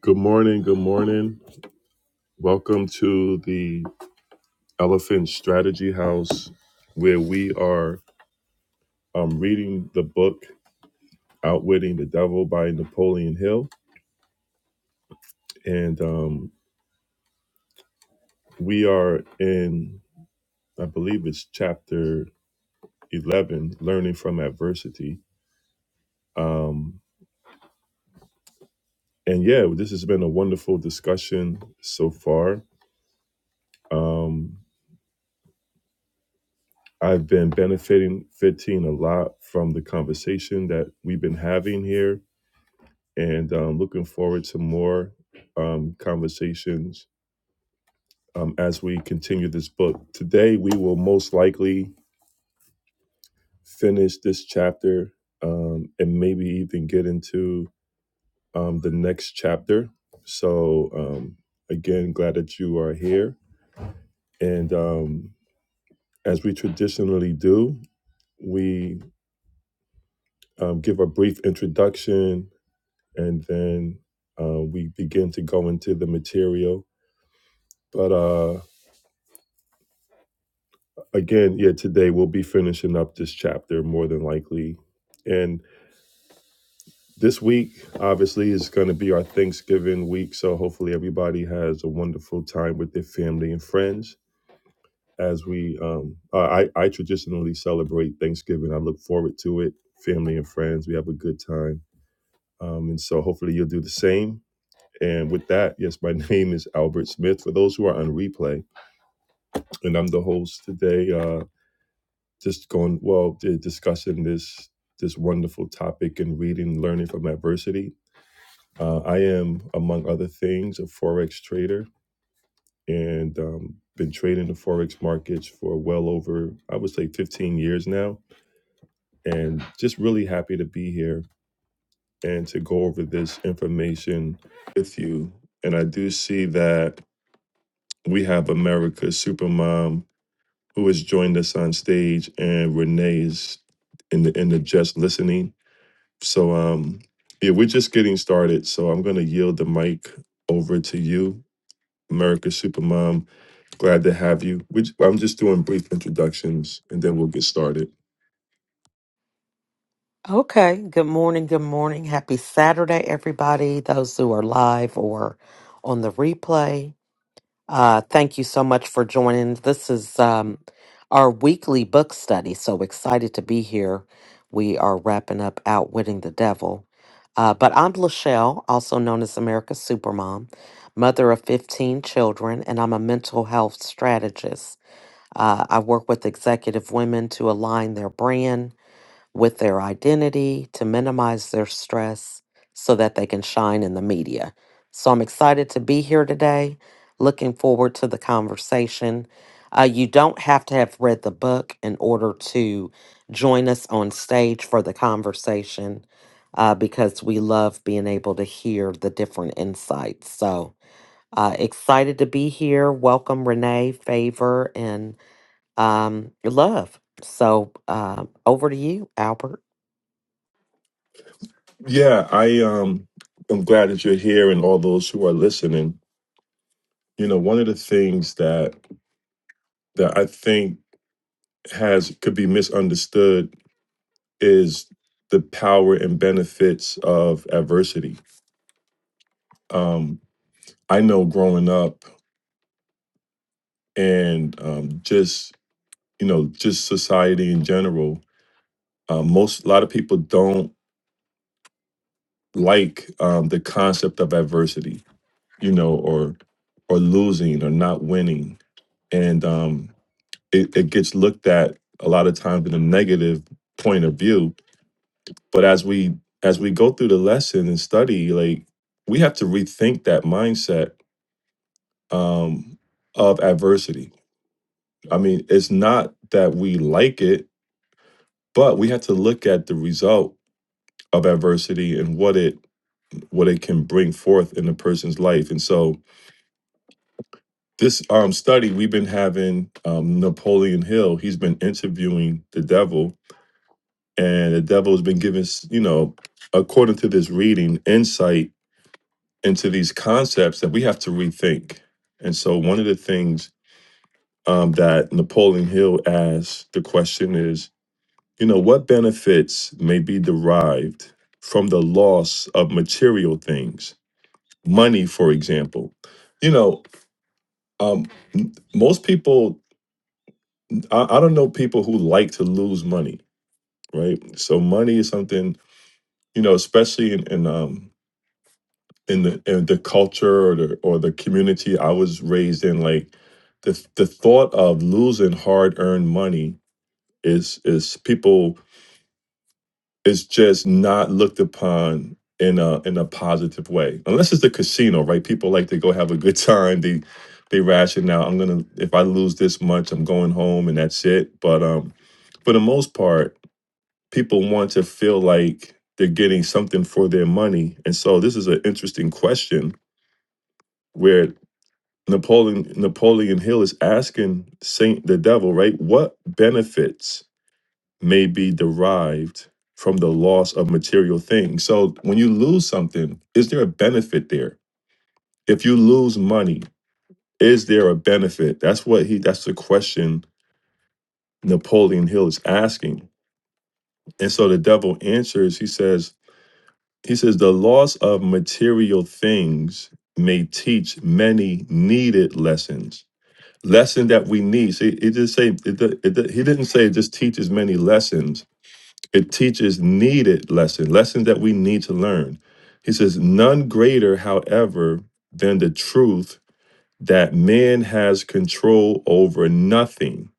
Good morning. Good morning. Welcome to the Elephant Strategy House, where we are um, reading the book Outwitting the Devil by Napoleon Hill. And um, we are in, I believe it's chapter 11, Learning from Adversity. Um, and yeah, this has been a wonderful discussion so far. Um, I've been benefiting 15 a lot from the conversation that we've been having here and um, looking forward to more um, conversations um, as we continue this book. Today, we will most likely finish this chapter um, and maybe even get into um, the next chapter. So, um, again, glad that you are here. And um, as we traditionally do, we um, give a brief introduction and then uh, we begin to go into the material. But uh, again, yeah, today we'll be finishing up this chapter more than likely. And this week, obviously, is going to be our Thanksgiving week. So hopefully, everybody has a wonderful time with their family and friends. As we, um, uh, I, I traditionally celebrate Thanksgiving. I look forward to it. Family and friends, we have a good time. Um, and so hopefully, you'll do the same. And with that, yes, my name is Albert Smith. For those who are on replay, and I'm the host today. uh, just going well they're discussing this this wonderful topic and reading and learning from adversity uh, i am among other things a forex trader and um, been trading the forex markets for well over i would say 15 years now and just really happy to be here and to go over this information with you and i do see that we have america's supermom who has joined us on stage and renee is in the in the just listening So um yeah, we're just getting started. So I'm gonna yield the mic over to you, America Supermom. Glad to have you. Which I'm just doing brief introductions and then we'll get started. Okay. Good morning. Good morning. Happy Saturday, everybody. Those who are live or on the replay. Uh, thank you so much for joining. This is um, our weekly book study. So excited to be here. We are wrapping up Outwitting the Devil. Uh, but I'm Lachelle, also known as America's Supermom, mother of 15 children, and I'm a mental health strategist. Uh, I work with executive women to align their brand with their identity to minimize their stress so that they can shine in the media. So I'm excited to be here today. Looking forward to the conversation. Uh, you don't have to have read the book in order to join us on stage for the conversation uh, because we love being able to hear the different insights. So uh, excited to be here. Welcome, Renee, Favor, and um, Love. So uh, over to you, Albert. Yeah, I um I'm glad that you're here and all those who are listening. You know, one of the things that that I think has could be misunderstood is the power and benefits of adversity. Um, I know growing up and um, just you know, just society in general. Uh, most a lot of people don't like um, the concept of adversity, you know, or or losing or not winning, and um, it, it gets looked at a lot of times in a negative point of view. But as we as we go through the lesson and study, like we have to rethink that mindset um, of adversity. I mean, it's not that we like it, but we have to look at the result of adversity and what it what it can bring forth in a person's life. And so this um, study we've been having um, Napoleon Hill. He's been interviewing the devil, and the devil has been giving you know, according to this reading, insight into these concepts that we have to rethink. And so one of the things um, that Napoleon Hill asked the question is, you know, what benefits may be derived from the loss of material things? money, for example. You know, um, m- most people, I, I don't know people who like to lose money, right? So money is something, you know, especially in, in um in the in the culture or the or the community I was raised in, like the the thought of losing hard earned money is is people it's just not looked upon in a in a positive way unless it's the casino right people like to go have a good time they they ration out i'm gonna if i lose this much i'm going home and that's it but um for the most part people want to feel like they're getting something for their money and so this is an interesting question where napoleon napoleon hill is asking saint the devil right what benefits may be derived from the loss of material things. So when you lose something, is there a benefit there? If you lose money, is there a benefit? That's what he that's the question Napoleon Hill is asking. And so the devil answers, he says, he says the loss of material things may teach many needed lessons. Lesson that we need. See, it just say it, it, it, he didn't say it just teaches many lessons It teaches needed lesson, lesson that we need to learn. He says, none greater, however, than the truth that man has control over nothing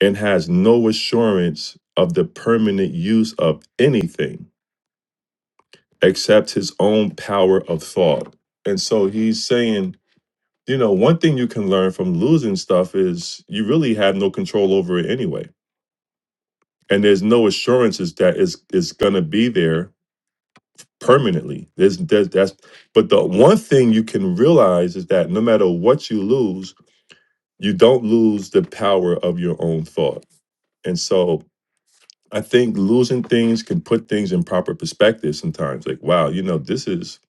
and has no assurance of the permanent use of anything except his own power of thought. And so he's saying, you know, one thing you can learn from losing stuff is you really have no control over it anyway. And there's no assurances that it's, it's going to be there permanently. There's, there's that's but the one thing you can realize is that no matter what you lose, you don't lose the power of your own thought. And so I think losing things can put things in proper perspective sometimes. Like, wow, you know, this is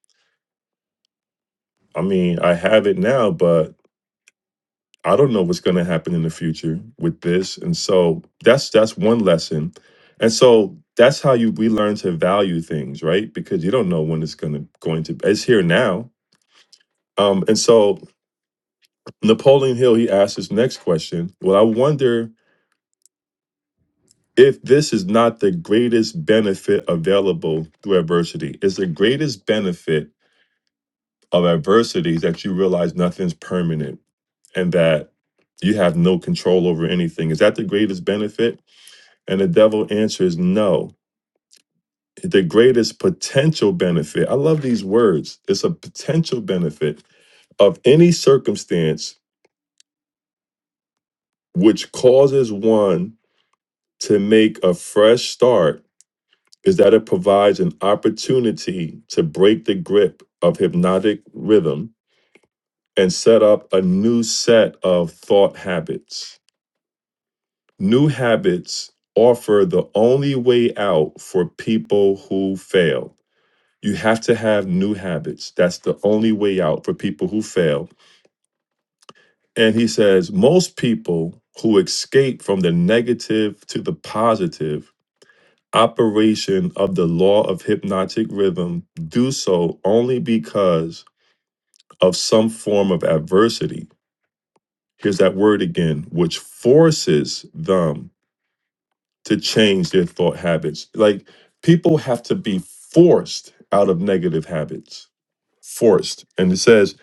I mean, I have it now, but I don't know what's gonna happen in the future with this. And so that's that's one lesson. And so that's how you we learn to value things, right? Because you don't know when it's gonna going to it's here now. Um, and so Napoleon Hill, he asked his next question. Well, I wonder if this is not the greatest benefit available through adversity. Is the greatest benefit of adversity is that you realize nothing's permanent and that you have no control over anything. Is that the greatest benefit? And the devil answers no. The greatest potential benefit, I love these words. It's a potential benefit of any circumstance which causes one to make a fresh start is that it provides an opportunity to break the grip of hypnotic rhythm and set up a new set of thought habits. New habits offer the only way out for people who fail. You have to have new habits. That's the only way out for people who fail. And he says most people who escape from the negative to the positive operation of the law of hypnotic rhythm do so only because of some form of adversity. Here's that word again, which forces them to change their thought habits. Like people have to be forced out of negative habits, forced. And it says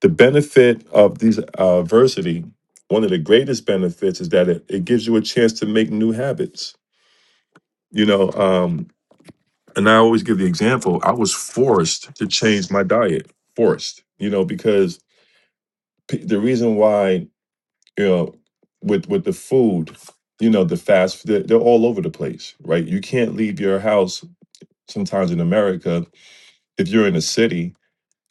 the benefit of these uh, adversity, one of the greatest benefits is that it, it gives you a chance to make new habits. You know, um, and I always give the example, I was forced to change my diet, forced, you know, because p- the reason why, you know, with with the food, you know, the fast, they're, they're all over the place, right? You can't leave your house sometimes in America if you're in a city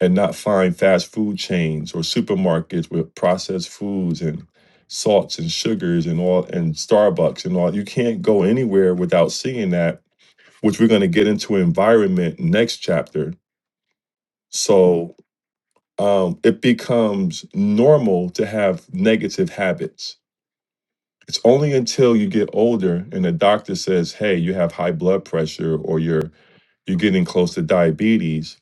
and not find fast food chains or supermarkets with processed foods and salts and sugars and all and Starbucks and all. You can't go anywhere without seeing that, which we're going to get into environment next chapter So um, it becomes normal to have negative habits. It's only until you get older and the doctor says, "Hey, you have high blood pressure, or you're you're getting close to diabetes,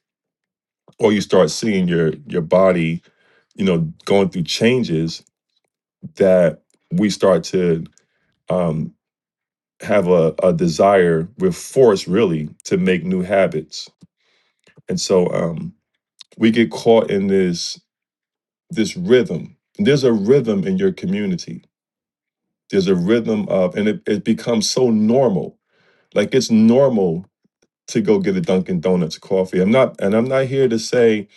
or you start seeing your your body, you know, going through changes that we start to um, have a, a desire with force, really, to make new habits." And so um, we get caught in this this rhythm. There's a rhythm in your community there's a rhythm of and it, it becomes so normal like it's normal to go get a dunkin donuts coffee i'm not and i'm not here to say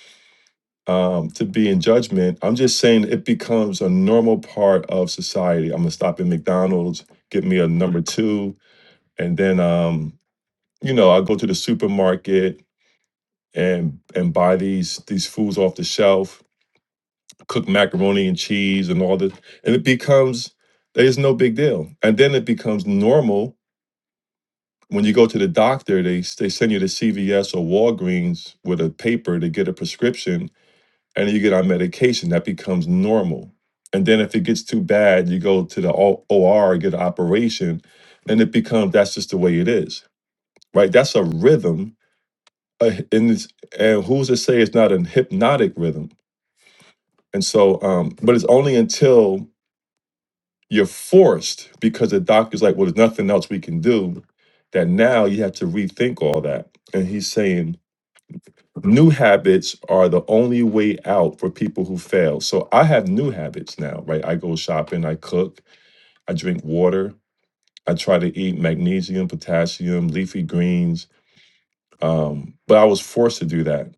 um, to be in judgment i'm just saying it becomes a normal part of society i'm gonna stop at mcdonald's get me a number two and then um, you know i'll go to the supermarket and and buy these these foods off the shelf cook macaroni and cheese and all this and it becomes there's no big deal and then it becomes normal when you go to the doctor, they they send you to CVS or Walgreens with a paper to get a prescription, and you get on medication. That becomes normal. And then if it gets too bad, you go to the O- OR, get an operation, and it becomes that's just the way it is, right? That's a rhythm, a h- and it's, and who's to say it's not a hypnotic rhythm? And so, um, but it's only until you're forced because the doctor's like, well, there's nothing else we can do, that now you have to rethink all that. And he's saying new habits are the only way out for people who fail. So I have new habits now, right? I go shopping, I cook, I drink water, I try to eat magnesium, potassium, leafy greens. Um, but I was forced to do that.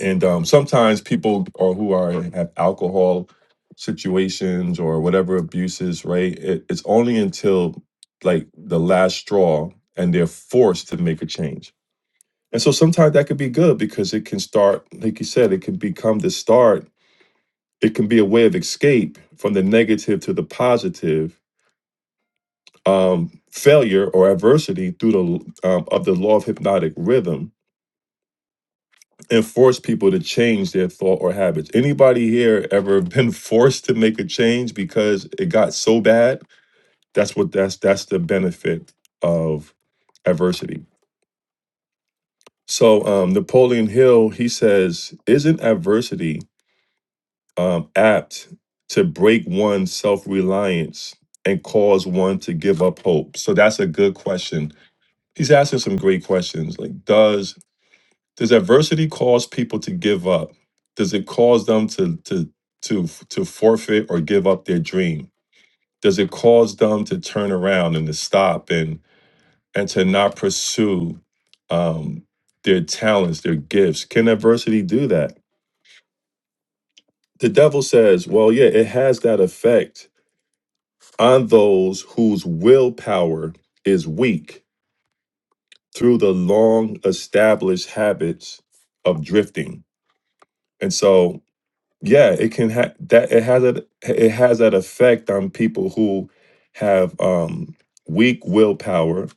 And um, sometimes people or who are have alcohol situations or whatever abuses, right? It, it's only until like the last straw and they're forced to make a change And so sometimes that could be good because it can start, like you said, it can become the start. It can be a way of escape from the negative to the positive, um, failure or adversity through the um, of the law of hypnotic rhythm, and force people to change their thought or habits. Anybody here ever been forced to make a change because it got so bad? That's what that's that's the benefit of adversity. So um, Napoleon Hill he says, "Isn't adversity?" um, apt to break one's self reliance and cause one to give up hope? So that's a good question. He's asking some great questions. Like, does does adversity cause people to give up? Does it cause them to to to to forfeit or give up their dream? Does it cause them to turn around and to stop and and to not pursue um, their talents, their gifts? Can adversity do that? The devil says, "Well, yeah, it has that effect, on those whose willpower is weak through the long established habits of drifting. And so, yeah, it can have that it has a it has that effect on people who have um weak willpower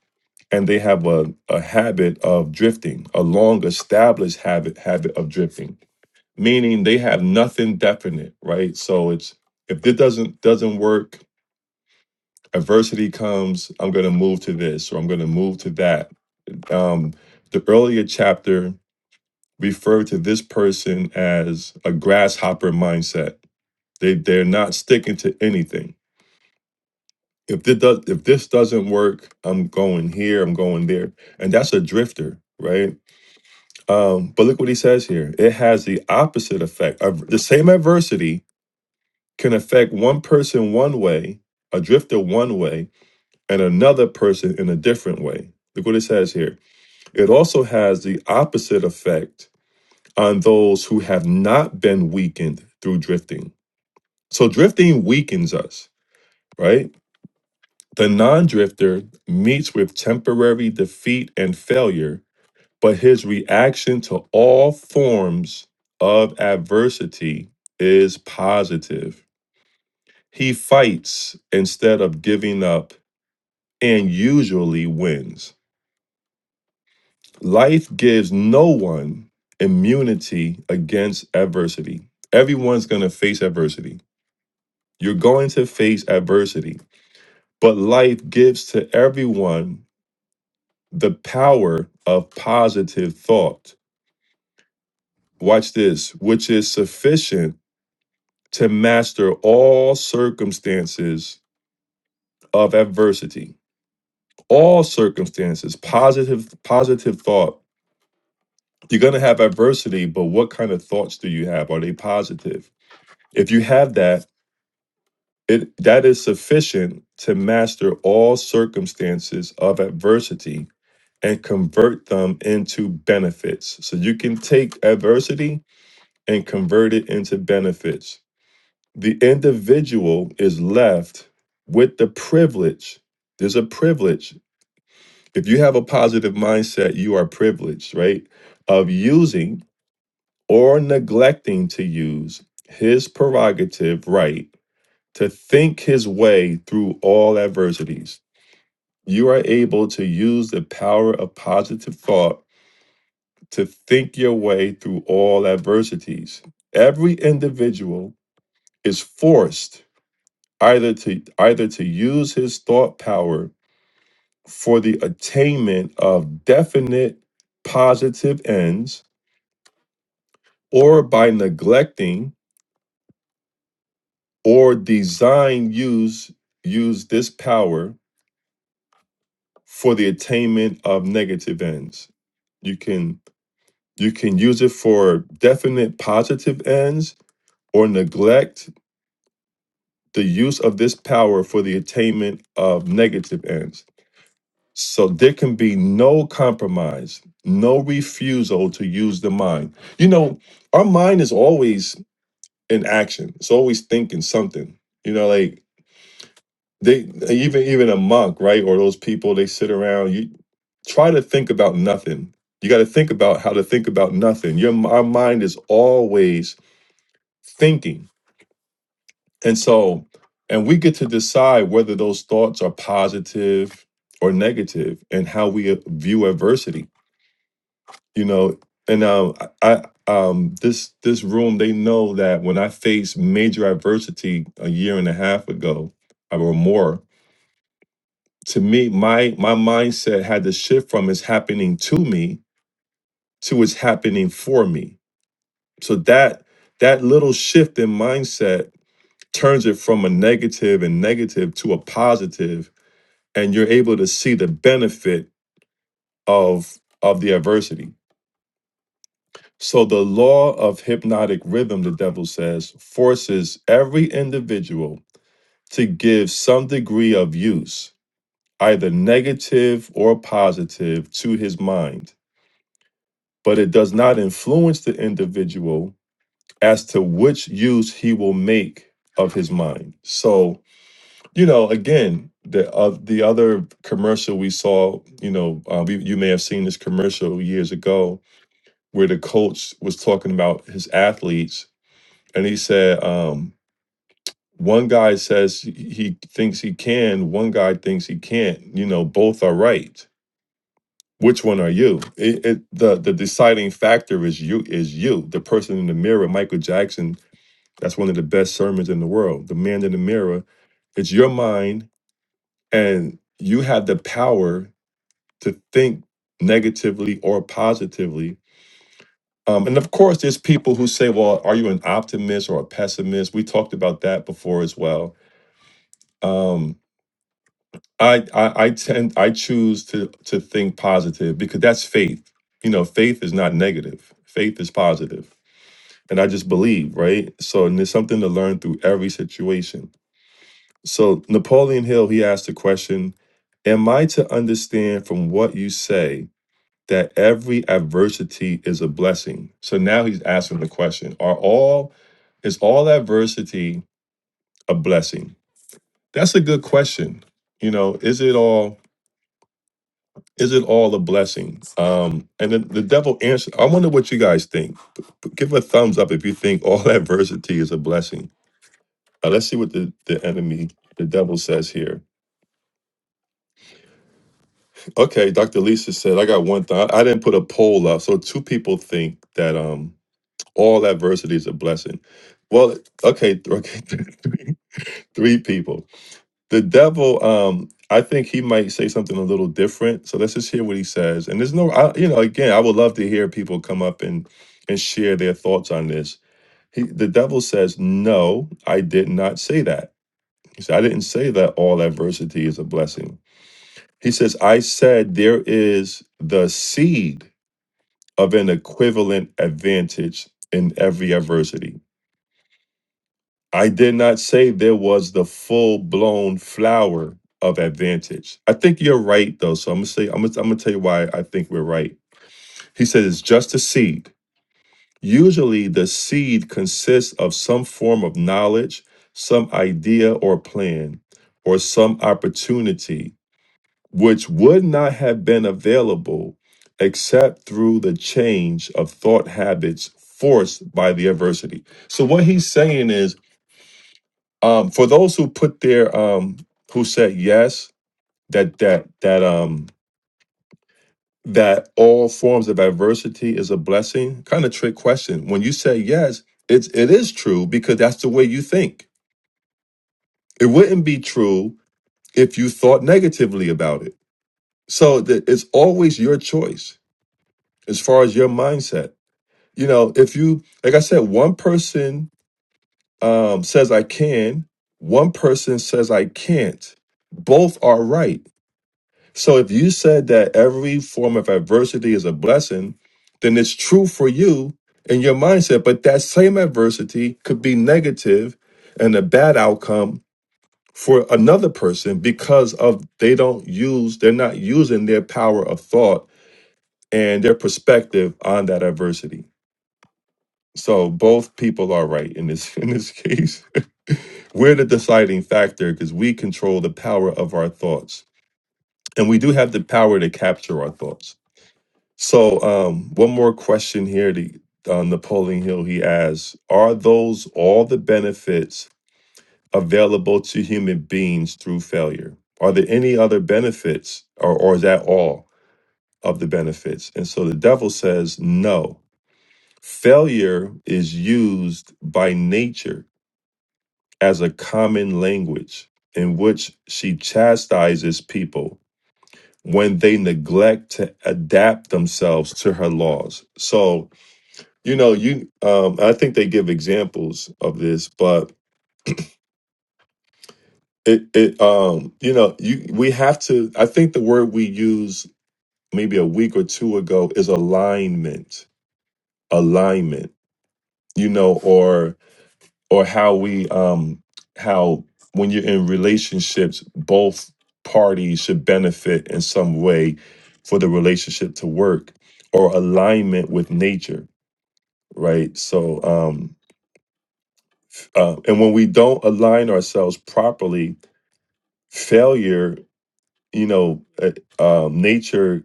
and they have a, a habit of drifting, a long established habit habit of drifting, meaning they have nothing definite, right? So it's if it doesn't doesn't work adversity comes, I'm going to move to this or I'm going to move to that. Um, the earlier chapter referred to this person as a grasshopper mindset. They they're not sticking to anything. If this does if this doesn't work, I'm going here, I'm going there, and that's a drifter, right? Um, but look what he says here. It has the opposite effect. the same adversity can affect one person one way, a drifter one way, and another person in a different way. Look what it says here. It also has the opposite effect on those who have not been weakened through drifting. So drifting weakens us, right? The non drifter meets with temporary defeat and failure, but his reaction to all forms of adversity is positive. He fights instead of giving up and usually wins. Life gives no one immunity against adversity. Everyone's going to face adversity. You're going to face adversity, but life gives to everyone the power of positive thought. Watch this, which is sufficient to master all circumstances of adversity. All circumstances, positive positive thought. You're going to have adversity, but what kind of thoughts do you have? Are they positive? If you have that, it that is sufficient to master all circumstances of adversity and convert them into benefits. So you can take adversity and convert it into benefits. The individual is left with the privilege. There's a privilege. If you have a positive mindset, you are privileged, right? Of using or neglecting to use his prerogative right to think his way through all adversities. You are able to use the power of positive thought to think your way through all adversities. Every individual is forced either to either to use his thought power for the attainment of definite positive ends or by neglecting or design use use this power for the attainment of negative ends you can you can use it for definite positive ends or neglect the use of this power for the attainment of negative ends so there can be no compromise no refusal to use the mind you know our mind is always in action it's always thinking something you know like they even even a monk right or those people they sit around you try to think about nothing you got to think about how to think about nothing your our mind is always thinking and so and we get to decide whether those thoughts are positive or negative and how we uh, view adversity you know and um I, um this this room they know that when i faced major adversity a year and a half ago or more to me, my my mindset had to shift from it's happening to me to it's happening for me. So that that little shift in mindset turns it from a negative and negative to a positive, and you're able to see the benefit of of the adversity. So the law of hypnotic rhythm, the devil says, forces every individual to give some degree of use, either negative or positive, to his mind but it does not influence the individual as to which use he will make of his mind. So, you know, again, the uh, the other commercial we saw, you know, uh, we, you may have seen this commercial years ago where the coach was talking about his athletes, and he said, um, one guy says he he thinks he can, one guy thinks he can't. You know, both are right which one are you it, it, the the deciding factor is you is you the person in the mirror michael jackson that's one of the best sermons in the world the man in the mirror it's your mind and you have the power to think negatively or positively um, and of course there's people who say well are you an optimist or a pessimist we talked about that before as well Um, I, I I tend I choose to to think positive because that's faith. You know, faith is not negative. Faith is positive, and I just believe, right? So, and there's something to learn through every situation. So, Napoleon Hill he asked the question: Am I to understand from what you say that every adversity is a blessing? So now he's asking the question: Are all is all adversity a blessing? That's a good question. You know, is it all? Is it all a blessing? Um, and the, the devil answered, I wonder what you guys think. P- p- Give a thumbs up if you think all adversity is a blessing. Uh, let's see what the, the enemy, the devil says here. Okay, Dr. Lisa said, I got one thought. I didn't put a poll up. So two people think that um, all adversity is a blessing. Well, okay, okay, three people. the devil um i think he might say something a little different so let's just hear what he says and there's no I, you know again i would love to hear people come up and and share their thoughts on this he the devil says no i did not say that he said i didn't say that all adversity is a blessing he says i said there is the seed of an equivalent advantage in every adversity I did not say there was the full blown flower of advantage. I think you're right though. So I'm gonna say I'm gonna, I'm gonna tell you why I think we're right. He says it's just a seed. Usually the seed consists of some form of knowledge, some idea or plan, or some opportunity which would not have been available except through the change of thought habits forced by the adversity. So what he's saying is um for those who put their um who said yes that that that um that all forms of adversity is a blessing kind of trick question when you say yes it's it is true because that's the way you think it wouldn't be true if you thought negatively about it so that it's always your choice as far as your mindset you know if you like i said one person um says i can one person says i can't both are right So if you said that every form of adversity is a blessing, then it's true for you and your mindset. But that same adversity could be negative and a bad outcome for another person because of they don't use, they're not using their power of thought and their perspective on that adversity. So both people are right in this in this case. We're the deciding factor because we control the power of our thoughts. And we do have the power to capture our thoughts. So, um, one more question here. The uh, Napoleon Hill he asks: Are those all the benefits available to human beings through failure? Are there any other benefits, or, or is that all of the benefits? And so the devil says, No. Failure is used by nature as a common language in which she chastises people when they neglect to adapt themselves to her laws. So You know, you um I think they give examples of this, but it it um you know, you we have to I think the word we use maybe a week or two ago is alignment. Alignment, you know, or or how we um how when you're in relationships, both parties should benefit in some way for the relationship to work or alignment with nature, right? So um Uh, and when we don't align ourselves properly, failure, you know, uh, um, nature,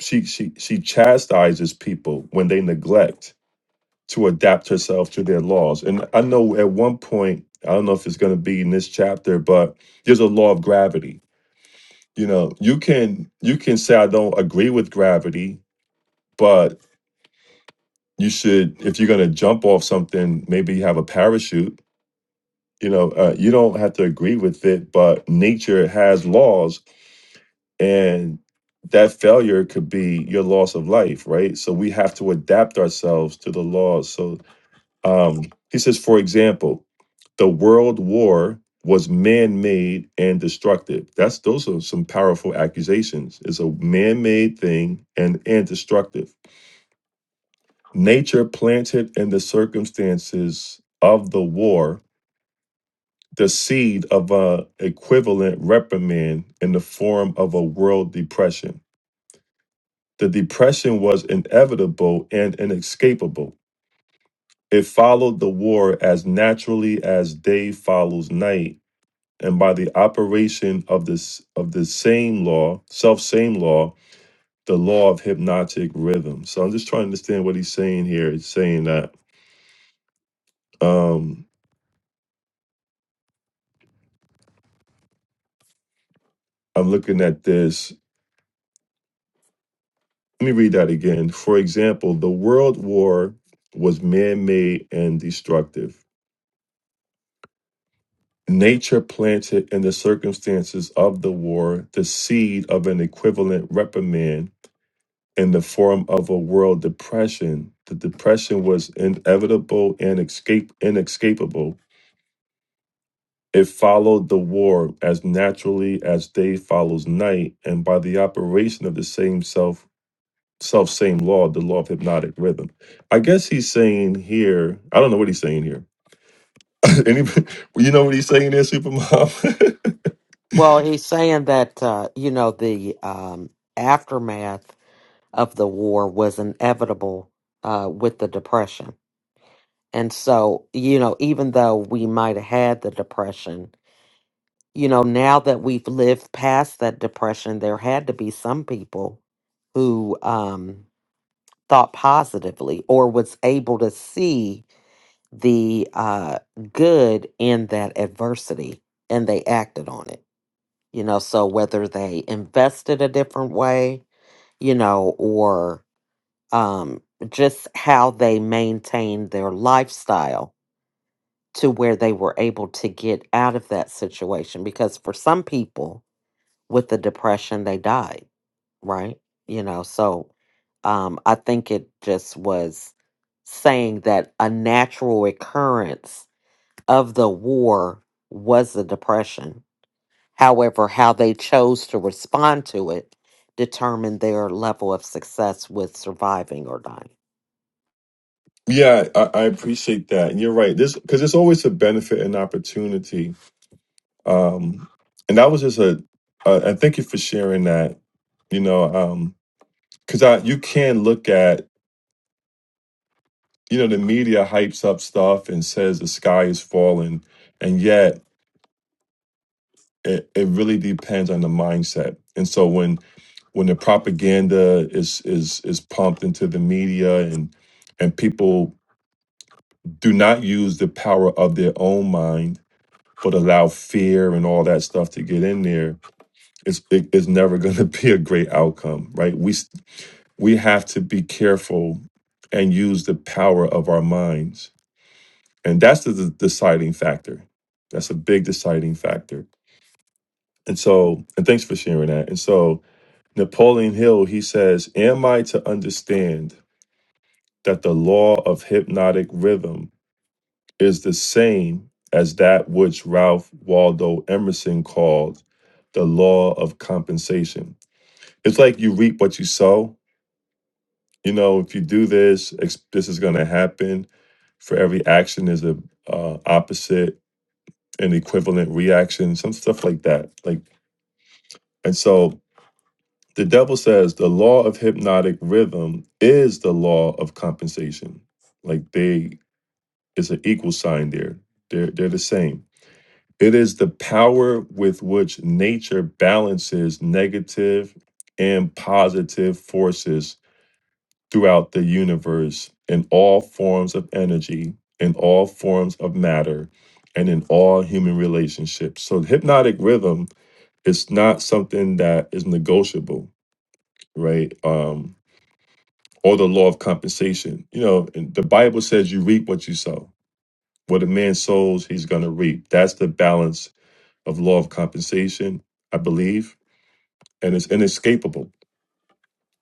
she, she, she chastises people when they neglect to adapt herself to their laws. And I know at one point, I don't know if it's going to be in this chapter, but there's a law of gravity. You know, you can you can say I don't agree with gravity, but you should if you're going to jump off something, maybe you have a parachute you know uh, you don't have to agree with it but nature has laws and that failure could be your loss of life right so we have to adapt ourselves to the laws so um he says for example the world war was man-made and destructive that's those are some powerful accusations it's a man-made thing and and destructive nature planted in the circumstances of the war the seed of a equivalent reprimand in the form of a world depression. The depression was inevitable and inescapable. It followed the war as naturally as day follows night, and by the operation of this of the same law, self same law, the law of hypnotic rhythm. So I'm just trying to understand what he's saying here. He's saying that um, I'm looking at this Let me read that again. For example, the world war was man made and destructive. Nature planted in the circumstances of the war the seed of an equivalent reprimand in the form of a world depression. The depression was inevitable and escape, inescapable. It followed the war as naturally as day follows night, and by the operation of the same self self same law, the law of hypnotic rhythm. I guess he's saying here, I don't know what he's saying here. Anybody, you know what he's saying there, Supermom? Well, he's saying that uh, you know the um, aftermath of the war was inevitable uh, with the depression, and so you know even though we might have had the depression, you know now that we've lived past that depression, there had to be some people who um, thought positively or was able to see the uh, good in that adversity, and they acted on it. you know so whether they invested a different way you know or um just how they maintained their lifestyle to where they were able to get out of that situation because for some people with the depression they died right you know so um i think it just was saying that a natural occurrence of the war was the depression However, how they chose to respond to it determined their level of success with surviving or dying. yeah, I, I appreciate that, and you're right. This because it's always a benefit and opportunity. Um, and that was just a, a, and thank you for sharing that. You know, um, because I you can look at you know the media hypes up stuff and says the sky is falling, and yet it, it really depends on the mindset. And so when when the propaganda is is is pumped into the media and and people do not use the power of their own mind but allow fear and all that stuff to get in there it's it, it's never going to be a great outcome right we s- we have to be careful and use the power of our minds and that's the, the deciding factor that's a big deciding factor and so and thanks for sharing that and so napoleon hill he says am i to understand that the law of hypnotic rhythm is the same as that which Ralph Waldo Emerson called the law of compensation. It's like you reap what you sow. You know, if you do this, ex- this is going to happen. For every action is a uh, opposite and equivalent reaction, some stuff like that. Like, and so the devil says the law of hypnotic rhythm is the law of compensation. Like they It's an equal sign there. They're, they're the same. It is the power with which nature balances negative and positive forces throughout the universe in all forms of energy, in all forms of matter, and in all human relationships. So, the hypnotic rhythm is not something that is negotiable, right? Um, or the law of compensation. You know, and the Bible says you reap what you sow What a man sows, he's going to reap. That's the balance of law of compensation, I believe, and it's inescapable.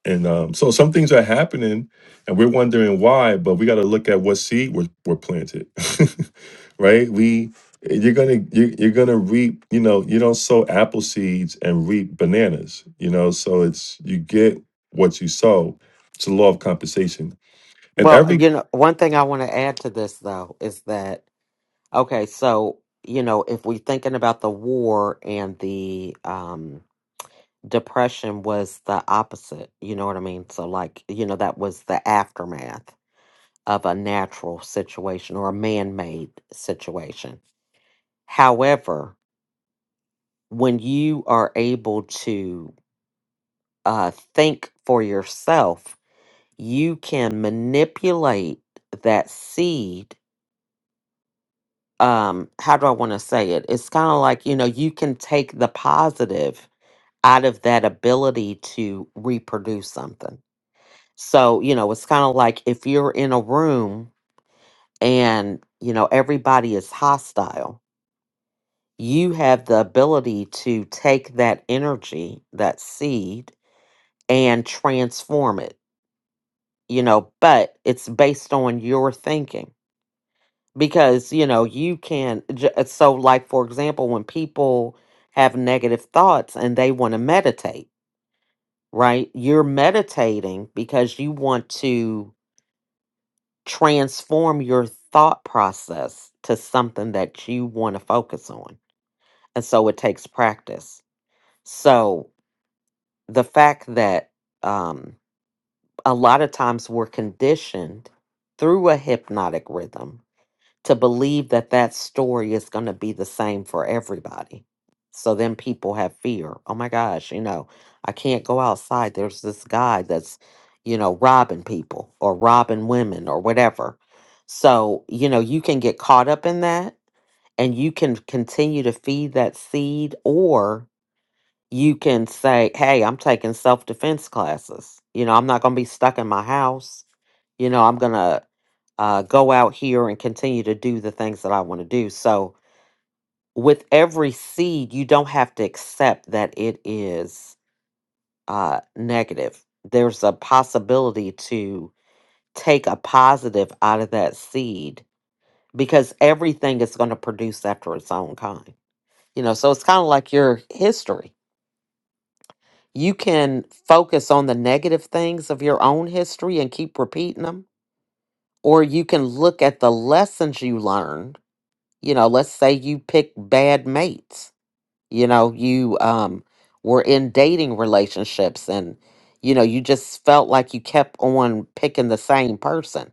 And um, so some things are happening, and we're wondering why. But we got to look at what seed we're we're planted, right? We you're gonna you, you're gonna reap. You know, you don't sow apple seeds and reap bananas. You know, so it's you get what you sow. It's the law of compensation, and Well, every you know, one thing I want to add to this though is that okay, so you know, if we're thinking about the war and the um depression was the opposite, you know what I mean? So like, you know, that was the aftermath of a natural situation or a man-made situation. However, when you are able to uh, think for yourself, you can manipulate that seed. Um, how do I want to say it? It's kind of like, you know, you can take the positive out of that ability to reproduce something. So, you know, it's kind of like if you're in a room and, you know, everybody is hostile, you have the ability to take that energy, that seed, and transform it you know, but it's based on your thinking because, you know, you can. j- uh, So, like, for example, when people have negative thoughts and they want to meditate, right? You're meditating because you want to transform your thought process to something that you want to focus on. And so it takes practice. So, the fact that um, a lot of times we're conditioned through a hypnotic rhythm to believe that that story is going to be the same for everybody. So then people have fear. Oh my gosh, you know, I can't go outside. There's this guy that's, you know, robbing people or robbing women or whatever. So, you know, you can get caught up in that and you can continue to feed that seed or you can say, Hey, I'm taking self defense classes. You know, I'm not going to be stuck in my house. You know, I'm going to uh, go out here and continue to do the things that I want to do. So, with every seed, you don't have to accept that it is uh, negative. There's a possibility to take a positive out of that seed because everything is going to produce after its own kind. You know, so it's kind of like your history you can focus on the negative things of your own history and keep repeating them, or you can look at the lessons you learned. You know, let's say you pick bad mates. You know, you um were in dating relationships and you know, you just felt like you kept on picking the same person.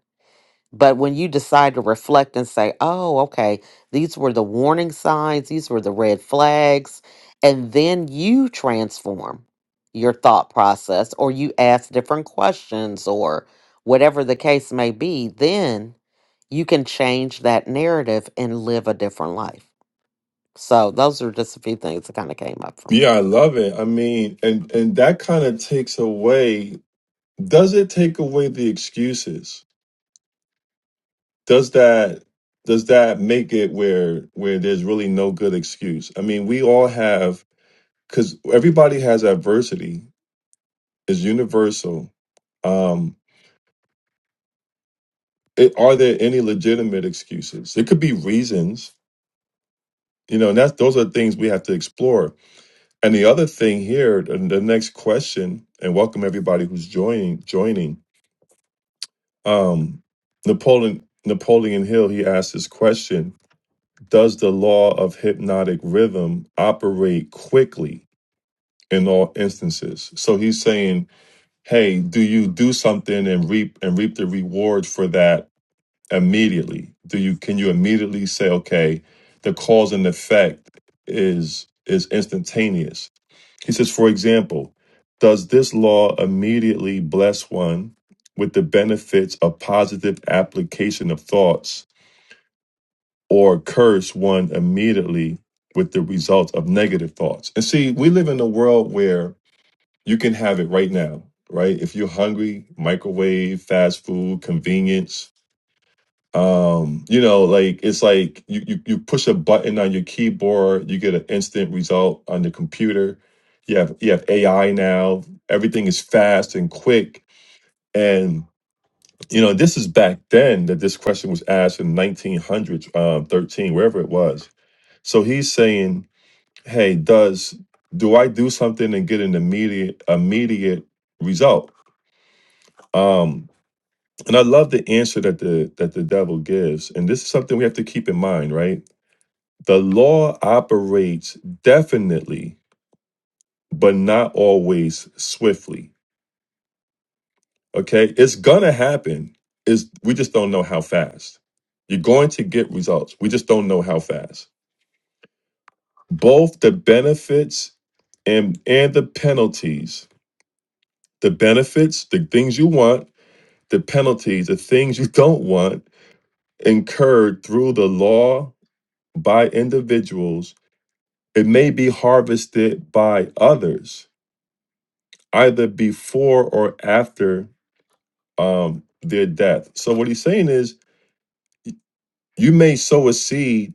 But when you decide to reflect and say, oh, okay, these were the warning signs, these were the red flags, and then you transform your thought process or you ask different questions or whatever the case may be, then you can change that narrative and live a different life. So, those are just a few things that kind of came up for yeah, me. I love it. I mean, and and that kind of takes away does it take away the excuses does that does that make it where where there's really no good excuse i mean we all have because everybody has adversity it's universal um it, are there any legitimate excuses it could be reasons you know and that's those are things we have to explore and the other thing here the, the next question and welcome everybody who's joining joining um napoleon napoleon hill he asked this question Does the law of hypnotic rhythm operate quickly in all instances? So he's saying, hey, do you do something and reap and reap the reward for that immediately? Do you can you immediately say, okay, the cause and effect is is instantaneous? He says, for example, does this law immediately bless one with the benefits of positive application of thoughts or curse one immediately with the result of negative thoughts. And see, we live in a world where you can have it right now, right? If you're hungry, microwave, fast food, convenience. Um, you know, like it's like you, you you push a button on your keyboard, you get an instant result on the computer. You have you have AI now. Everything is fast and quick. And you know, this is back then that this question was asked in 1900s, um, 13, wherever it was so he's saying, "Hey, does do I do something and get an immediate immediate result?" Um, and I love the answer that the that the devil gives, and this is something we have to keep in mind, right? The law operates definitely, but not always swiftly. Okay, it's gonna happen. Is we just don't know how fast. You're going to get results. We just don't know how fast. Both the benefits and and the penalties the benefits, the things you want, the penalties, the things you don't want incurred through the law by individuals, it may be harvested by others, either before or after um, their death. So, what he's saying is, you may sow a seed,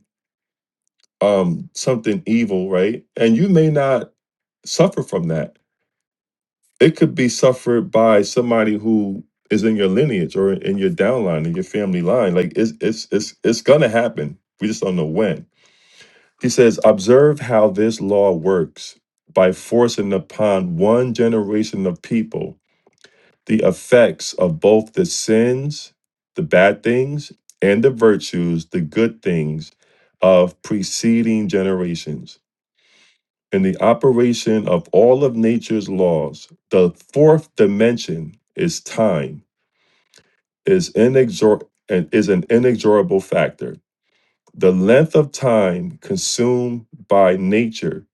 um, something evil, right? And you may not suffer from that it could be suffered by somebody who is in your lineage or in your downline in your family line like it's it's it's it's gonna happen we just don't know when he says observe how this law works by forcing upon one generation of people the effects of both the sins the bad things and the virtues the good things of preceding generations in the operation of all of nature's laws, the fourth dimension is time, is inexor- and is an inexorable factor. The length of time consumed by nature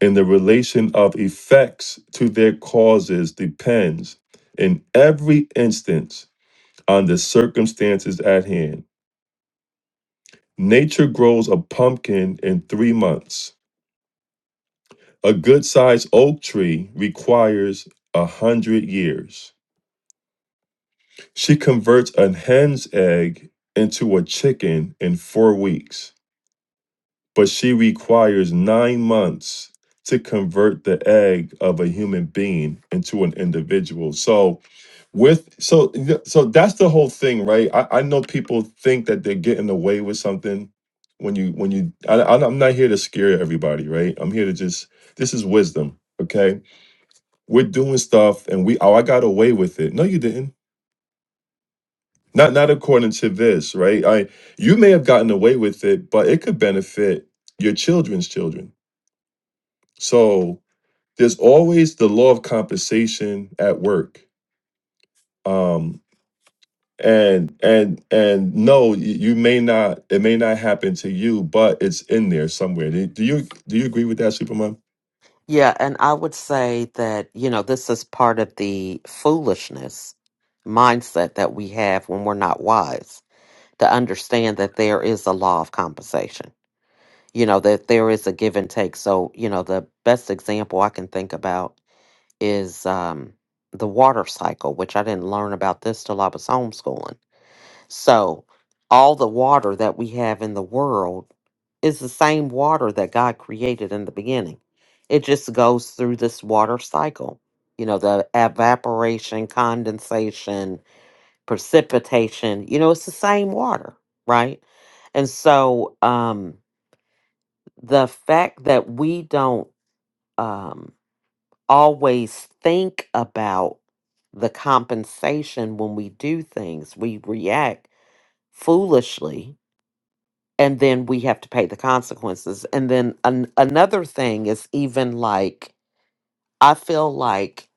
in the relation of effects to their causes depends in every instance on the circumstances at hand. Nature grows a pumpkin in three months. A good sized oak tree requires a hundred years. She converts a hen's egg into a chicken in four weeks, but she requires nine months to convert the egg of a human being into an individual. So with so so that's the whole thing, right? I, I know people think that they're getting away with something when you when you I, I- I'm not here to scare everybody, right? I'm here to just this is wisdom, okay? We're doing stuff and we oh I got away with it. No, you didn't Not not according to this, right? I you may have gotten away with it, but it could benefit your children's children. So there's always the law of compensation at work. Um and and and no, y- you may not it may not happen to you, but it's in there somewhere. Do do you do you agree with that, Superman? Yeah. And I would say that, you know, this is part of the foolishness mindset that we have when we're not wise to understand that there is a law of compensation. You know, that there is a give and take. So, you know, the best example I can think about is um, the water cycle, which I didn't learn about this till I was homeschooling. So, all the water that we have in the world is the same water that God created in the beginning. It just goes through this water cycle, you know, the evaporation, condensation, precipitation you know it's the same water right and so um the fact that we don't um always think about the compensation when we do things we react foolishly and then we have to pay the consequences and then an- another thing is even like i feel like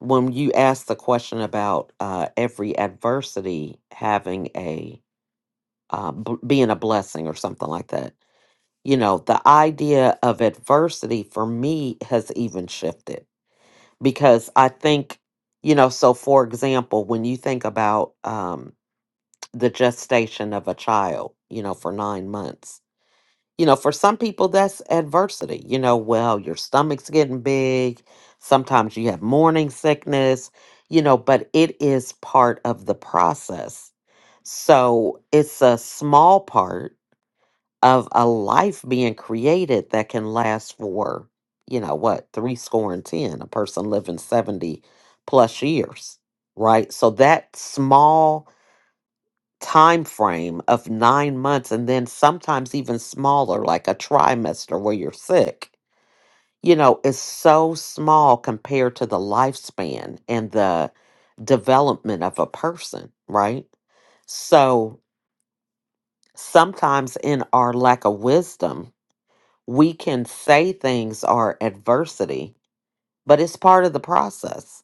when you ask the question about uh, every adversity having a uh, b- being a blessing or something like that. You know, the idea of adversity for me has even shifted because I think, you know, so for example, when you think about um, the gestation of a child, you know, for nine months, you know, for some people that's adversity. You know, well, your stomach's getting big. Sometimes you have morning sickness, you know, but it is part of the process. So it's a small part of a life being created that can last for, you know, what, three score and 10, a person living 70 plus years, right? So that small time frame of nine months and then sometimes even smaller, like a trimester where you're sick, you know, is so small compared to the lifespan and the development of a person, right? So sometimes in our lack of wisdom, we can say things are adversity, but it's part of the process.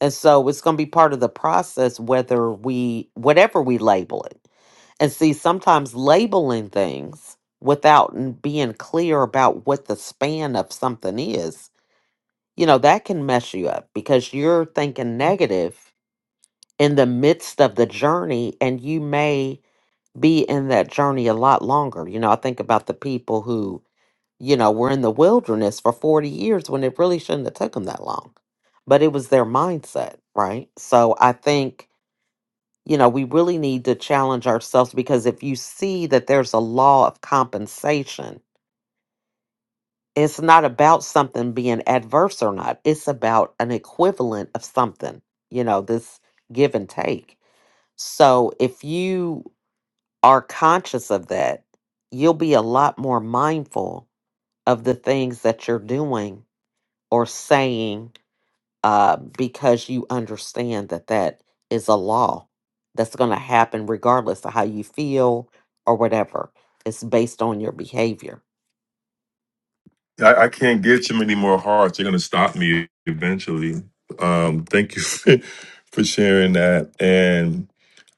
And so it's going to be part of the process whether we, whatever we label it. And see, sometimes labeling things without n- being clear about what the span of something is, you know, that can mess you up because you're thinking negative in the midst of the journey and you may be in that journey a lot longer. You know, I think about the people who you know, were in the wilderness for 40 years when it really shouldn't have took them that long. But it was their mindset, right? So I think, you know, we really need to challenge ourselves because if you see that there's a law of compensation, it's not about something being adverse or not. It's about an equivalent of something, you know, this give and take. So if you are conscious of that, you'll be a lot more mindful of the things that you're doing or saying uh, because you understand that that is a law that's going to happen regardless of how you feel or whatever. It's based on your behavior. I, I can't give too many more hearts. They're gonna stop me eventually. Um, thank you for, for sharing that. And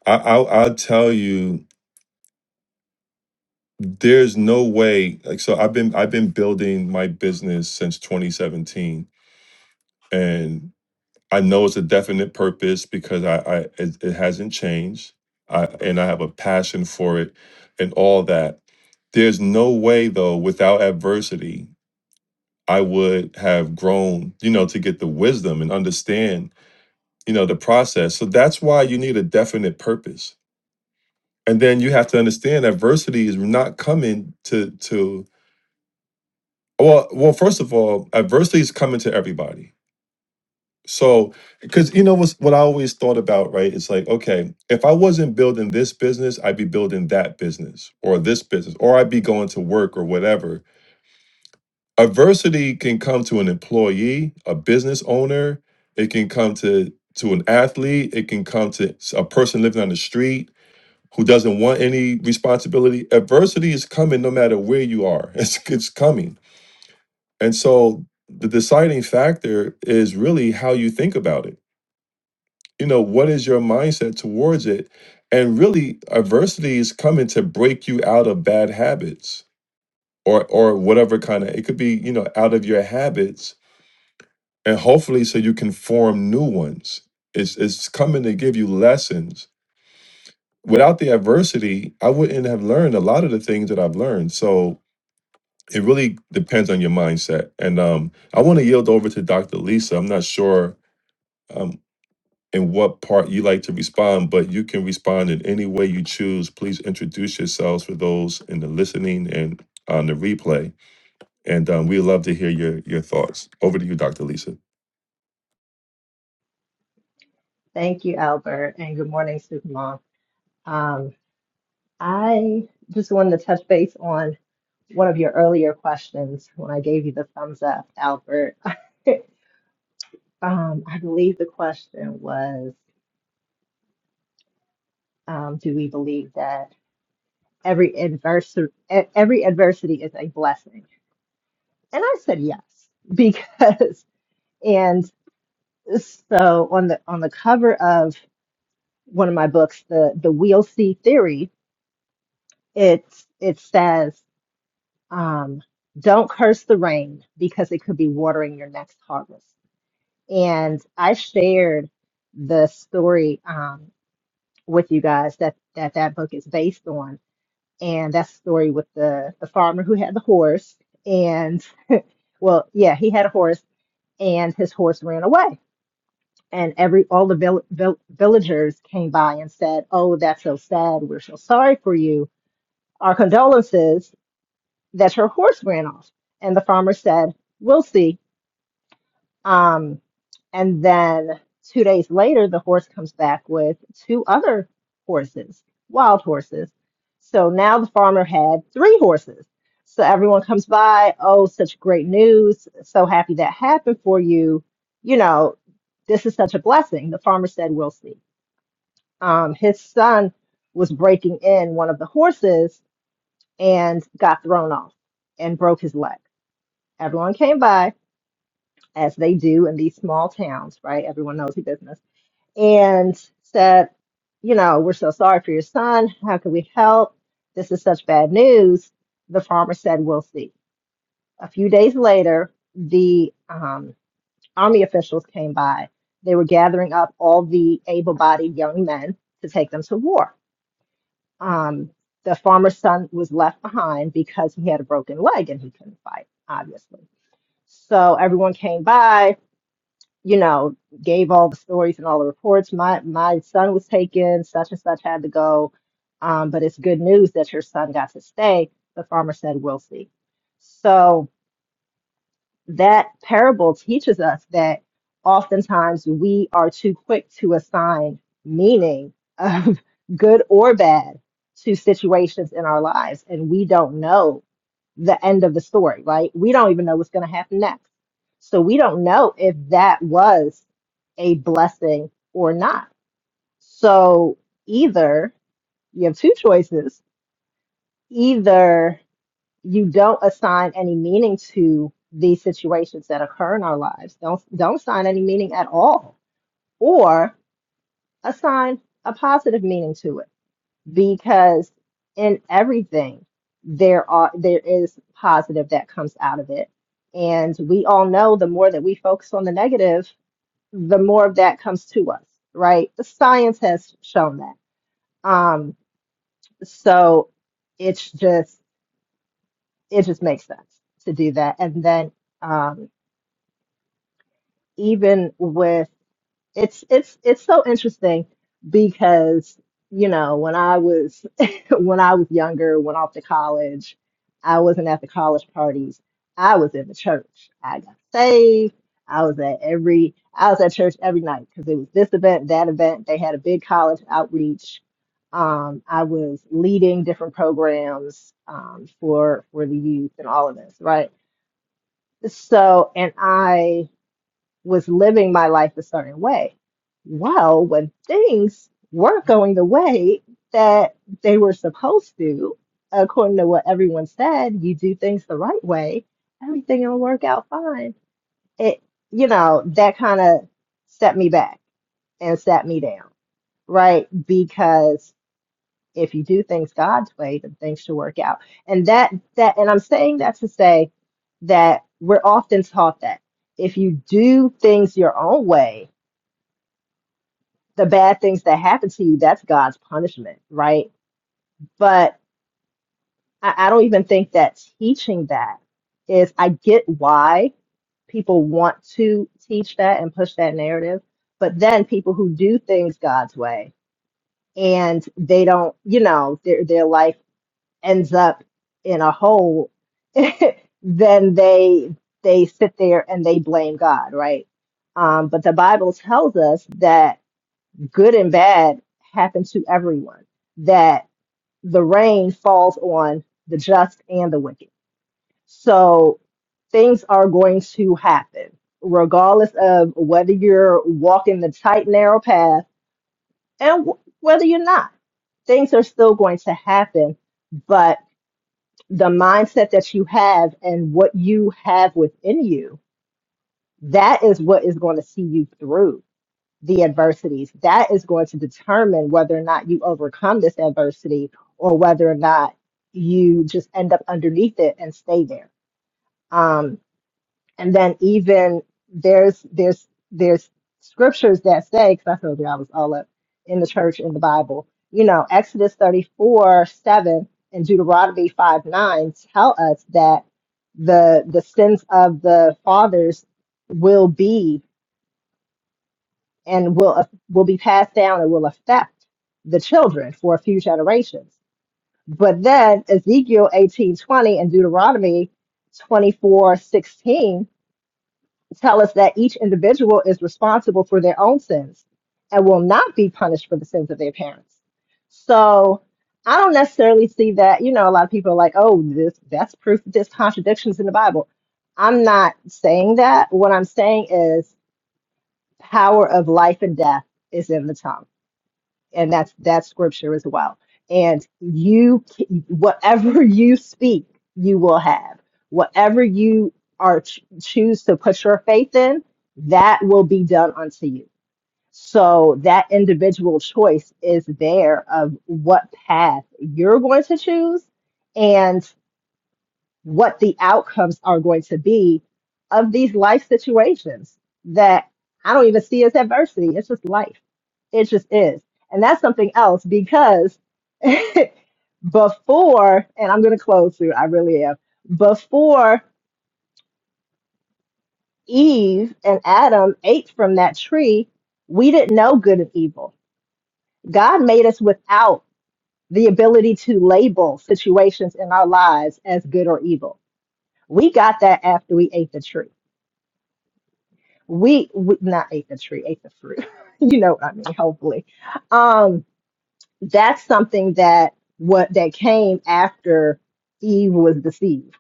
I, I'll, I'll tell you there's no way like so i've been i've been building my business since 2017 and i know it's a definite purpose because i i it, it hasn't changed i and i have a passion for it and all that there's no way though without adversity i would have grown you know to get the wisdom and understand you know the process so that's why you need a definite purpose and then you have to understand adversity is not coming to to Well, well, first of all, adversity is coming to everybody. So, because you know what's, what I always thought about, right? It's like, okay, if I wasn't building this business, I'd be building that business or this business, or I'd be going to work or whatever. Adversity can come to an employee, a business owner. It can come to to an athlete. It can come to s- a person living on the street who doesn't want any responsibility. Adversity is coming no matter where you are. It's it's coming. And so the deciding factor is really how you think about it. You know, what is your mindset towards it? And really, adversity is coming to break you out of bad habits or or whatever kind of it could be, you know, out of your habits and hopefully so you can form new ones. It's it's coming to give you lessons. Without the adversity, I wouldn't have learned a lot of the things that I've learned. So it really depends on your mindset. And um, I want to yield over to Dr. Lisa. I'm not sure um, and what part you like to respond, but you can respond in any way you choose. Please introduce yourselves for those in the listening and on the replay. And um, we love to hear your your thoughts. Over to you, Dr. Lisa. Thank you, Albert, and good morning, Supermom. Um, I just wanted to touch base on one of your earlier questions when I gave you the thumbs up, Albert. Um, I believe the question was, um, do we believe that every adversary, every adversity is a blessing? And I said yes, because and so on the on the cover of one of my books, the the Wheel C Theory, it it says. um, don't curse the rain because it could be watering your next harvest. And I shared the story um, with you guys that, that that book is based on, and that's the story with the the farmer who had the horse, and well, yeah, he had a horse, and his horse ran away. And every all the vill vill villagers came by and said, "Oh, that's so sad. We're so sorry for you. Our condolences that your horse ran off." And the farmer said, "We'll see. Um, and then two days later, the horse comes back with two other horses, wild horses. So now the farmer had three horses. So everyone comes by, oh, such great news. So happy that happened for you. You know, this is such a blessing. The farmer said, We'll see. Um, his son was breaking in one of the horses and got thrown off and broke his leg. Everyone came by as they do in these small towns, right? Everyone knows the business. And said, you know, we're so sorry for your son. How can we help? This is such bad news. The farmer said, we'll see. A few days later, the um, army officials came by. They were gathering up all the able bodied young men to take them to war. Um, the farmer's son was left behind because he had a broken leg and he couldn't fight, obviously. So everyone came by you know, gave all the stories and all the reports. My my son was taken, such and such had to go. Um, but it's good news that your son got to stay. The farmer said, We'll see. So that parable teaches us that oftentimes we are too quick to assign meaning of good or bad to situations in our lives, and we don't know the end of the story, right? We don't even know what's going to happen next. So we don't know if that was a blessing or not. So either you have two choices either you don't assign any meaning to these situations that occur in our lives. Don't don't assign any meaning at all, or assign a positive meaning to it, because in everything there are there is positive that comes out of it, and we all know the more that we focus on the negative, the more of that comes to us, right? The science has shown that. Um, so it's just it just makes sense to do that, and then. Um, even with it's it's it's so interesting because you know when I was when I was younger, went off to college, I wasn't at the college parties. I was in the church. I got saved. I was at every I was at church every night because it was this event, that event. They had a big college outreach. Um, I was leading different programs um, for for the youth and all of this, right? So, and I was living my life a certain way. Well, when things weren't going the way that they were supposed to, according to what everyone said, you do things the right way, everything will work out fine. It, you know, that kind of set me back and sat me down, right? Because if you do things God's way, then things should work out. And that, that, and I'm saying that to say that we're often taught that if you do things your own way, the bad things that happen to you, that's God's punishment, right? But I, I don't even think that teaching that is, I get why people want to teach that and push that narrative, but then people who do things God's way and they don't, you know, their, their life ends up in a hole, then they, they sit there and they blame God, right? Um, but the Bible tells us that good and bad happen to everyone, that the rain falls on the just and the wicked. So things are going to happen, regardless of whether you're walking the tight, narrow path and w- whether you're not. Things are still going to happen, but the mindset that you have and what you have within you, that is what is going to see you through the adversities. That is going to determine whether or not you overcome this adversity or whether or not you just end up underneath it and stay there. Um, and then even there's there's there's scriptures that say, because I told you I was all up in the church in the Bible, you know, Exodus 34, 7 and Deuteronomy 5, 9 tell us that the the sins of the fathers will be and will will be passed down and will affect the children for a few generations. But then Ezekiel 18:20 and Deuteronomy 24:16 tell us that each individual is responsible for their own sins and will not be punished for the sins of their parents. So I don't necessarily see that, you know, a lot of people are like, oh, this that's proof that there's contradictions in the Bible. I'm not saying that. What I'm saying is power of life and death is in the tongue and that's that's scripture as well. And you, c- whatever you speak, you will have. Whatever you are ch- choose to put your faith in, that will be done unto you. So that individual choice is there of what path you're going to choose and what the outcomes are going to be of these life situations that I don't even see as adversity. It's just life it just is. And that's something else because before, and I'm going to close soon, I really am. Before Eve and Adam ate from that tree, we didn't know good and evil. God made us without the ability to label situations in our lives as good or evil. We got that after we ate the tree. We, we not ate the tree, ate the fruit. you know what I mean, hopefully. Um, that's something that what that came after Eve was deceived,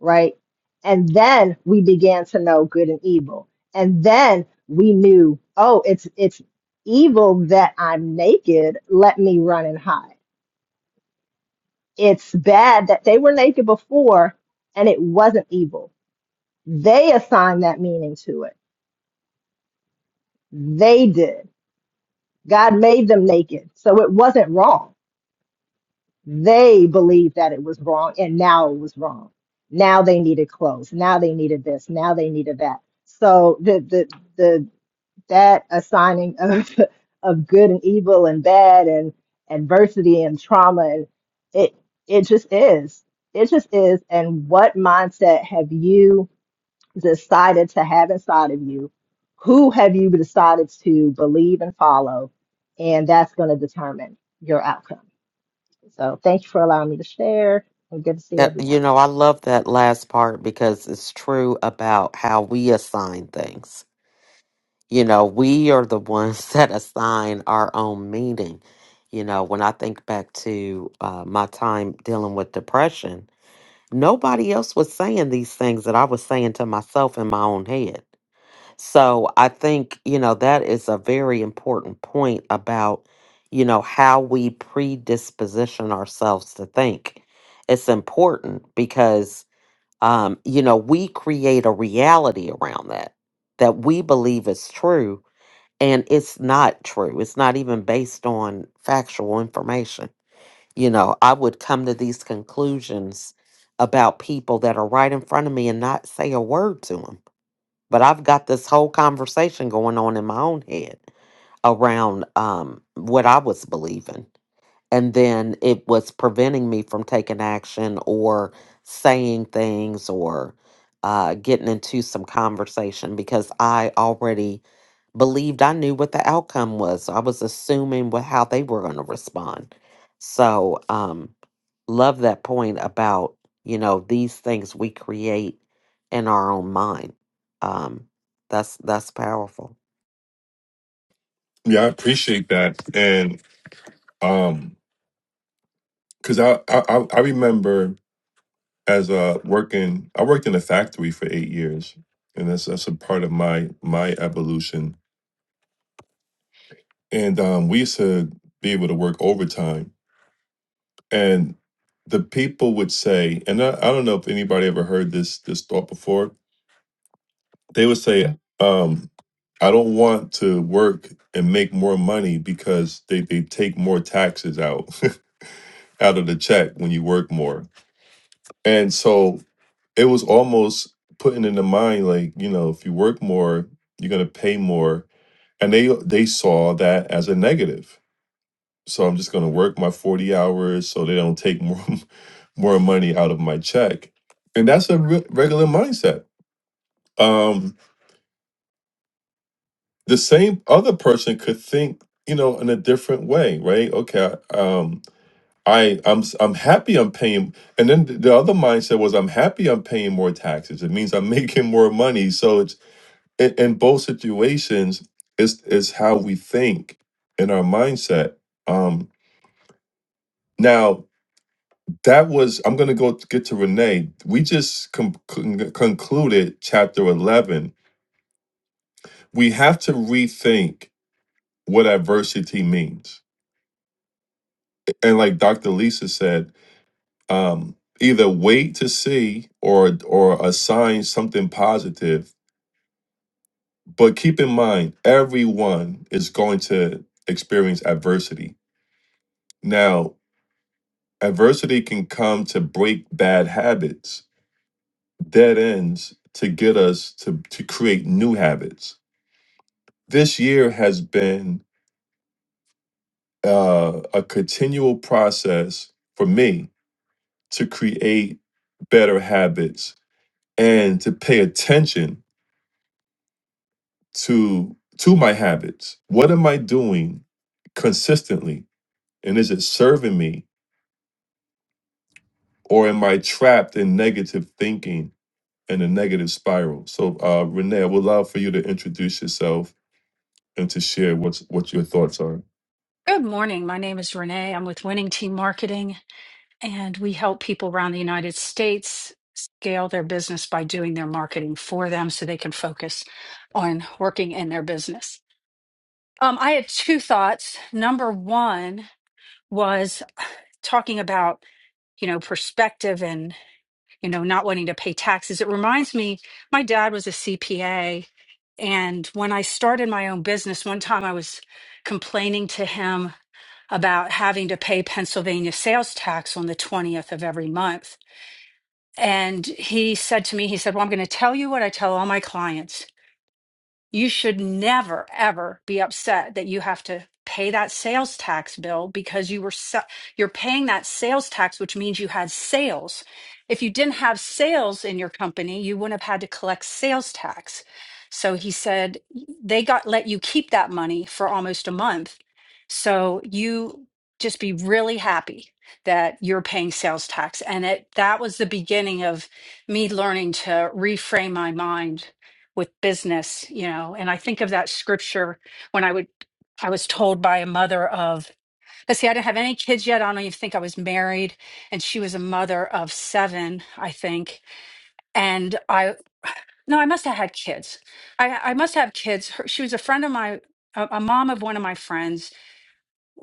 right? And then we began to know good and evil. And then we knew, oh, it's it's evil that I'm naked, let me run and hide. It's bad that they were naked before and it wasn't evil. They assigned that meaning to it. They did. God made them naked. So it wasn't wrong They believed that it was wrong, and now it was wrong. Now they needed clothes. Now they needed this. Now they needed that. So the the the that assigning of of good and evil and bad and adversity and trauma and it it just is. It just is. And what mindset have you decided to have inside of you? Who have you decided to believe and follow? And that's going to determine your outcome. So thank you for allowing me to share and good to see That, you everyone. know, I love that last part because it's true about how we assign things. You know, we are the ones that assign our own meaning. You know, when I think back to uh, my time dealing with depression, nobody else was saying these things that I was saying to myself in my own head. So I think, you know, that is a very important point about, you know, how we predisposition ourselves to think. It's important because, um, you know, we create a reality around that, that we believe is true. And it's not true. It's not even based on factual information you know, I would come to these conclusions about people that are right in front of me and not say a word to them. But I've got this whole conversation going on in my own head around um, what I was believing. And then it was preventing me from taking action or saying things or uh, getting into some conversation because I already believed I knew what the outcome was. So I was assuming what how they were going to respond. So um love that point about, you know, these things we create in our own mind. Um that's that's powerful. Yeah, I appreciate that. And um, because I, I I I remember as a working, I worked in a factory for eight years, and that's that's a part of my my evolution. And um, we used to be able to work overtime And the people would say, and I, I don't know if anybody ever heard this this thought before. They would say, um, "I don't want to work and make more money because they they take more taxes out out of the check when you work more." And so it was almost putting in the mind, like you know, if you work more, you're gonna pay more. And they they saw that as a negative. So I'm just gonna work my 40 hours so they don't take more more money out of my check. And that's a re- regular mindset. Um, the same other person could think, you know, in a different way, right? Okay, um, I I'm s- I'm happy I'm paying, and then th- the other mindset was I'm happy I'm paying more taxes. It means I'm making more money. So it's in, in both situations, it's is how we think in our mindset. Um, now that was I'm gonna go t- get to Renee. We just con- con- concluded chapter eleven we have to rethink what adversity means. And like Dr. Lisa said, um, either wait to see or or assign something positive, but keep in mind everyone is going to experience adversity. Now, adversity can come to break bad habits, dead ends, to get us to to create new habits. This year has been uh, a continual process for me to create better habits and to pay attention to to my habits what am i doing consistently and is it serving me or am i trapped in negative thinking and a negative spiral so uh renee i would love for you to introduce yourself and to share what's what your thoughts are Good morning. My name is Renee. I'm with Winning Team Marketing, and we help people around the United States scale their business by doing their marketing for them so they can focus on working in their business. Um, I had two thoughts. Number one was talking about, you know, perspective and, you know, not wanting to pay taxes. It reminds me, my dad was a CPA. And when I started my own business, one time I was complaining to him about having to pay Pennsylvania sales tax on the 20th of every month. And he said to me, he said, Well, I'm going to tell you what I tell all my clients you should never ever be upset that you have to pay that sales tax bill because you were se- you're paying that sales tax which means you had sales if you didn't have sales in your company you wouldn't have had to collect sales tax so he said they got let you keep that money for almost a month so you just be really happy that you're paying sales tax and it that was the beginning of me learning to reframe my mind with business you know and i think of that scripture when i would i was told by a mother of let's see i didn't have any kids yet i don't even think i was married and she was a mother of seven i think and i no i must have had kids i i must have kids Her, she was a friend of my a, a mom of one of my friends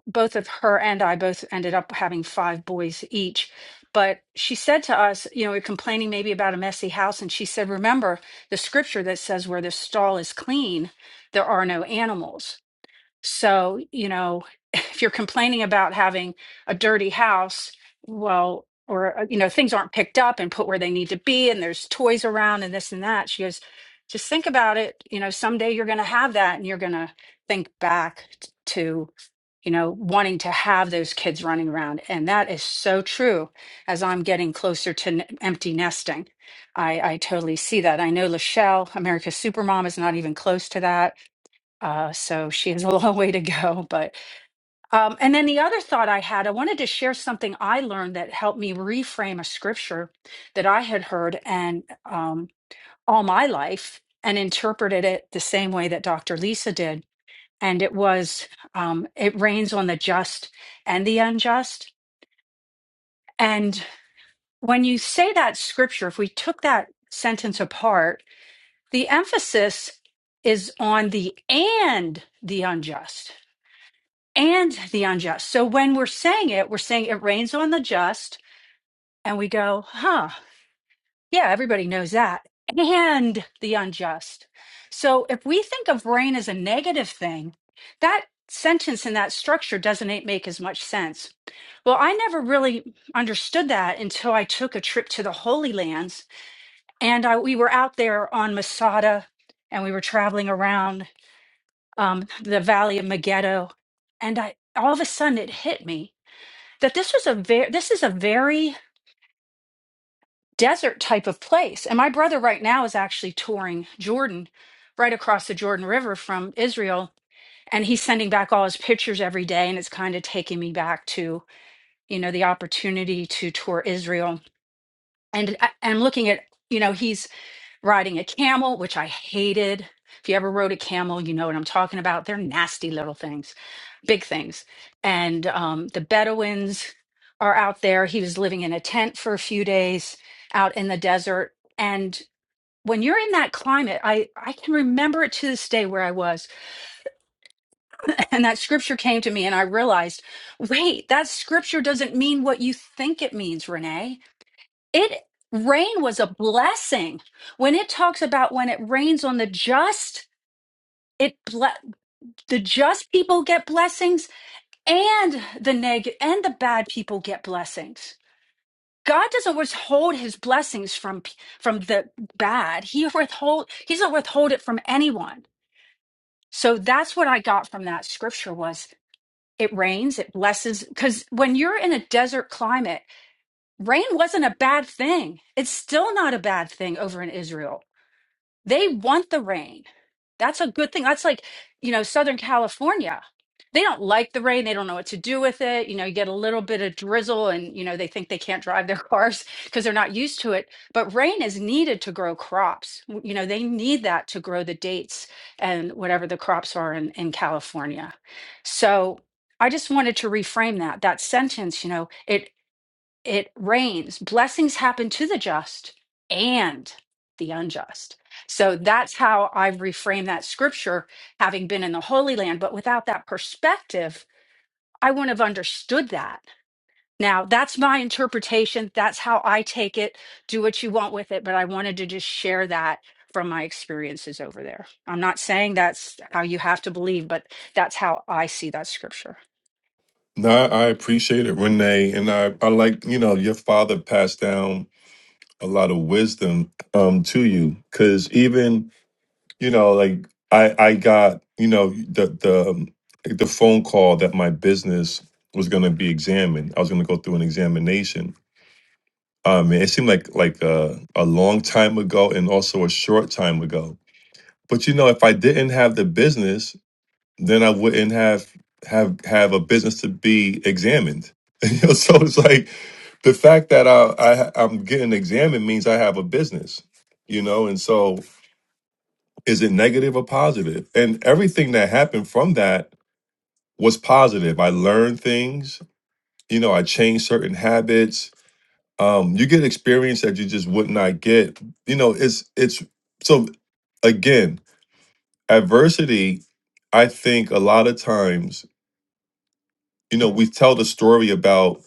both of her and I both ended up having five boys each. But she said to us, you know, we are complaining maybe about a messy house. And she said, remember the scripture that says, where the stall is clean, there are no animals. So, you know, if you're complaining about having a dirty house, well, or, uh, you know, things aren't picked up and put where they need to be, and there's toys around and this and that. She goes, just think about it. You know, someday you're going to have that and you're going to think back t- to, you know, wanting to have those kids running around. And that is so true as I'm getting closer to n- empty nesting. I, I totally see that. I know Lachelle, America's Supermom, is not even close to that uh, so she has a long way to go. But um, and then the other thought I had, I wanted to share something I learned that helped me reframe a scripture that I had heard and um, all my life and interpreted it the same way that Dr. Lisa did. And it was, um, it rains on the just and the unjust. And when you say that scripture, if we took that sentence apart, the emphasis is on the and the unjust and the unjust. So when we're saying it, we're saying it rains on the just, and we go, huh, yeah, everybody knows that, and the unjust. So if we think of rain as a negative thing, that sentence in that structure doesn't a- make as much sense. Well, I never really understood that until I took a trip to the Holy Lands, and I, we were out there on Masada, and we were traveling around um, the Valley of Megiddo, and I all of a sudden it hit me that this was a very this is a very desert type of place and my brother right now is actually touring jordan right across the jordan river from israel and he's sending back all his pictures every day and it's kind of taking me back to you know the opportunity to tour israel and I- i'm looking at you know he's riding a camel, which I hated. If you ever rode a camel, you know what I'm talking about. They're nasty little things, big things. And um, the Bedouins are out there. He was living in a tent for a few days out in the desert. And when you're in that climate, I, I can remember it to this day where I was. And that scripture came to me, and I realized wait, that scripture doesn't mean what you think it means, Renee it rain was a blessing. When it talks about when it rains on the just, it ble- the just people get blessings and the neg and the bad people get blessings. God doesn't withhold his blessings from p- from the bad. He withhold he doesn't withhold it from anyone. So that's what I got from that scripture was it rains, it blesses cuz when you're in a desert climate, rain wasn't a bad thing. It's still not a bad thing over in Israel They want the rain. That's a good thing. That's like, you know, Southern California. They don't like the rain. They don't know what to do with it. You know, you get a little bit of drizzle and, you know, they think they can't drive their cars because they're not used to it. But rain is needed to grow crops. W- You know, they need that to grow the dates and whatever the crops are in, in California. So I just wanted to reframe that. That sentence, you know, it rains. Blessings happen to the just and the unjust. So that's how I've reframed that scripture, having been in the Holy Land. But without that perspective, I wouldn't have understood that. Now, that's my interpretation. That's how I take it. Do what you want with it. But I wanted to just share that from my experiences over there. I'm not saying that's how you have to believe, but that's how I see that scripture. no i I appreciate it renee and i i like you know your father passed down a lot of wisdom um to you because even you know like i i got you know the the um, the phone call that my business was going to be examined i was going to go through an examination um it seemed like like a, a long time ago and also a short time ago but you know if i didn't have the business then i wouldn't have have have a business to be examined You know, so it's like the fact that I, I i'm getting examined means i have a business you know and so Is it negative or positive? And everything that happened from that was positive. I learned things, you know, I changed certain habits. Um, you get experience that you just would not get. You know, it's it's so again, adversity, I think a lot of times, you know, we tell the story about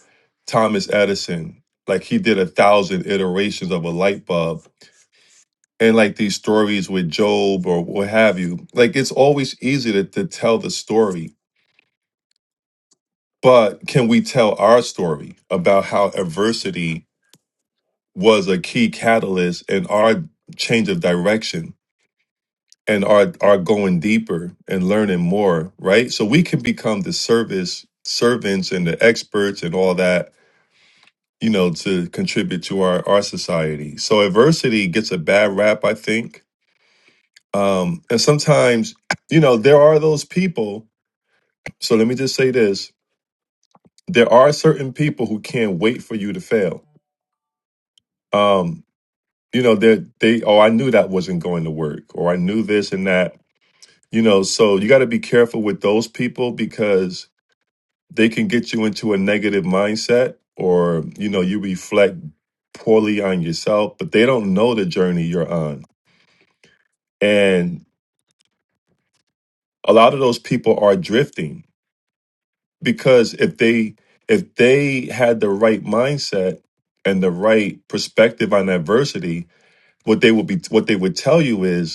Thomas Edison, like he did a thousand iterations of a light bulb and like these stories with Job or what have you, like it's always easy to, to tell the story. But can we tell our story about how adversity was a key catalyst in our change of direction and our, our going deeper and learning more, right? So we can become the service servants and the experts and all that, you know, to contribute to our, our society. So adversity gets a bad rap, I think. Um, and sometimes, you know, there are those people. So let me just say this. There are certain people who can't wait for you to fail. Um, you know they they oh i knew that wasn't going to work or i knew this and that you know so you got to be careful with those people because they can get you into a negative mindset or you know you reflect poorly on yourself but they don't know the journey you're on and a lot of those people are drifting because if they if they had the right mindset and the right perspective on adversity what they would be what they would tell you is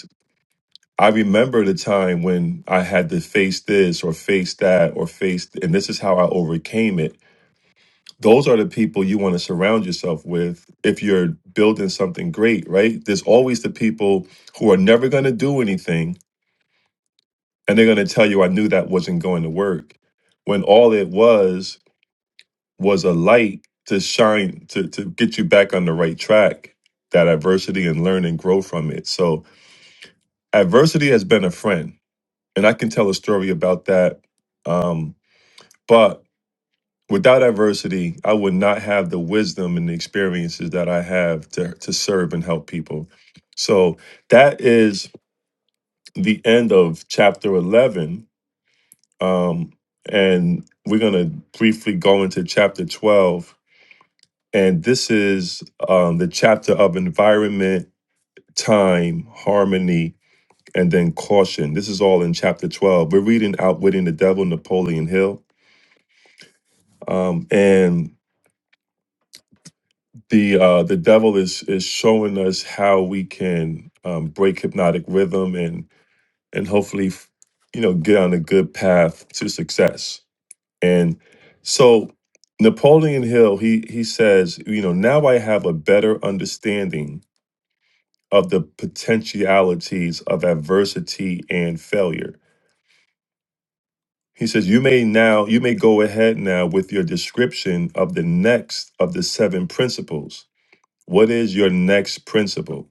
I remember the time when I had to face this or face that or face, and this is how I overcame it. Those are the people you want to surround yourself with if you're building something great, right? There's always the people who are never going to do anything and they're going to tell you, I knew that wasn't going to work. When all it was was a light to shine, to, to get you back on the right track, that adversity and learn and grow from it. So, adversity has been a friend and I can tell a story about that. Um, but without adversity, I would not have the wisdom and the experiences that I have to to serve and help people. So that is the end of chapter eleven, um, and we're gonna briefly go into chapter twelve. And this is um, the chapter of environment, time, harmony, and then caution. This is all in chapter twelve. We're reading "Outwitting the Devil," Napoleon Hill um, and the uh, the devil is is showing us how we can um, break hypnotic rhythm and and hopefully f- you know get on a good path to success. And so Napoleon Hill he he says you know now I have a better understanding of the potentialities of adversity and failure. He says you may now you may go ahead now with your description of the next of the seven principles What is your next principle?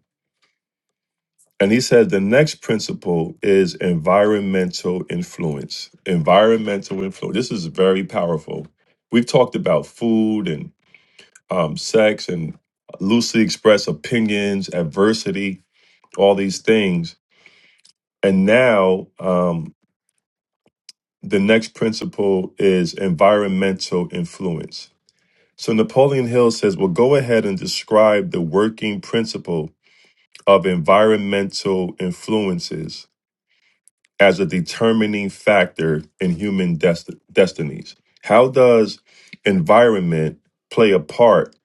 And he said the next principle is environmental influence. Environmental influence. This is very powerful. We've talked about food and um, sex and loosely expressed opinions, adversity, all these things. And now um, the next principle is environmental influence. So Napoleon Hill says, well, go ahead and describe the working principle of environmental influences as a determining factor in human desti- destinies. How does environment play a part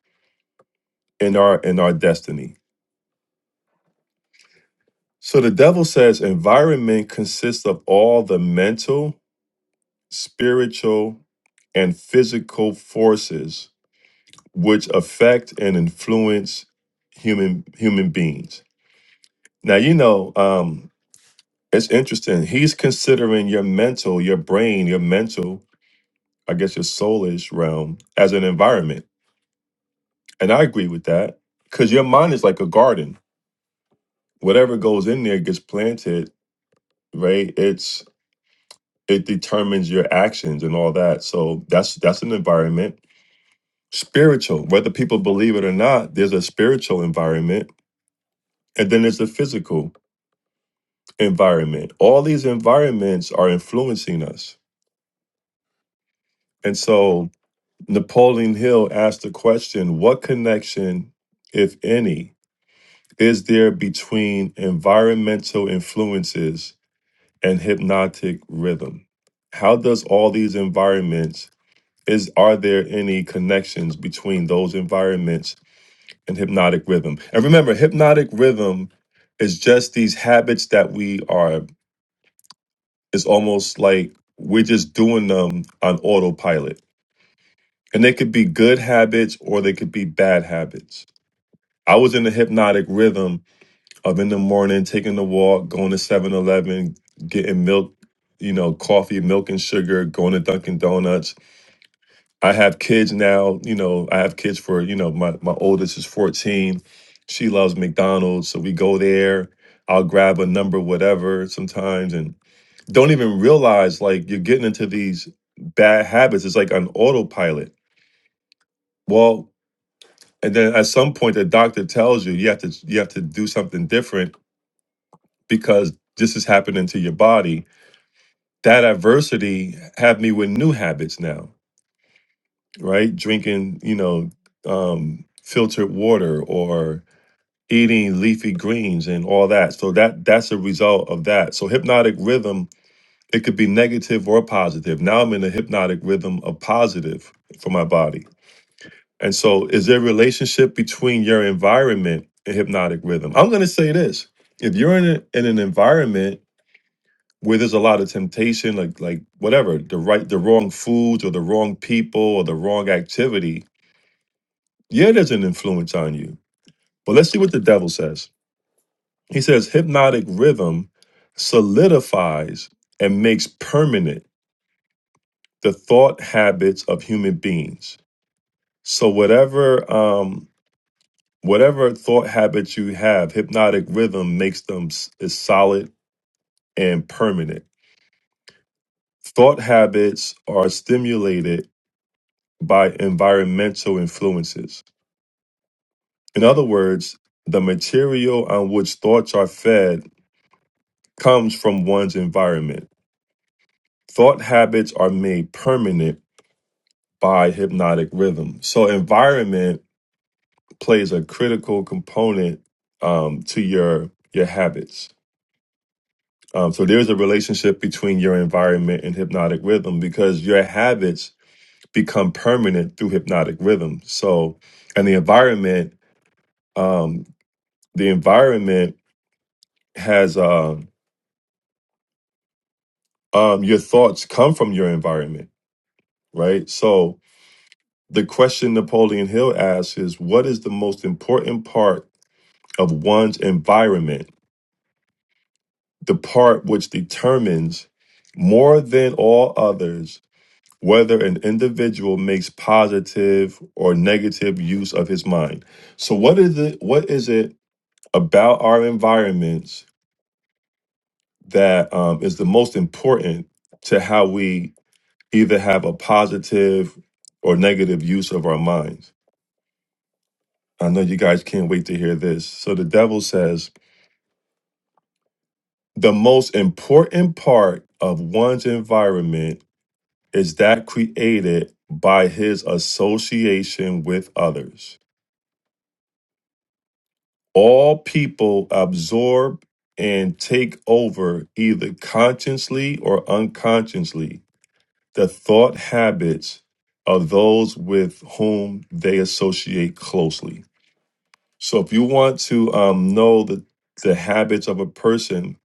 in our in our destiny? So the devil says environment consists of all the mental, spiritual, and physical forces which affect and influence human human beings. Now you know. Um, It's interesting. He's considering your mental, your brain, your mental, I guess your soulish realm as an environment. And I agree with that because your mind is like a garden. Whatever goes in there gets planted, right? It's it determines your actions and all that. So that's that's an environment. Spiritual, whether people believe it or not, there's a spiritual environment and then there's a physical environment. All these environments are influencing us. And so Napoleon Hill asked the question What connection, if any, is there between environmental influences and hypnotic rhythm? How does all these environments is are there any connections between those environments and hypnotic rhythm? And remember, hypnotic rhythm is just these habits that we are it's almost like we're just doing them on autopilot. And they could be good habits or they could be bad habits I was in the hypnotic rhythm of in the morning taking the walk, going to Seven Eleven, getting milk, you know, coffee, milk and sugar, going to Dunkin' Donuts. I have kids now, you know, I have kids for, you know, my, my oldest is 14. She loves McDonald's. So we go there. I'll grab a number, whatever, sometimes, and don't even realize like you're getting into these bad habits. It's like an autopilot. Well, and then at some point the doctor tells you you have to you have to do something different because this is happening to your body that adversity had me with new habits now right drinking you know um filtered water or eating leafy greens and all that so that that's a result of that so hypnotic rhythm it could be negative or positive now i'm in a hypnotic rhythm of positive for my body and so is there a relationship between your environment and hypnotic rhythm i'm going to say this if you're in, a, in an environment where there's a lot of temptation, like like whatever, the right the wrong foods or the wrong people or the wrong activity, yeah, there's an influence on you. But let's see what the devil says. He says hypnotic rhythm solidifies and makes permanent the thought habits of human beings. So whatever um whatever thought habits you have, hypnotic rhythm makes them s- is solid and permanent. Thought habits are stimulated by environmental influences. In other words, the material on which thoughts are fed comes from one's environment. Thought habits are made permanent by hypnotic rhythm. So, environment plays a critical component um, to your your habits. Um, so, there's a relationship between your environment and hypnotic rhythm because your habits become permanent through hypnotic rhythm. So, and the environment, um, the environment has um um your thoughts come from your environment, right? So the question Napoleon Hill asks is what is the most important part of one's environment, the part which determines more than all others whether an individual makes positive or negative use of his mind. So what is it what is it about our environments that um, is the most important to how we either have a positive or negative use of our minds. I know you guys can't wait to hear this. So the devil says the most important part of one's environment is that created by his association with others. All people absorb and take over either consciously or unconsciously the thought habits of those with whom they associate closely. So if you want to um, know the the habits of a person,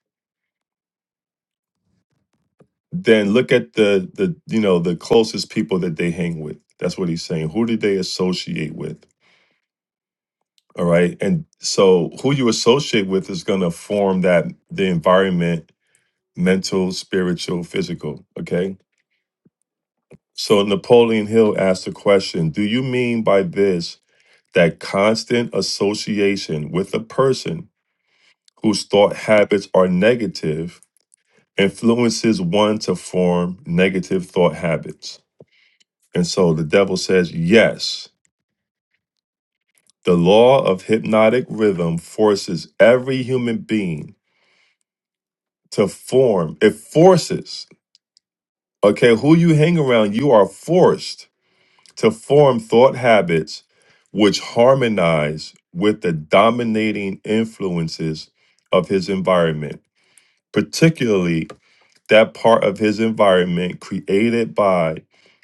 then look at the the you know the closest people that they hang with. That's what he's saying. Who do they associate with? All right, and so who you associate with is going to form that the environment, mental, spiritual, physical. Okay. So Napoleon Hill asked the question: Do you mean by this that constant association with a person whose thought habits are negative? influences one to form negative thought habits. And so the devil says, yes, the law of hypnotic rhythm forces every human being to form, it forces, okay, who you hang around, you are forced to form thought habits which harmonize with the dominating influences of his environment, particularly that part of his environment created by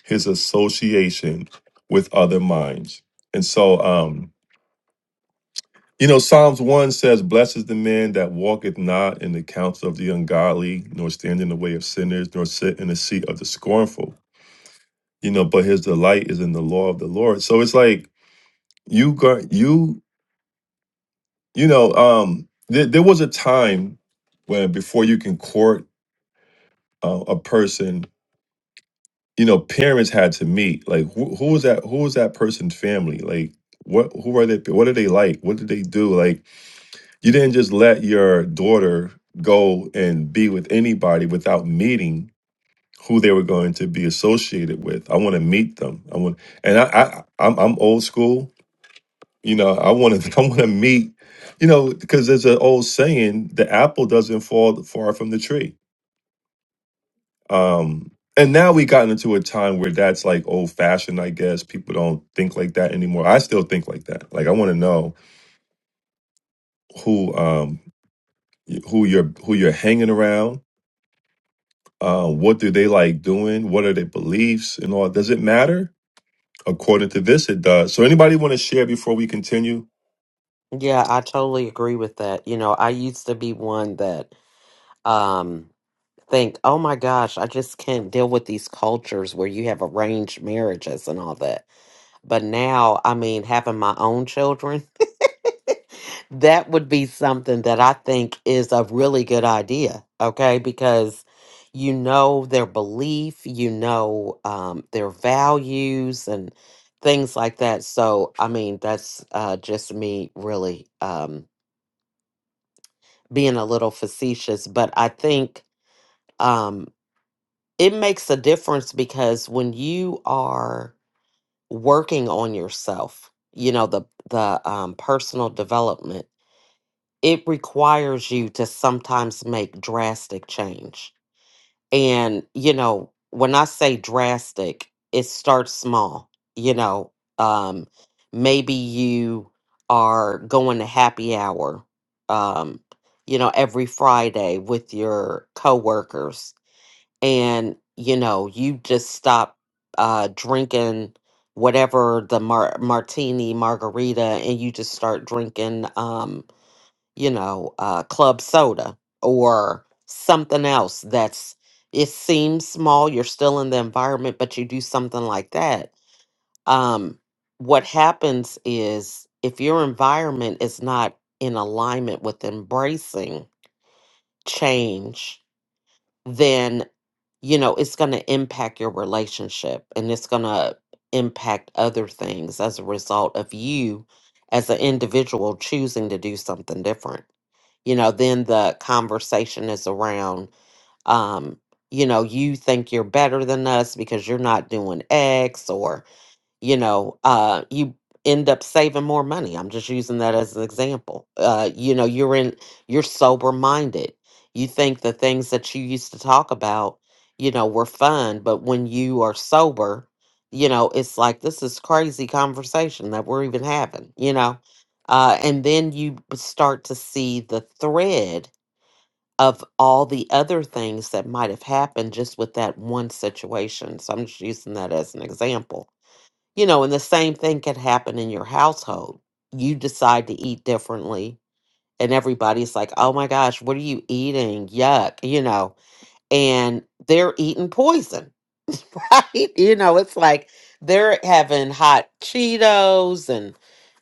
his association with other minds. And so, um, you know, Psalms 1 says, Blessed is the man that walketh not in the counsel of the ungodly, nor stand in the way of sinners, nor sit in the seat of the scornful. You know, but his delight is in the law of the Lord. So it's like you got you, you know, um, there there was a time when before you can court uh, a person you know parents had to meet like who, who was that who was that person's family like what who are they what are they like what did they do like you didn't just let your daughter go and be with anybody without meeting who they were going to be associated with i want to meet them i want and i, I I'm, I'm old school you know i want to i want to meet you know because there's an old saying the apple doesn't fall far from the tree Um, and now we gotten into a time where that's like old fashioned, I guess. People don't think like that anymore. I still think like that. Like I want to know who um y- who you're who you're hanging around. Uh, what do they like doing? What are their beliefs and all? Does it matter? According to this, it does. So anybody want to share before we continue? Yeah, I totally agree with that. You know, I used to be one that um think, "Oh my gosh, I just can't deal with these cultures where you have arranged marriages and all that." But now, I mean, having my own children, that would be something that I think is a really good idea, okay? Because you know their belief, you know um, their values, and things like that. So, I mean, that's uh, just me really um, being a little facetious, but I think um, it makes a difference because when you are working on yourself, you know the the um, personal development it requires you to sometimes make drastic change. And, you know, when I say drastic, it starts small. You know, um, maybe you are going to happy hour, um, you know, every Friday with your coworkers, and, you know, you just stop uh, drinking whatever the mar- martini margarita and you just start drinking. Um, you know, uh, club soda or something else that's it seems small, you're still in the environment, but you do something like that. Um, what happens is if your environment is not in alignment with embracing change, then you know it's going to impact your relationship and it's going to impact other things as a result of you as an individual choosing to do something different you know then the conversation is around um you know you think you're better than us because you're not doing x or you know, uh, you end up saving more money. I'm just using that as an example. Uh, you know, you're in, you're sober minded. You think the things that you used to talk about, you know, were fun, but when you are sober, you know, it's like this is crazy conversation that we're even having, you know. Uh, and then you b- start to see the thread of all the other things that might have happened just with that one situation. So I'm just using that as an example you know, and the same thing can happen in your household. You decide to eat differently, and everybody's like, oh my gosh, what are you eating? Yuck, you know, and they're eating poison, right? You know, it's like they're having hot Cheetos and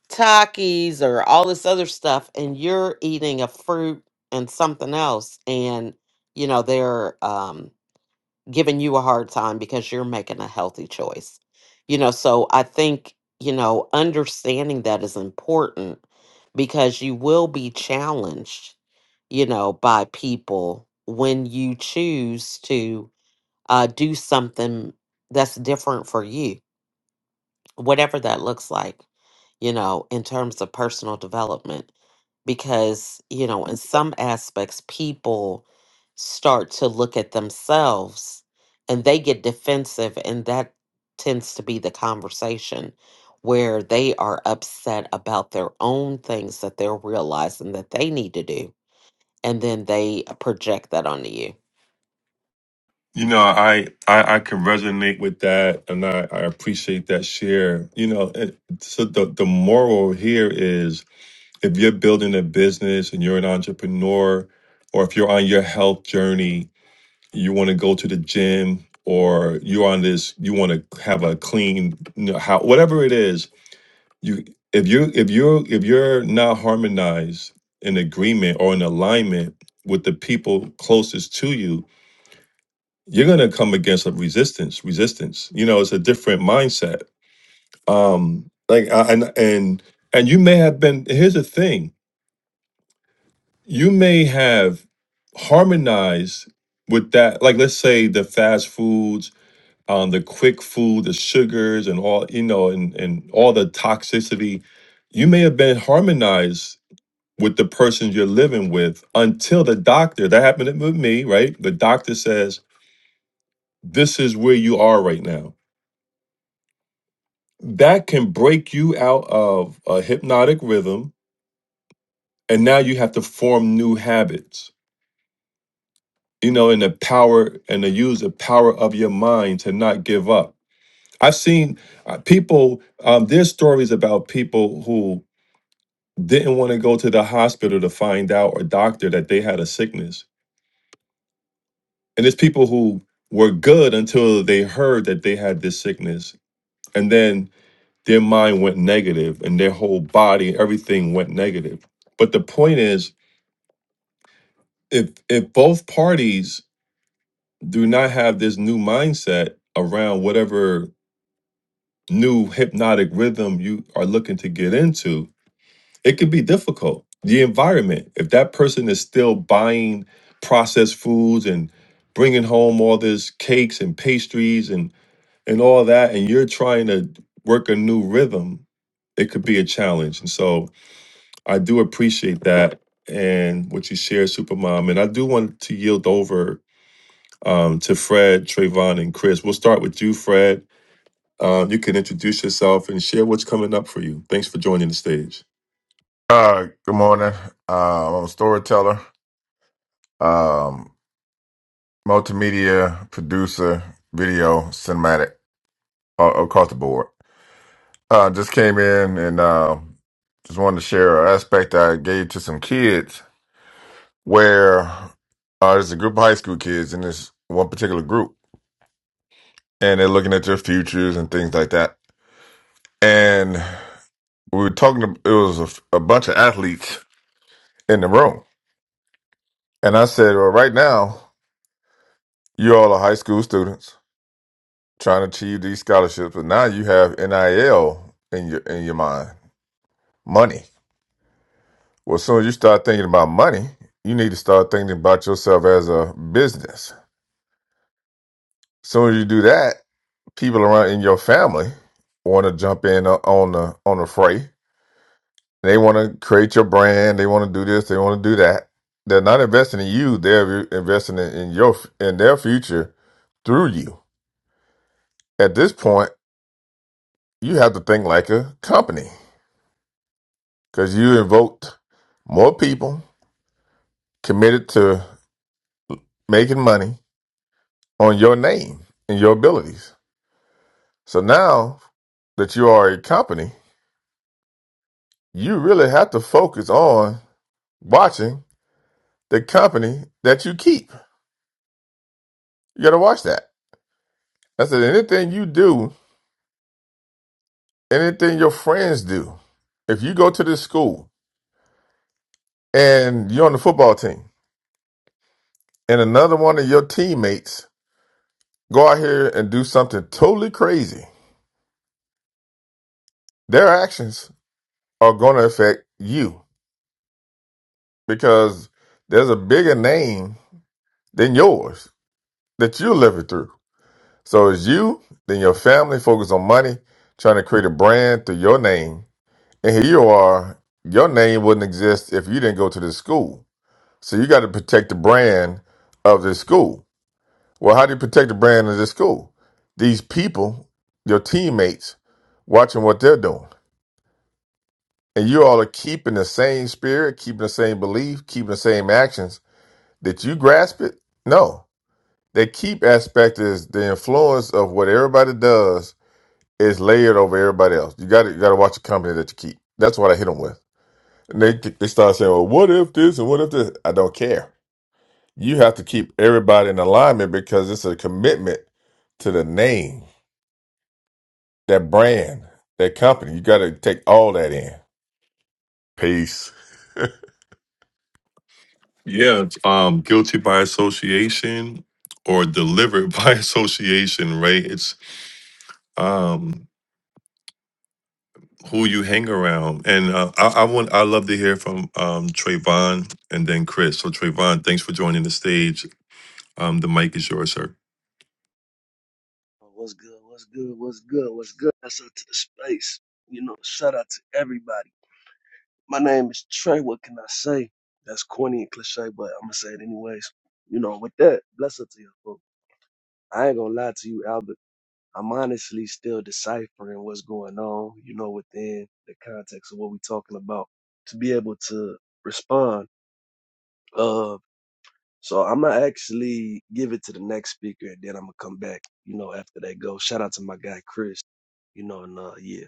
Takis or all this other stuff, and you're eating a fruit and something else, and, you know, they're, um, giving you a hard time because you're making a healthy choice. You know, so I think, you know, understanding that is important because you will be challenged, you know, by people when you choose to uh, do something that's different for you whatever that looks like, you know, in terms of personal development. Because, you know, in some aspects, people start to look at themselves and they get defensive, and that tends to be the conversation where they are upset about their own things that they're realizing that they need to do. And then they uh, project that onto you. You know, I I, I can resonate with that, and I, I appreciate that share. You know, and so the the moral here is if you're building a business and you're an entrepreneur, or if you're on your health journey, you want to go to the gym, or you're on this, you want to have a clean you know, how whatever it is, you if you if you're if you're not harmonized in agreement or in alignment with the people closest to you, you're gonna come against a resistance. Resistance, you know, it's a different mindset. Um, like I- and and and you may have been. Here's the thing you may have harmonized with that like let's say the fast foods um the quick food the sugars and all you know and and all the toxicity you may have been harmonized with the person you're living with until the doctor that happened with me right the doctor says this is where you are right now that can break you out of a hypnotic rhythm and now you have to form new habits you know, and the power and to use the power of your mind to not give up. I've seen uh, people, um, there's stories about people who didn't want to go to the hospital to find out or doctor that they had a sickness. And there's people who were good until they heard that they had this sickness. And then their mind went negative and their whole body, everything went negative. But the point is, if if both parties do not have this new mindset around whatever new hypnotic rhythm you are looking to get into, it could be difficult. The environment, if that person is still buying processed foods and bringing home all this cakes and pastries and and all that, and you're trying to work a new rhythm, it could be a challenge. And so I do appreciate that and what you shared, Supermom. And I do want to yield over um, to Fred, Trayvon, and Chris. We'll start with you, Fred uh, you can introduce yourself and share what's coming up for you. Thanks for joining the stage. Uh, good morning. Um, I'm a storyteller, um, multimedia producer, video, cinematic, uh, across the board. Uh, just came in and uh, just wanted to share an aspect I gave to some kids where uh, there's a group of high school kids in this one particular group, and they're looking at their futures and things like that. And we were talking, to, it was a, a bunch of athletes in the room. And I said, Well, right now, you all are high school students trying to achieve these scholarships, but now you have NIL in your in your mind, money. Well, as soon as you start thinking about money, you need to start thinking about yourself as a business. As soon as you do that, people around in your family want to jump in o- on the on the fray. They want to create your brand. They want to do this. They want to do that. They're not investing in you. They're investing in in your in their future through you. At this point, you have to think like a company because you invoked more people committed to making money on your name and your abilities. So now that you are a company, you really have to focus on watching the company that you keep. You got to watch that. I said, anything you do, anything your friends do, if you go to this school and you're on the football team and another one of your teammates go out here and do something totally crazy, their actions are going to affect you because there's a bigger name than yours that you're living through. So it's you, then your family focus on money, trying to create a brand through your name. And here you are, your name wouldn't exist if you didn't go to this school. So you got to protect the brand of this school. Well, how do you protect the brand of this school? These people, your teammates, watching what they're doing. And you all are keeping the same spirit, keeping the same belief, keeping the same actions. Did you grasp it? No the keep aspect is the influence of what everybody does is layered over everybody else. You got to you got to watch the company that you keep. That's what I hit them with. And they they start saying, "Well, what if this and what if this?" I don't care. You have to keep everybody in alignment because it's a commitment to the name, that brand, that company. You got to take all that in. Peace. Yeah, it's, um, guilty by association or delivered by association, right? It's um who you hang around, and uh, I, I want I love to hear from um Trayvon and then Chris. So Trayvon, thanks for joining the stage. Um, the mic is yours, sir. Oh, What's good? What's good? What's good? What's good? That's up to the space. You know, shout out to everybody. My name is Trey. What can I say? That's corny and cliche, but I'm gonna say it anyways. You know, with that, bless up to you, folks. I ain't gonna lie to you, Albert. I'm honestly still deciphering what's going on, you know, within the context of what we're talking about to be able to respond. Uh, So I'm gonna actually give it to the next speaker, and then I'm gonna come back. You know, after they go. Shout out to my guy Chris. You know, and uh, yeah.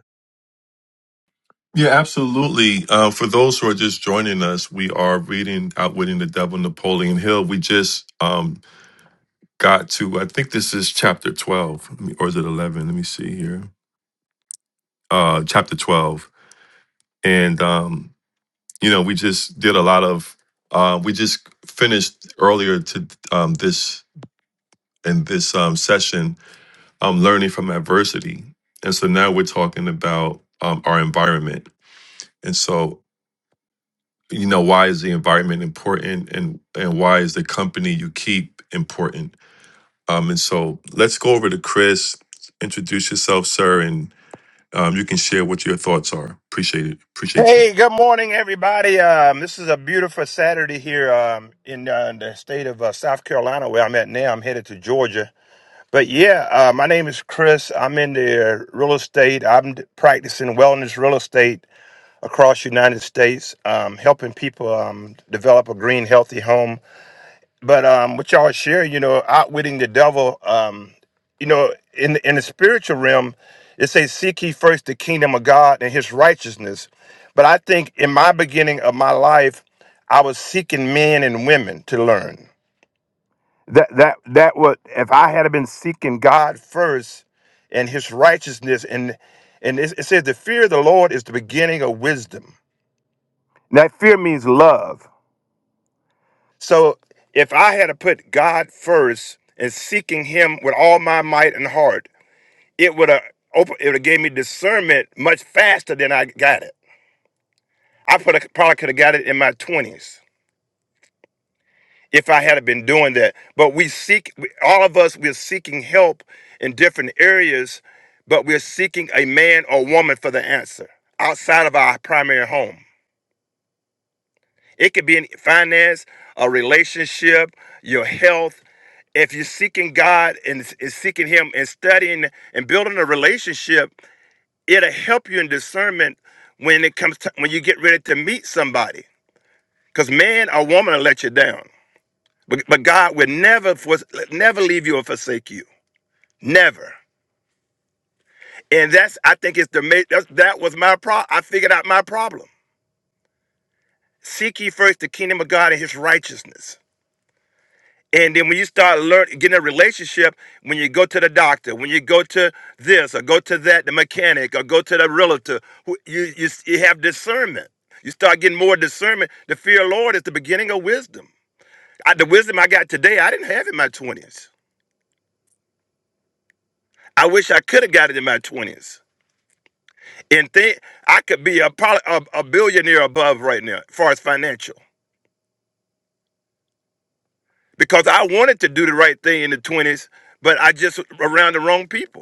Yeah, absolutely. Uh, for those who are just joining us, we are reading Outwitting the Devil, Napoleon Hill. We just um, got to, I think this is chapter 12, Let me- or is it 11? Let me see here. Uh, chapter 12. And, um, you know, we just did a lot of, uh, we just finished earlier to um, this, in this um, session, um, learning from adversity. And so now we're talking about um, our environment. And so you know why is the environment important and and why is the company you keep important um and so let's go over to chris introduce yourself sir and um, you can share what your thoughts are appreciate it appreciate you Hey, good morning, everybody. Um, this is a beautiful Saturday here um, in uh, the state of uh, South Carolina, where I'm at now. I'm headed to Georgia. But yeah, uh, my name is Chris. I'm in the real estate. I'm d- practicing wellness real estate across the United States, um, helping people um, develop a green, healthy home but um what y'all share you know outwitting the devil um you know in the, in the spiritual realm it says seek ye first the kingdom of god and his righteousness but i think in my beginning of my life i was seeking men and women to learn that that that what if i had been seeking god first and his righteousness and and it, it says the fear of the lord is the beginning of wisdom that fear means love So if I had to put God first and seeking Him with all my might and heart, it would have open. It would have gave me discernment much faster than I got it. I put a, probably could have got it in my twenties if I had been doing that. But we seek. we- All of us we're seeking help in different areas, but we're seeking a man or woman for the answer outside of our primary home. It could be in finance, a relationship, your health. If you're seeking God and, and seeking Him and studying and building a relationship, it'll help you in discernment when it comes to, when you get ready to meet somebody. Because man or woman will let you down, but, but God will never fors- never leave you or forsake you, never. And that's I think it's the ma- that's, that was my problem. I figured out my problem. Seek ye first the kingdom of God and His righteousness And then when you start learn getting a relationship, when you go to the doctor, when you go to this or go to that, the mechanic or go to the realtor, who- you you, s- you have discernment. You start getting more discernment. The fear of the Lord is the beginning of wisdom. I, the wisdom I got today, I didn't have in my twenties. I wish I could have got it in my twenties. And think I could be a, poly, a a billionaire above right now, as far as financial, because I wanted to do the right thing in the twenties, but I just around the wrong people.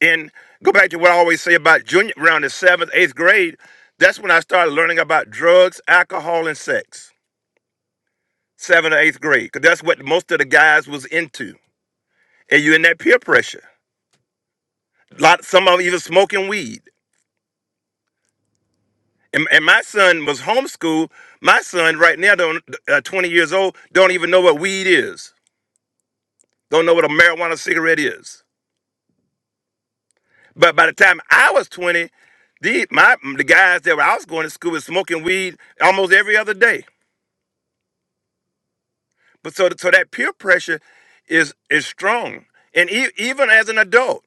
And go back to what I always say about junior, around the seventh, eighth grade. That's when I started learning about drugs, alcohol, and sex. Seventh or eighth grade, because that's what most of the guys was into. And you're in that peer pressure. lot, some of them even smoking weed. And, and my son was homeschooled. My son right now, don't, uh, 20 years old, don't even know what weed is. Don't know what a marijuana cigarette is. But by the time I was 20, the, my, the guys that were, I was going to school was smoking weed almost every other day. But so, so that peer pressure is is strong, and e- even as an adult,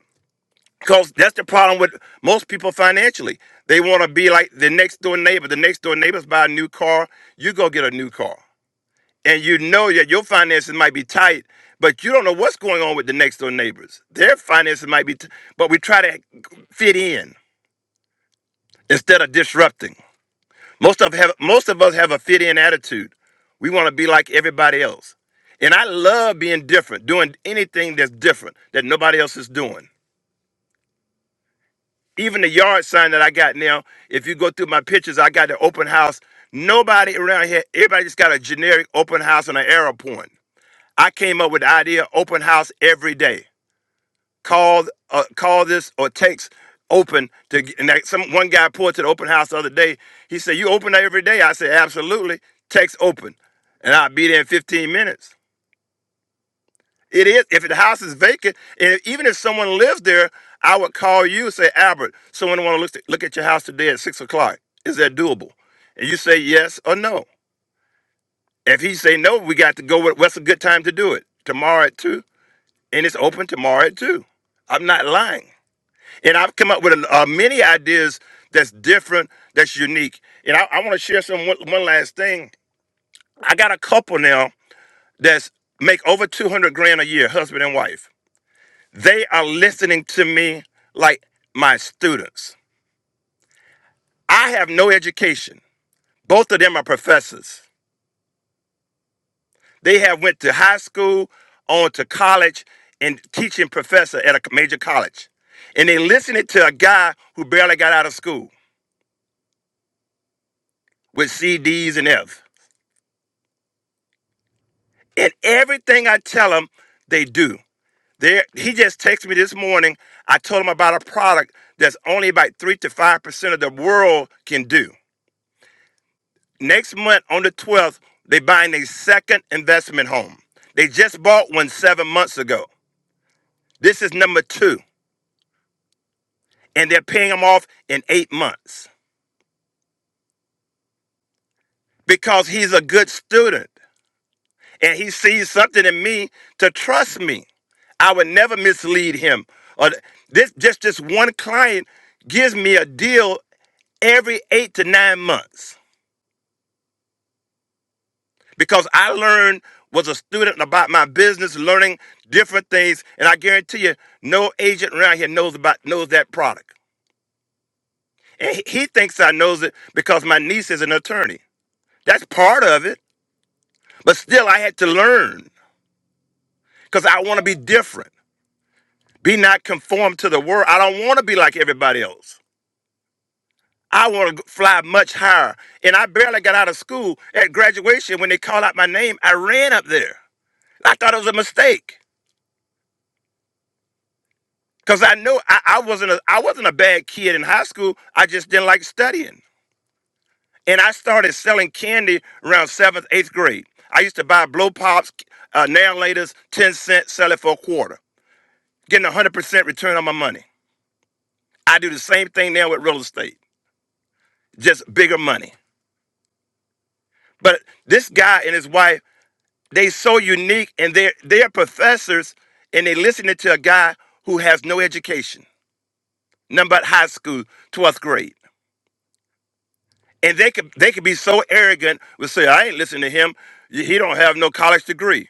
because that's the problem with most people financially. They want to be like the next door neighbor. The next door neighbors buy a new car. You go get a new car, and you know that your finances might be tight, but you don't know what's going on with the next door neighbors. Their finances might be, t- but we try to fit in instead of disrupting. Most of have most of us have a fit in attitude. We want to be like everybody else. And I love being different, doing anything that's different that nobody else is doing. Even the yard sign that I got now, if you go through my pictures, I got the open house. Nobody around here, everybody just got a generic open house on an arrow point. I came up with the idea open house every day. call uh, call this or text open to and that some one guy pulled to the open house the other day. He said, "You open every day?" I said, "Absolutely. Text open, and I'll be there in 15 minutes." It is if the house is vacant, and if- even if someone lives there, I would call you and say, "Albert, someone want to look look at your house today at six o'clock. Is that doable?" And you say yes or no. If he say no, we got to go with what's a good time to do it tomorrow at two, and it's open tomorrow at two. I'm not lying. And I've come up with a, uh, many ideas that's different, that's unique. And I, I want to share some one, one last thing. I got a couple now that's make over 200 grand a year, husband and wife. They are listening to me like my students. I have no education. Both of them are professors. They have went to high school, on to college, and teaching professor at a major college. And they listening to a guy who barely got out of school with CDs and F. And everything I tell them, they do. There, he just texted me this morning. I told him about a product that's only about three to five percent of the world can do. Next month on the 12th, they buying a second investment home. They just bought one seven months ago. This is number two, and they're paying him off in eight months because he's a good student. and he sees something in me to trust me. I would never mislead him. Or th- this just this one client gives me a deal every eight to nine months because I learned was a student about my business, learning different things, and I guarantee you, no agent around here knows about knows that product. And he he thinks I knows it because my niece is an attorney. That's part of it, but still I had to learn because I want to be different. Be not conformed to the world. I don't want to be like everybody else. I want to fly much higher. And I barely got out of school at graduation when they called out my name. I ran up there. I thought it was a mistake because I knew I, I wasn't a, I wasn't a bad kid in high school. I just didn't like studying. And I started selling candy around seventh, eighth grade. I used to buy blow pops, uh, nail laters, 10 cents, sell it for a quarter, getting a 100% return on my money. I do the same thing now with real estate, just bigger money. But this guy and his wife, they so unique and they're they're professors and they listening to a guy who has no education, nothing but high school, 12th grade. And they could they could be so arrogant would say, I ain't listening to him. He don't have no college degree.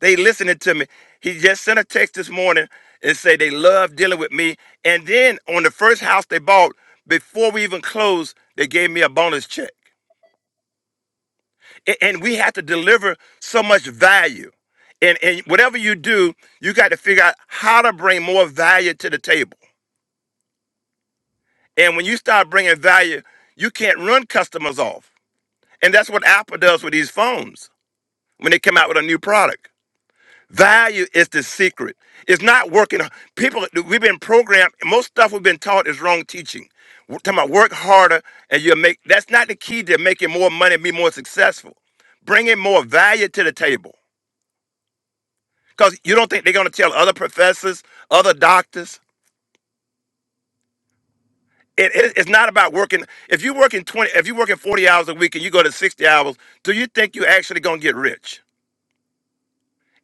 They listening to me. He just sent a text this morning and say they love dealing with me. And then on the first house they bought, before we even closed, they gave me a bonus check. A- and we have to deliver so much value. And, and whatever you do, you got to figure out how to bring more value to the table. And when you start bringing value, you can't run customers off. And that's what Apple does with these phones when they come out with a new product. Value is the secret. It's not working. People, we've been programmed. Most stuff we've been taught is wrong teaching. We're talking about work harder and you'll make. That's not the key to making more money and be more successful. Bringing more value to the table. Because you don't think they're going to tell other professors, other doctors. It, it- it's not about working. If you're working 20, if you're working 40 hours a week and you go to 60 hours, do you think you're actually going to get rich?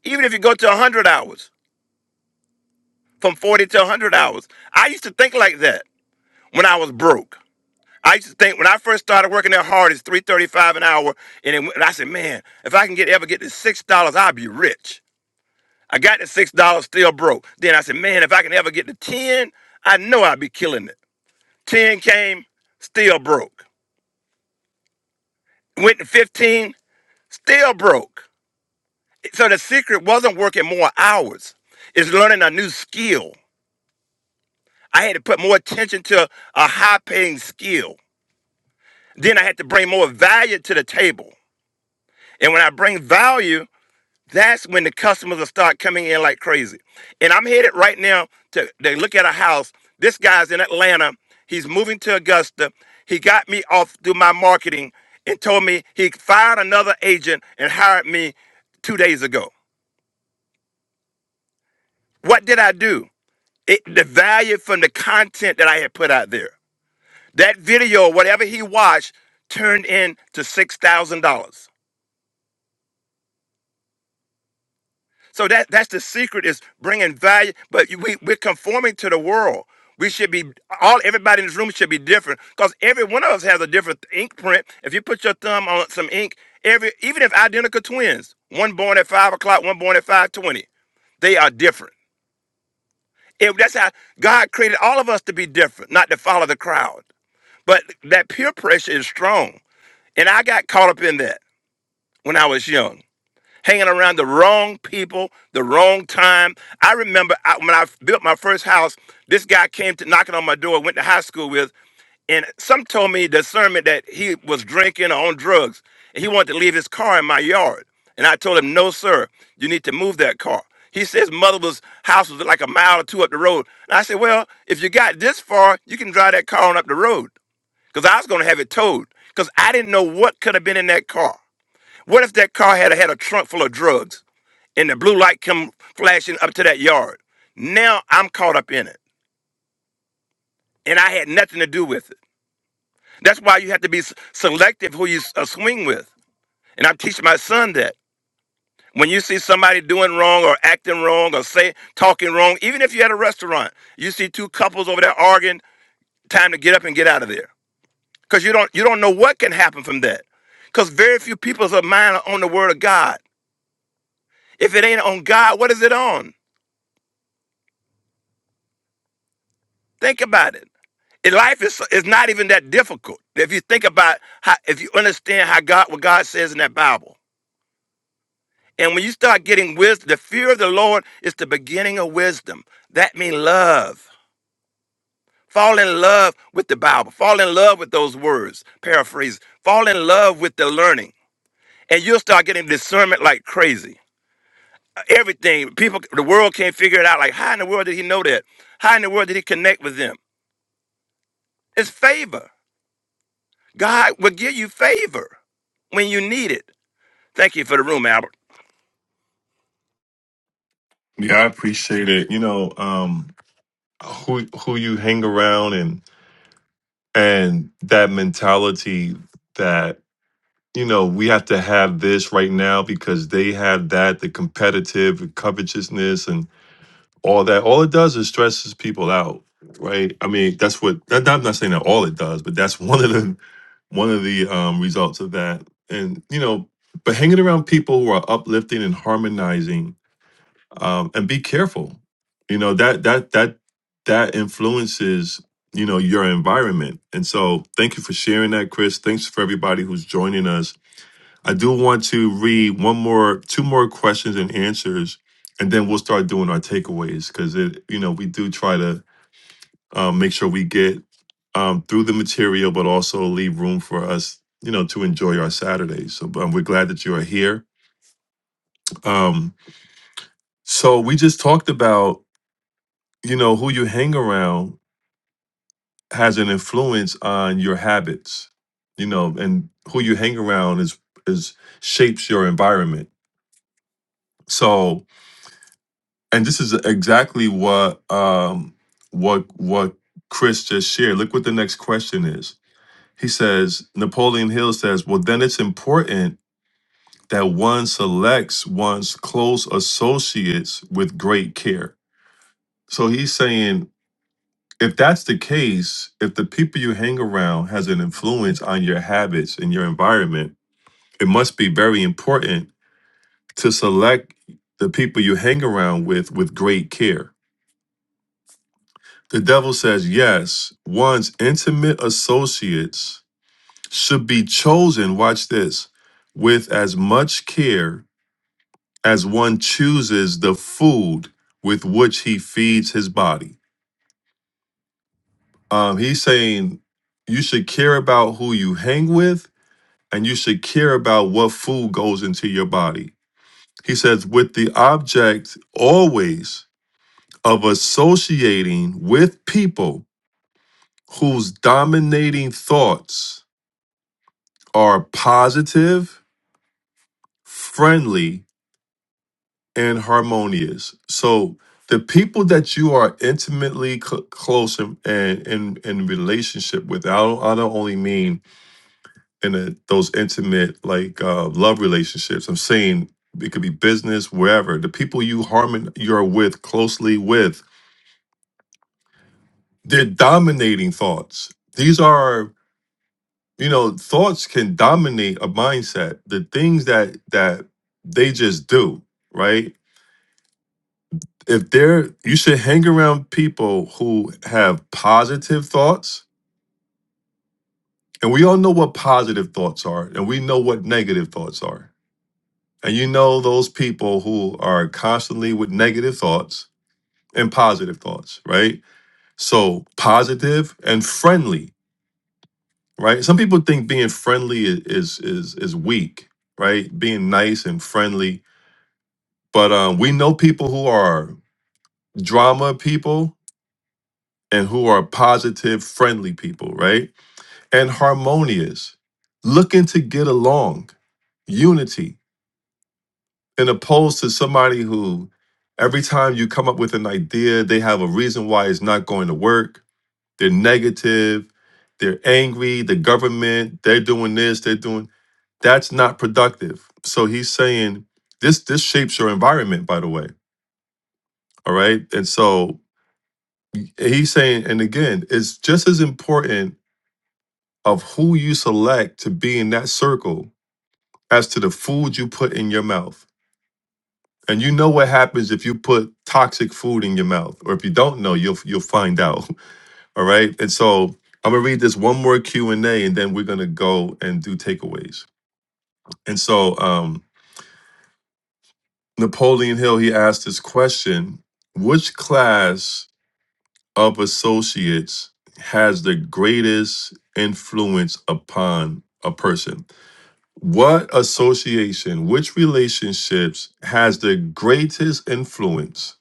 Even if you go to 100 hours, from 40 to 100 hours. I used to think like that when I was broke. I used to think when I first started working that hard, it's 335 an hour. And, it, went- and I said, man, if I can get ever get to $6, I'll be rich. I got to $6, still broke. Then I said, man, if I can ever get to 10, I know I'll be killing it. 10 came, still broke. Went to 15, still broke. So the secret wasn't working more hours, it's learning a new skill. I had to put more attention to a high paying skill. Then I had to bring more value to the table. And when I bring value, that's when the customers will start coming in like crazy. And I'm headed right now to they look at a house. This guy's in Atlanta. He's moving to Augusta. He got me off through my marketing and told me he fired another agent and hired me two days ago. What did I do? It, the value from the content that I had put out there. That video, whatever he watched, turned into six thousand dollars. So that that's the secret is bringing value, but you- we we're conforming to the world. We should be all everybody in this room should be different because every one of us has a different ink print. If you put your thumb on some ink, every even if identical twins, one born at five o'clock, one born at five twenty, they are different. If that's how God created all of us to be different, not to follow the crowd. But that peer pressure is strong, and I got caught up in that when I was young. hanging around the wrong people, the wrong time. I remember I, when I built my first house, this guy came to knocking on my door, went to high school with, and some told me discernment that he was drinking or on drugs. And he wanted to leave his car in my yard. And I told him, no, sir, you need to move that car. He said his mother's house was like a mile or two up the road. And I said, well, if you got this far, you can drive that car on up the road. Because I was going to have it towed. Because I didn't know what could have been in that car. What if that car had had a trunk full of drugs and the blue light come flashing up to that yard? Now I'm caught up in it and I had nothing to do with it. That's why you have to be s- selective who you s- uh, swing with. And I'm teaching my son that. When you see somebody doing wrong or acting wrong or say talking wrong, even if you're at a restaurant, you see two couples over there arguing, time to get up and get out of there. Because you don't you don't know what can happen from that. Because very few people's mind are on the word of God. If it ain't on God, what is it on? Think about it. And life is is not even that difficult if you think about how if you understand how God what God says in that Bible. And when you start getting wisdom, the fear of the Lord is the beginning of wisdom. That means love. Fall in love with the Bible. Fall in love with those words. Paraphrase. Fall in love with the learning, and you'll start getting discernment like crazy. Everything people, the world can't figure it out. Like how in the world did he know that? How in the world did he connect with them? It's favor. God will give you favor when you need it. Thank you for the room, Albert. yeah i appreciate it you know um who who you hang around and and that mentality that you know we have to have this right now because they have that the competitive covetousness and. all that all it does is stresses people out right i mean that's what that, i'm not saying that all it does but that's one of the one of the um, results of that and you know but hanging around people who are uplifting and harmonizing um, and be careful you know that that that that influences you know your environment and so thank you for sharing that chris thanks for everybody who's joining us I do want to read one more, two more questions and answers, and then we'll start doing our takeaways because it, you know, we do try to um, make sure we get um, through the material, but also leave room for us, you know, to enjoy our Saturdays. So um, we're glad that you are here. Um, so we just talked about, you know, who you hang around has an influence on your habits, you know, and who you hang around is is shapes your environment. So and this is exactly what um what what Chris just shared. Look what the next question is. He says, Napoleon Hill says, well, then it's important that one selects one's close associates with great care. So he's saying, if that's the case, if the people you hang around has an influence on your habits and your environment, it must be very important to select the people you hang around with with great care The devil says, yes, one's intimate associates should be chosen, watch this, with as much care as one chooses the food with which he feeds his body. Um, he's saying you should care about who you hang with and you should care about what food goes into your body. He says, with the object always of associating with people whose dominating thoughts are positive, friendly, and harmonious. So the people that you are intimately cl- close and and in, in relationship with, I don't, I don't only mean in a, those intimate like uh, love relationships. I'm saying it could be business, wherever. The people you harmon you're with closely with, they're dominating thoughts. These are you know thoughts can dominate a mindset. The things that that they just do right if they're you should hang around people who have positive thoughts and we all know what positive thoughts are and we know what negative thoughts are and you know those people who are constantly with negative thoughts and positive thoughts right so positive and friendly right some people think being friendly i- is is is weak right being nice and friendly but um, we know people who are drama people and who are positive friendly people right and harmonious, looking to get along, unity, and opposed to somebody who every time you come up with an idea, they have a reason why it's not going to work. They're negative, they're angry, the government, they're doing this, they're doing that's not productive. So he's saying this this shapes your environment, by the way. All right. And so he's saying, and again, it's just as important of who you select to be in that circle as to the food you put in your mouth. And you know what happens if you put toxic food in your mouth, or if you don't know, you'll you'll find out. All right. And so I'm gonna read this one more Q and A, and then we're gonna go and do takeaways. And so um, Napoleon Hill he asked this question: Which class of associates has the greatest influence upon a person? What association, which relationships has the greatest influence?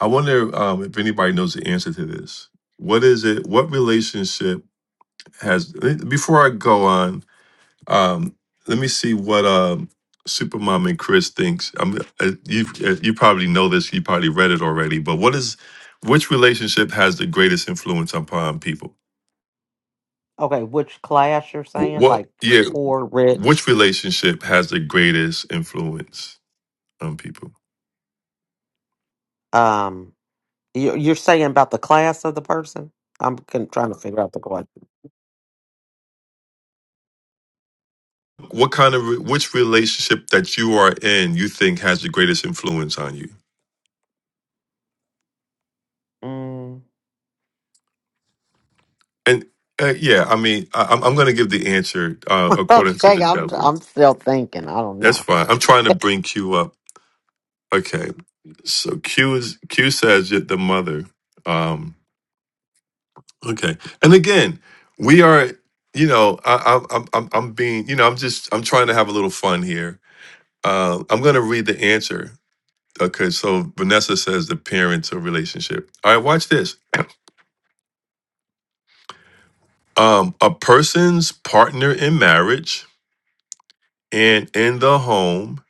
I wonder um, if anybody knows the answer to this. What is it? What relationship has, eh, before I go on, um, let me see what um, Supermom and Chris thinks. I'm, uh, you, uh, you probably know this, you probably read it already, but what is, which relationship has the greatest influence upon people? Okay, which class you're Wh- saying? What, Like yeah, poor, rich? which relationship has the greatest influence on people? um. You're, you're saying about the class of the person? I'm con- trying to figure out the question. What kind of re- which relationship that you are in you think has the greatest influence on you? Mm. And uh, yeah, I mean, I, I'm I'm going to give the answer uh, according to Okay, the I'm devil. I'm still thinking. I don't That's know. fine. I'm trying to bring Q up. Okay, so Q is Q says that the mother. Um, okay, and again, we are. You know, I, I, I'm I'm I'm being. You know, I'm just I'm trying to have a little fun here. Uh, I'm going to read the answer. Okay, so Vanessa says the parents or relationship. All right, watch this. um, a person's partner in marriage and in the home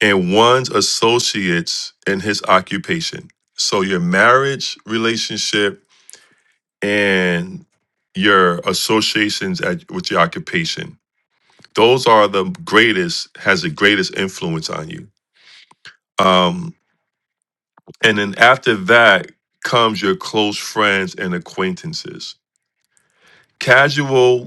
and one's associates in his occupation. So your marriage relationship and your associations at, with your occupation. Those are the greatest, has the greatest influence on you. Um, and then after that comes your close friends and acquaintances. Casual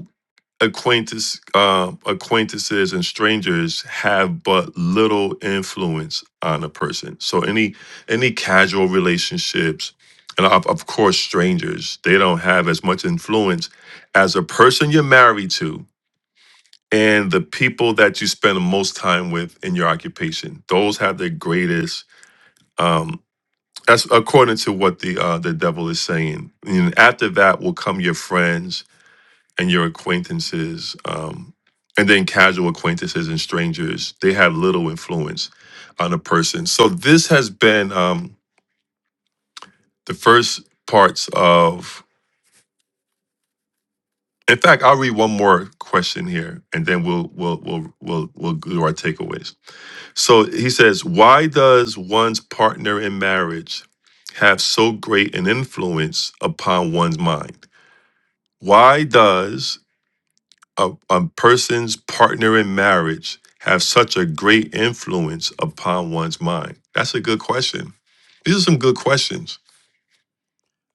acquaintance, uh, acquaintances and strangers have but little influence on a person. So any any casual relationships, and of, of course strangers, they don't have as much influence as a person you're married to and the people that you spend the most time with in your occupation. Those have the greatest. Um, that's according to what the uh, the devil is saying. And after that will come your friends and your acquaintances, um, and then casual acquaintances and strangers, they have little influence on a person. So this has been um, the first parts of. In fact, I'll read one more question here, and then we'll we'll we'll we'll we'll do our takeaways. So he says, "Why does one's partner in marriage have so great an influence upon one's mind? Why does a, a person's partner in marriage have such a great influence upon one's mind? That's a good question. These are some good questions.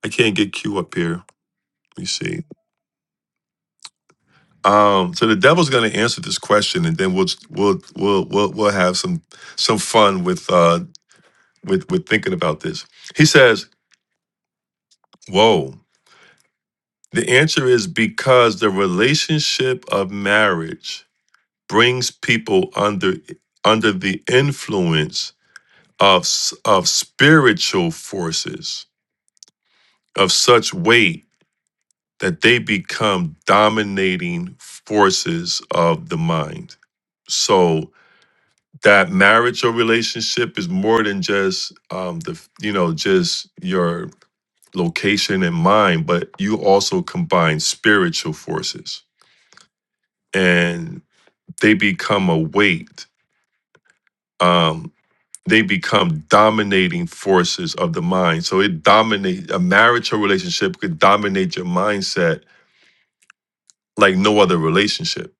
I can't get Q up here. Let me see. Um, so the devil's going to answer this question, and then we'll we'll we'll we'll, we'll have some some fun with uh, with with thinking about this. He says, "Whoa." The answer is because the relationship of marriage brings people under under the influence of of spiritual forces of such weight that they become dominating forces of the mind. So that marriage or relationship is more than just um, the you know just your location and mind, but you also combine spiritual forces, and they become a weight. Um, they become dominating forces of the mind. So it dominate a marital relationship could dominate your mindset like no other relationship.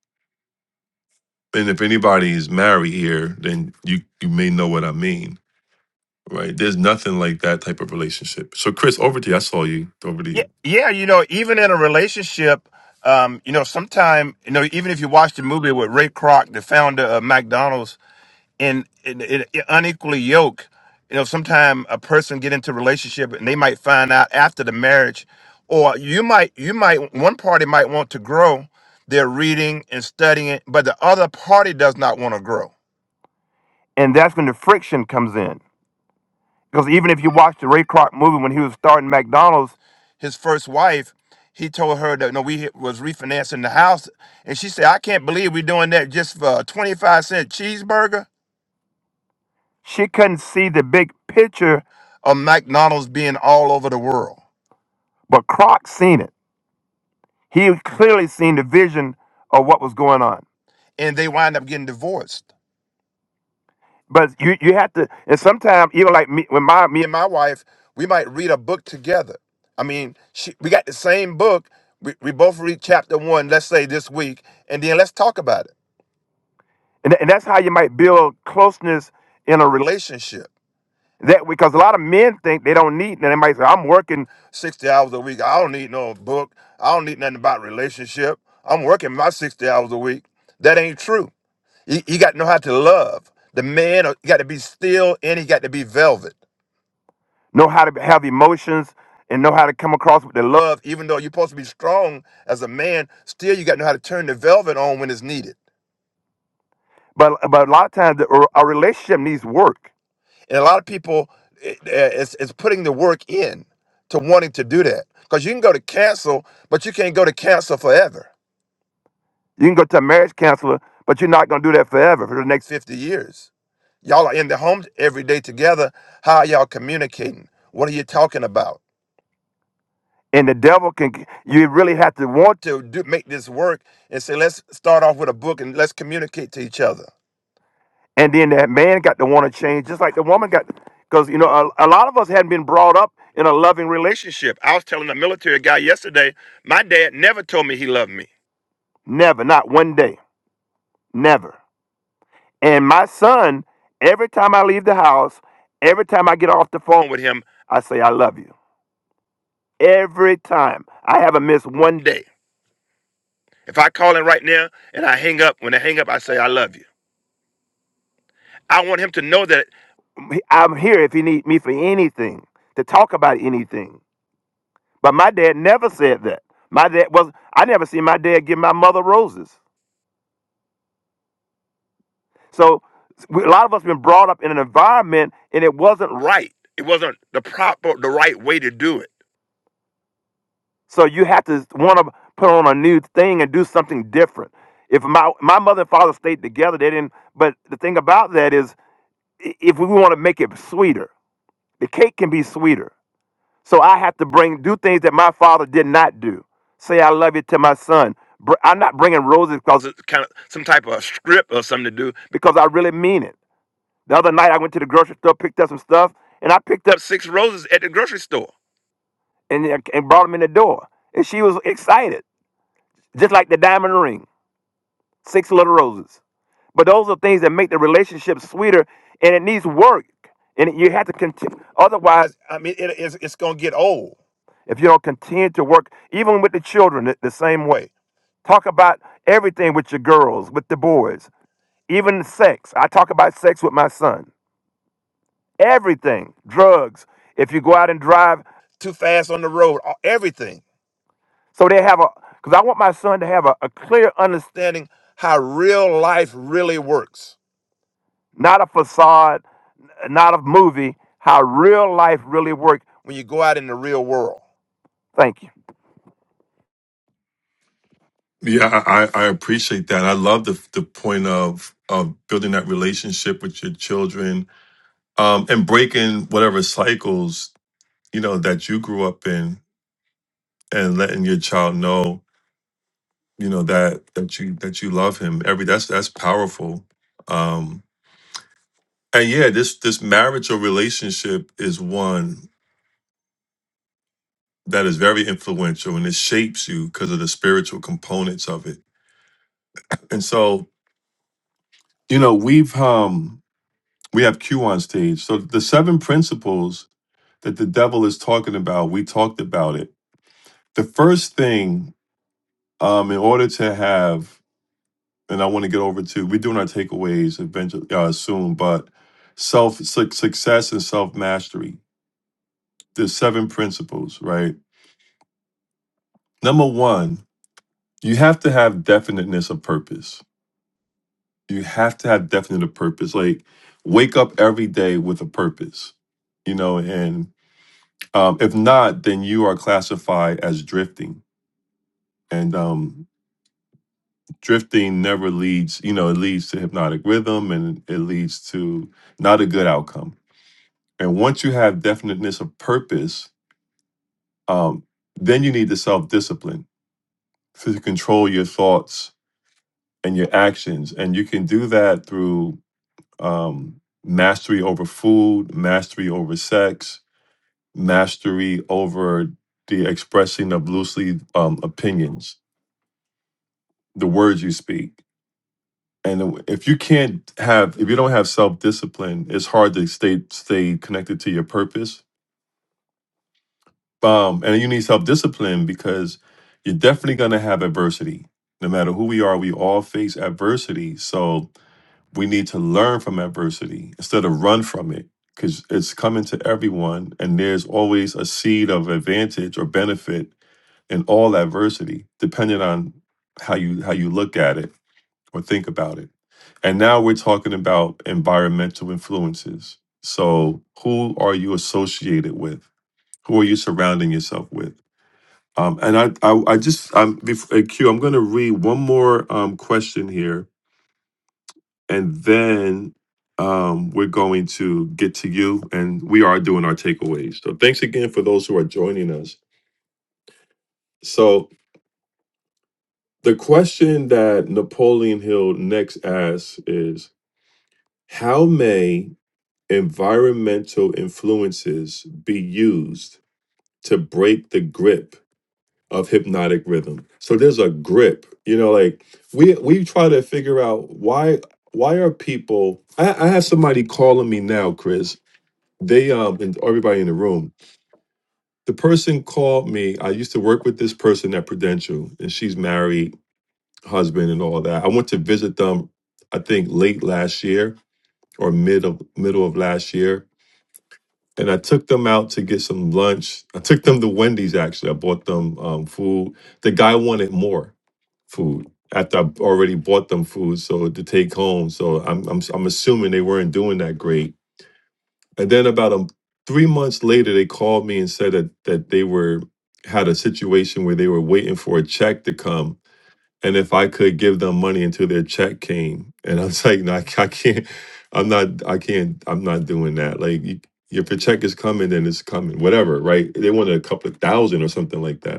And if anybody is married here, then you you may know what I mean, right? There's nothing like that type of relationship. So Chris, over to you. I saw you. Over to Yeah, you. yeah, you know, even in a relationship, um, you know, sometime, you know, even if you watch the movie with Ray Kroc, the founder of McDonald's, in, in, in unequally yoke, you know, sometime a person get into a relationship and they might find out after the marriage, or you might, you might, one party might want to grow, they're reading and studying, but the other party does not want to grow, and that's when the friction comes in. Because even if you watch the Ray Kroc movie when he was starting McDonald's, his first wife, he told her that no, we was refinancing the house, and she said, "I can't believe we're doing that just for a twenty-five cent cheeseburger." She couldn't see the big picture of McDonald's being all over the world, but Kroc seen it. He clearly seen the vision of what was going on, and they wind up getting divorced. But you you have to, and sometimes even like me, when my me and my wife, we might read a book together. I mean, she, we got the same book. We, we both read chapter one, let's say this week, and then let's talk about it. And, tha- and that's how you might build closeness in a relationship. That because a lot of men think they don't need, and they might say, "I'm working sixty hours a week. I don't need no book. I don't need nothing about relationship. I'm working my sixty hours a week." That ain't true. You, you got to know how to love. The man you got to be still and he got to be velvet. Know how to have emotions and know how to come across with the love. Even though you're supposed to be strong as a man, still you got to know how to turn the velvet on when it's needed. But but a lot of times the, our relationship needs work, and a lot of people it, it's, it's putting the work in to wanting to do that because you can go to counsel, but you can't go to counsel forever. You can go to a marriage counselor, but you're not going to do that forever for the next 50 years Y'all are in the homes every day together. How are y'all communicating? What are you talking about? And the devil can, you really have to want to do, make this work and say, let's start off with a book and let's communicate to each other. And then that man got to want to change, just like the woman got, because, you know, a, a lot of us hadn't been brought up in a loving relationship. I was telling a military guy yesterday, my dad never told me he loved me. Never, not one day. Never. And my son, every time I leave the house, every time I get off the phone with him, I say, I love you. Every time. I haven't missed one day. If I call him right now and I hang up, when I hang up, I say, I love you. I want him to know that I'm here if he needs me for anything, to talk about anything. But my dad never said that. My dad was, I never seen my dad give my mother roses. So we, a lot of us been brought up in an environment and it wasn't right. It wasn't the proper, the right way to do it. So you have to want to put on a new thing and do something different. If my my mother and father stayed together, they didn't. But the thing about that is, i- if we want to make it sweeter, the cake can be sweeter. So I have to bring do things that my father did not do. Say I love you to my son. Br- I'm not bringing roses because it's kind of some type of script or something to do because I really mean it. The other night I went to the grocery store, picked up some stuff, and I picked up six roses at the grocery store and, and brought them in the door. And she was excited. just like the diamond ring, six little roses. But those are things that make the relationship sweeter, and it needs work, and you have to continue. Otherwise, I mean, it, it's, it's going to get old. if you don't continue to work, even with the children, the, the same way. Talk about everything with your girls, with the boys, even sex. I talk about sex with my son. Everything, drugs. If you go out and drive, Too fast on the road. all- Everything. So they have a, because I want my son to have a, a clear understanding how real life really works, not a facade, n- not a movie, how real life really works when you go out in the real world. Thank you. Yeah, I, I I appreciate that. I love the the point of of building that relationship with your children, um, and breaking whatever cycles you know that you grew up in, and letting your child know you know that that you that you love him every that's that's powerful um and yeah this this marriage or relationship is one that is very influential and it shapes you because of the spiritual components of it and so you know we've um we have q on stage so the seven principles that the devil is talking about we talked about it the first thing um in order to have and I want to get over to. We're doing our takeaways eventually uh, soon, but self su- success and self mastery. There's seven principles, right? Number one, you have to have definiteness of purpose. You have to have definite of purpose. Like wake up every day with a purpose, you know. And um, if not, then you are classified as drifting. And um, drifting never leads, you know, it leads to hypnotic rhythm and it leads to not a good outcome And once you have definiteness of purpose, um, then you need the self discipline to control your thoughts and your actions. And you can do that through um, mastery over food, mastery over sex, mastery over the expressing of loosely um, opinions, the words you speak. And if you can't have, if you don't have self discipline, it's hard to stay stay connected to your purpose Um, and you need self discipline because you're definitely going to have adversity. No matter who we are, we all face adversity. So we need to learn from adversity instead of run from it because it's coming to everyone. And there's always a seed of advantage or benefit in all adversity, depending on how you how you look at it or think about it. And now we're talking about environmental influences. So who are you associated with? Who are you surrounding yourself with? Um, and I, I, I just, I'm before Q. I'm going to read one more um, question here, and then um, we're going to get to you. And we are doing our takeaways. So thanks again for those who are joining us. So the question that Napoleon Hill next asks is, how may environmental influences be used to break the grip of hypnotic rhythm. So there's a grip, you know, like we we try to figure out why why are people I, I have somebody calling me now, Chris. They um and everybody in the room. The person called me. I used to work with this person at Prudential and she's married, husband and all that. I went to visit them I think late last year or mid of middle of last year. And I took them out to get some lunch. I took them to Wendy's actually. I bought them um, food. The guy wanted more food after I already bought them food so to take home. So I'm I'm I'm assuming they weren't doing that great. And then about um three months later, they called me and said that that they were had a situation where they were waiting for a check to come, and if I could give them money until their check came. And I was like, no, I, ca- I can't. I'm not. I can't. I'm not doing that. Like. You, if your check is coming, then it's coming. Whatever, right? They wanted a couple of thousand or something like that.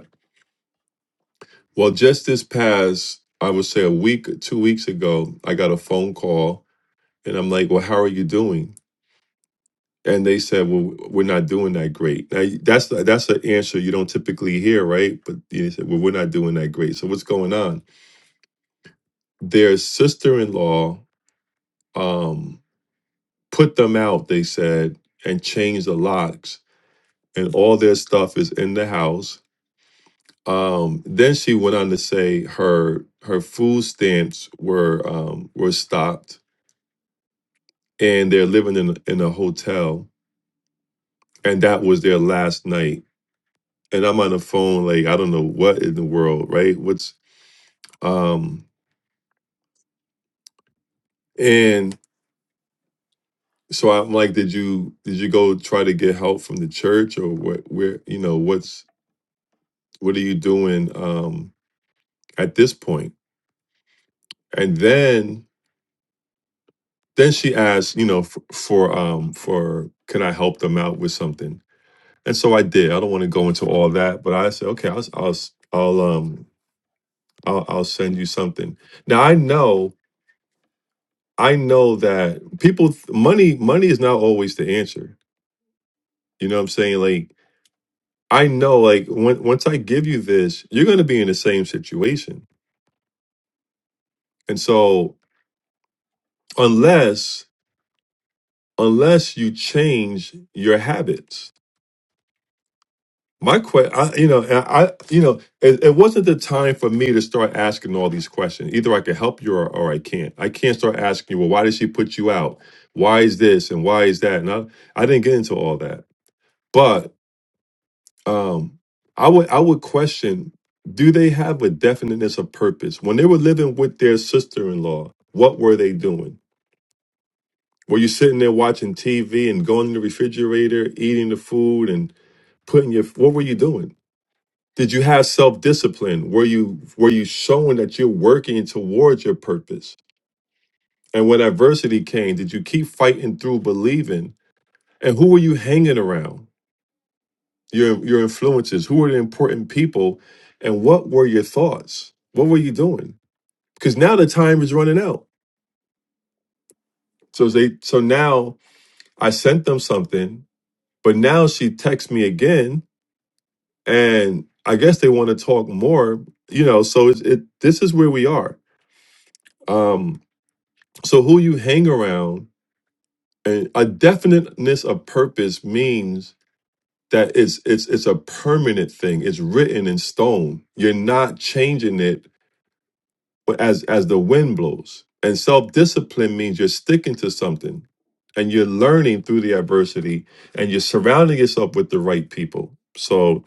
Well, just this past, I would say a week, two weeks ago, I got a phone call and I'm like, well, how are you doing? And they said, well, we're not doing that great. Now, that's that's an answer you don't typically hear, right? But they said, well, we're not doing that great. So what's going on? Their sister-in-law um, put them out, they said, and changed the locks. And all their stuff is in the house. Um, then she went on to say her her food stamps were um, were stopped and they're living in in a hotel, and that was their last night. And I'm on the phone, like I don't know what in the world, right? What's um and so I'm like, did you did you go try to get help from the church or what? Where you know what's what are you doing um at this point? And then then she asked, you know, for, for um for can I help them out with something? And so I did. I don't want to go into all that, but I said, okay, I'll I'll I'll um I'll, I'll send you something. Now I know, I know that people th- money money is not always the answer. You know what I'm saying? Like I know, like when, once I give you this, you're going to be in the same situation. And so unless unless you change your habits, my question, I, you know, and I, you know, it, it wasn't the time for me to start asking all these questions. Either I can help you or, or I can't. I can't start asking you, well, why did she put you out? Why is this and why is that? And I, I didn't get into all that, but um, I would, I would question: Do they have a definiteness of purpose when they were living with their sister-in-law? What were they doing? Were you sitting there watching TV and going in the refrigerator, eating the food, and putting your? What were you doing? Did you have self-discipline? Were you were you showing that you're working towards your purpose? And when adversity came, did you keep fighting through believing? And who were you hanging around? Your your influences, who were the important people, and what were your thoughts? What were you doing? Because now the time is running out. So they so now I sent them something, but now she texts me again, and I guess they want to talk more, you know, so it's, it this is where we are. Um So who you hang around and a definiteness of purpose means that it's it's it's a permanent thing. It's written in stone. You're not changing it as as the wind blows. And self-discipline means you're sticking to something and you're learning through the adversity and you're surrounding yourself with the right people. So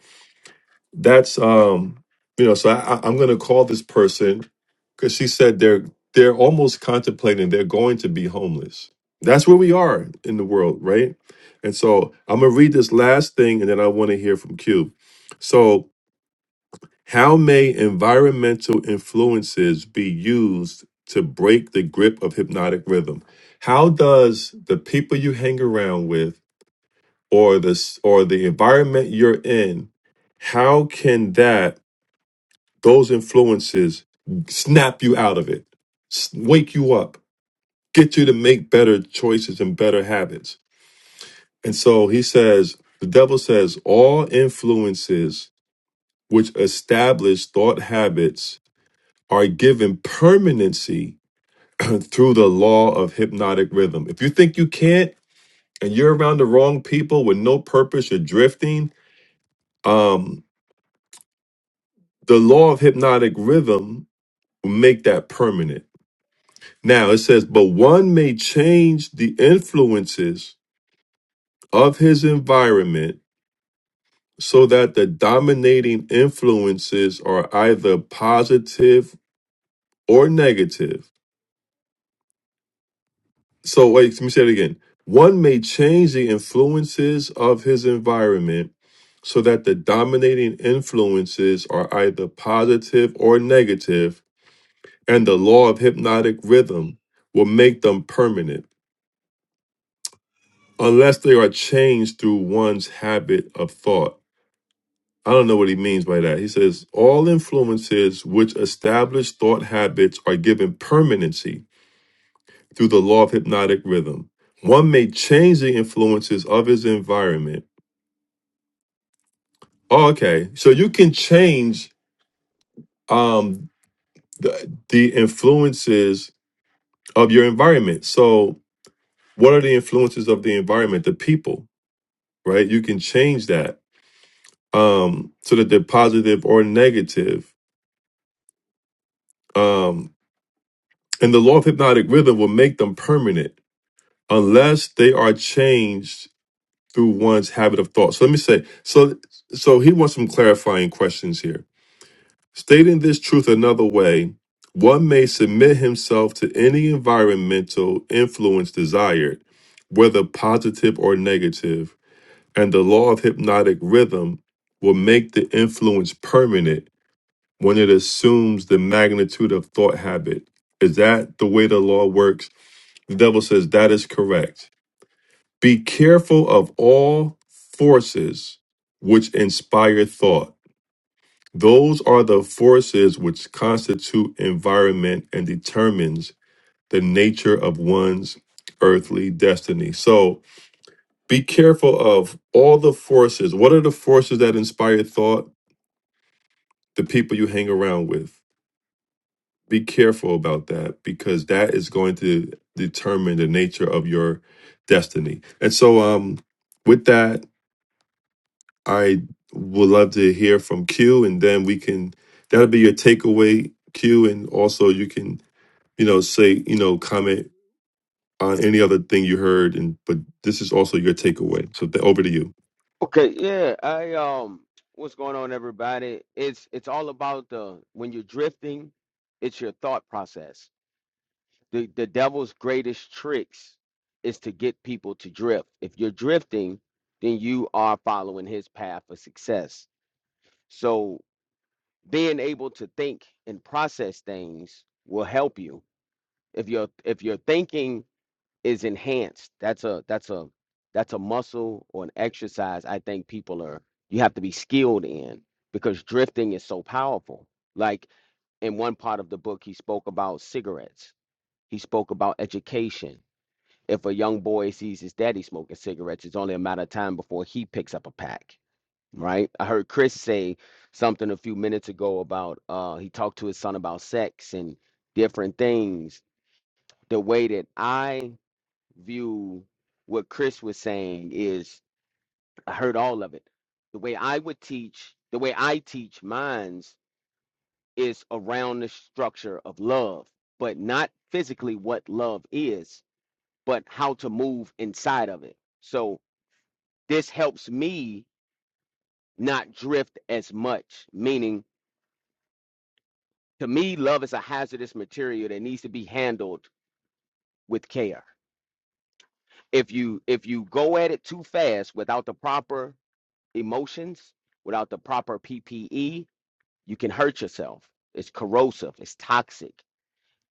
that's um you know so I, I- i'm going to call this person because she said they're they're almost contemplating they're going to be homeless that's where we are in the world right and so i'm going to read this last thing and then i want to hear from cube so how may environmental influences be used to break the grip of hypnotic rhythm how does the people you hang around with or this or the environment you're in how can that those influences snap you out of it, s- wake you up, get you to make better choices and better habits. And so he says, the devil says, all influences which establish thought habits are given permanency through the law of hypnotic rhythm. If you think you can't and you're around the wrong people with no purpose, you're drifting, um, the law of hypnotic rhythm will make that permanent Now it says, but one may change the influences of his environment so that the dominating influences are either positive or negative. So, wait, let me say it again. One may change the influences of his environment so that the dominating influences are either positive or negative, and the law of hypnotic rhythm will make them permanent. unless they are changed through one's habit of thought. I don't know what he means by that. He says, all influences which establish thought habits are given permanency through the law of hypnotic rhythm. One may change the influences of his environment. Oh, okay. So you can change um, the, the influences of your environment. So, what are the influences of the environment? The people, right? You can change that um, so that they're positive or negative Um, and the law of hypnotic rhythm will make them permanent unless they are changed through one's habit of thought. So let me say, so so he wants some clarifying questions here. Stating this truth another way, one may submit himself to any environmental influence desired, whether positive or negative, and the law of hypnotic rhythm will make the influence permanent when it assumes the magnitude of thought habit. Is that the way the law works? The devil says that is correct. Be careful of all forces which inspire thought. Those are the forces which constitute environment and determines the nature of one's earthly destiny. So be careful of all the forces. What are the forces that inspire thought? The people you hang around with be careful about that because that is going to determine the nature of your destiny. And so, um, with that, I would love to hear from Q, and then we can that'll be your takeaway, Q, and also you can you know say you know comment on any other thing you heard, and but this is also your takeaway. So th- over to you. Okay, yeah, I um what's going on everybody? It's it's all about the when you're drifting, it's your thought process. The the devil's greatest tricks is to get people to drift. If you're drifting, then you are following his path of success. So being able to think and process things will help you. If you're if you're thinking is enhanced. That's a that's a that's a muscle or an exercise I think people are you have to be skilled in because drifting is so powerful. Like in one part of the book he spoke about cigarettes. He spoke about education. If a young boy sees his daddy smoking cigarettes, it's only a matter of time before he picks up a pack. Right? I heard Chris say something a few minutes ago about uh he talked to his son about sex and different things. The way that I view what Chris was saying is I heard all of it. The way I would teach, the way I teach minds is around the structure of love, but not physically what love is, but how to move inside of it. So this helps me not drift as much, meaning to me, love is a hazardous material that needs to be handled with care. If you if you go at it too fast without the proper emotions without the proper PPE, you can hurt yourself. It's corrosive, it's toxic.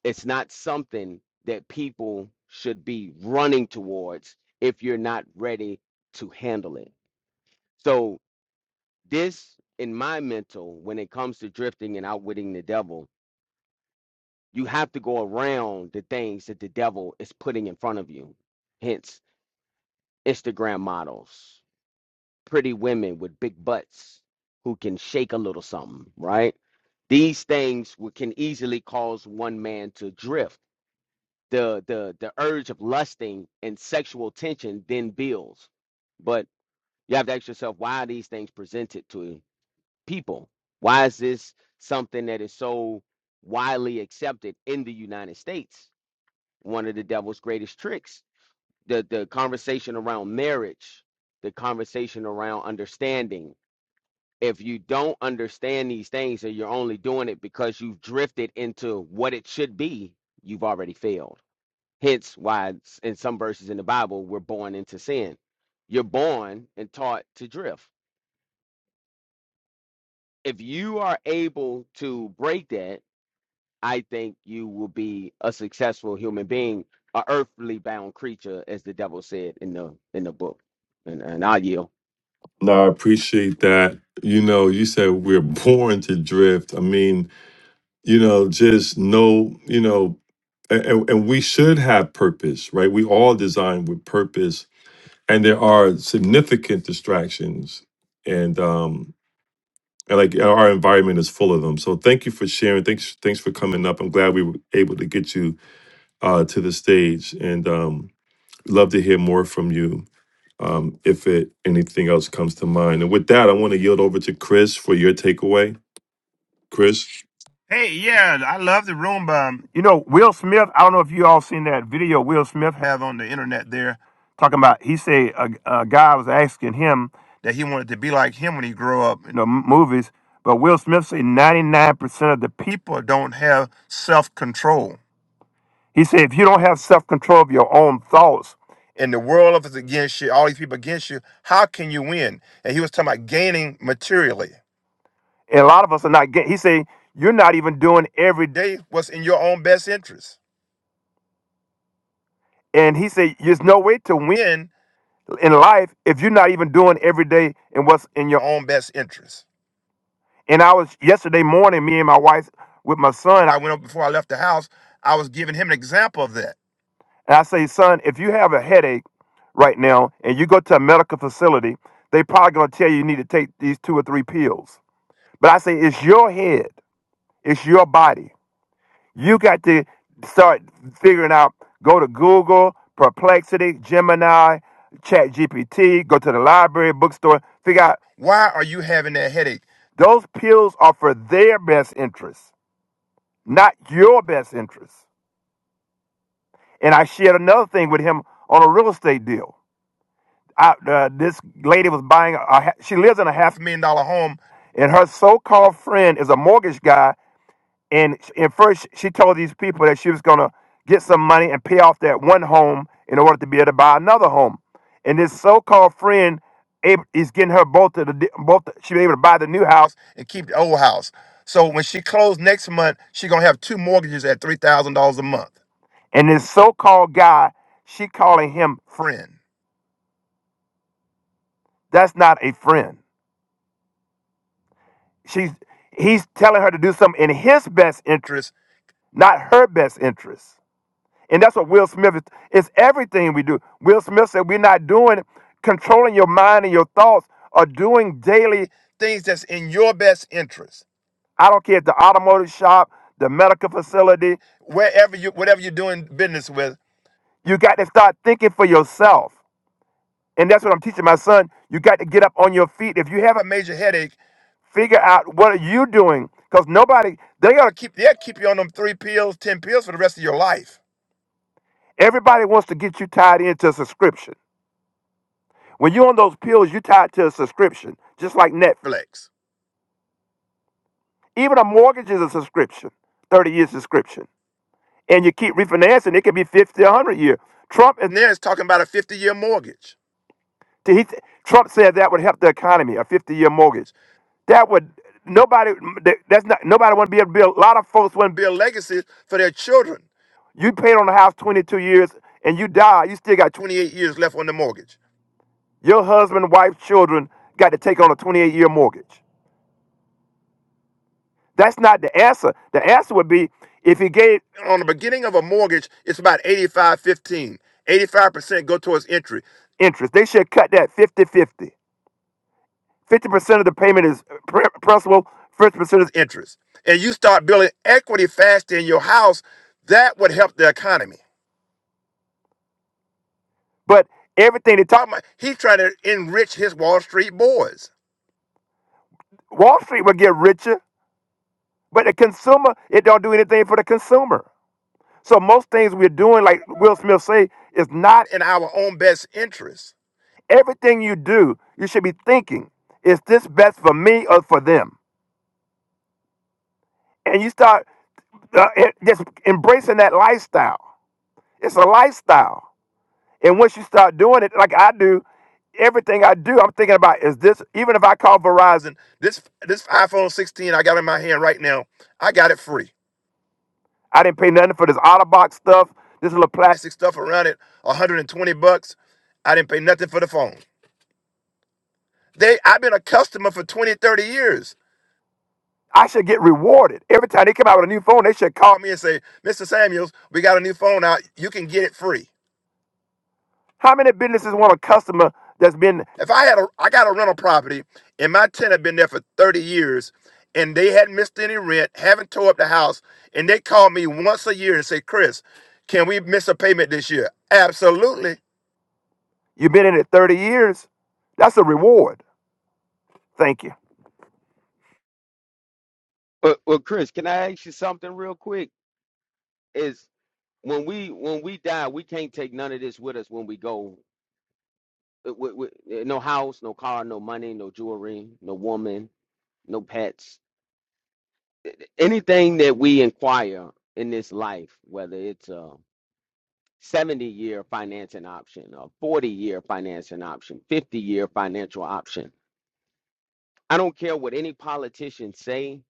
It's not something that people should be running towards if you're not ready to handle it. So, this in my mental, when it comes to drifting and outwitting the devil, you have to go around the things that the devil is putting in front of you. Hence, Instagram models, pretty women with big butts who can shake a little something, right? These things would- can easily cause one man to drift. The the the urge of lusting and sexual tension then builds. But you have to ask yourself why are these things presented to people? Why is this something that is so widely accepted in the United States? One of the devil's greatest tricks. The the conversation around marriage, the conversation around understanding if you don't understand these things and you're only doing it because you've drifted into what it should be, you've already failed. Hence, why it's- in some verses in the Bible, we're born into sin. You're born and taught to drift. If you are able to break that, I think you will be a successful human being, a earthly bound creature, as the devil said in the in the book. And and I yield. No, I appreciate that. You know, you said we're born to drift. I mean, you know, just know, you know. and, and and we should have purpose, right? We all designed with purpose, and there are significant distractions, and um, and like our environment is full of them. So thank you for sharing. Thanks, thanks for coming up. I'm glad we were able to get you uh, to the stage, and um, love to hear more from you um, if it anything else comes to mind. And with that, I want to yield over to Chris for your takeaway. Chris. Hey, yeah, I love the Roomba. Um, You know, Will Smith. I don't know if you all seen that video Will Smith have on the internet there, talking about. He said a, a guy was asking him that he wanted to be like him when he grew up in the m- movies, but Will Smith said ninety nine percent of the people don't have self control. He said if you don't have self control of your own thoughts, and the world is against you, all these people against you, how can you win? And he was talking about gaining materially. And a lot of us are not getting, he said, you're not even doing every day what's in your own best interest. And he said, there's no way to win in life if you're not even doing every day and what's in your own best interest. And I was yesterday morning, me and my wife with my son. I went up before I left the house. I was giving him an example of that. And I say, son, if you have a headache right now and you go to a medical facility, they probably gonna tell you you need to take these two or three pills. But I say, it's your head, it's your body. You got to start figuring out. Go to Google, Perplexity, Gemini, Chat GPT. Go to the library, bookstore. Figure out why are you having that headache. Those pills are for their best interest, not your best interest. And I shared another thing with him on a real estate deal. I, uh, this lady was buying. A, a ha- she lives in a half million dollar home, and her so-called friend is a mortgage guy And and first, she told these people that she was going to get some money and pay off that one home in order to be able to buy another home. And this so-called friend ab- is getting her both of the di- both. She be able to buy the new house and keep the old house. So when she closed next month, she gonna have two mortgages at three thousand dollars a month. And this so-called guy, she calling him friend. That's not a friend. She's he's telling her to do something in his best interest, not her best interest. And that's what Will Smith is. It's everything we do. Will Smith said, We're not doing controlling your mind and your thoughts or doing daily things that's in your best interest. I don't care if the automotive shop, the medical facility, wherever you whatever you're doing business with, you got to start thinking for yourself. And that's what I'm teaching my son. You got to get up on your feet. If you have a major headache, figure out what are you doing. Because nobody, they gotta keep they'll keep you on them three pills, ten pills for the rest of your life. Everybody wants to get you tied into a subscription. When you're on those pills, you're tied to a subscription, just like Netflix. Even a mortgage is a subscription, 30 year subscription. And you keep refinancing, it could be 50, 100 year. Trump is there is talking about a 50 year mortgage. He, Trump said that would help the economy, a 50 year mortgage that would nobody that's not nobody want to be able to build a lot of folks want to build legacies for their children you paid on the house 22 years and you die you still got 28 years left on the mortgage Your husband, wife, children got to take on a 28 year mortgage. That's not the answer. The answer would be if he gave on the beginning of a mortgage, it's about 85 15. 85% go towards entry. Interest. They should cut that fifty-fifty. 50. 50% of the payment is pr- principal, 50% is interest. And you start building equity fast in your house, that would help the economy. But everything they talk about, he's trying to enrich his Wall Street boys. Wall Street would get richer But the consumer, it don't do anything for the consumer. So most things we're doing, like Will Smith say, is not in our own best interest. Everything you do, you should be thinking, is this best for me or for them? And you start uh, e- just embracing that lifestyle. It's a lifestyle. And once you start doing it, like I do, everything I do, I'm thinking about is this. Even if I call Verizon, this this iPhone 16 I got in my hand right now, I got it free. I didn't pay nothing for this Otterbox stuff, this little plastic stuff around it, 120 bucks. I didn't pay nothing for the phone. They, I've been a customer for 20, 30 years. I should get rewarded. Every time they come out with a new phone, they should call me and say, Mr. Samuels, we got a new phone out. You can get it free. How many businesses want a customer that's been If I had a, I got a rental property, and my tenant had been there for 30 years, and they hadn't missed any rent, haven't tore up the house, and they call me once a year and say, Chris, can we miss a payment this year? Absolutely. you've been in it 30 years? That's a reward. Thank you. But well, Chris, can I ask you something real quick? is when we when we die, we can't take none of this with us when we go. Uh, we- we- uh, no house, no car, no money, no jewelry, no woman, no pets. Uh, Anything that we inquire in this life, whether it's a 70 year financing option, a 40 year financing option, 50 year financial option. I don't care what any politicians say.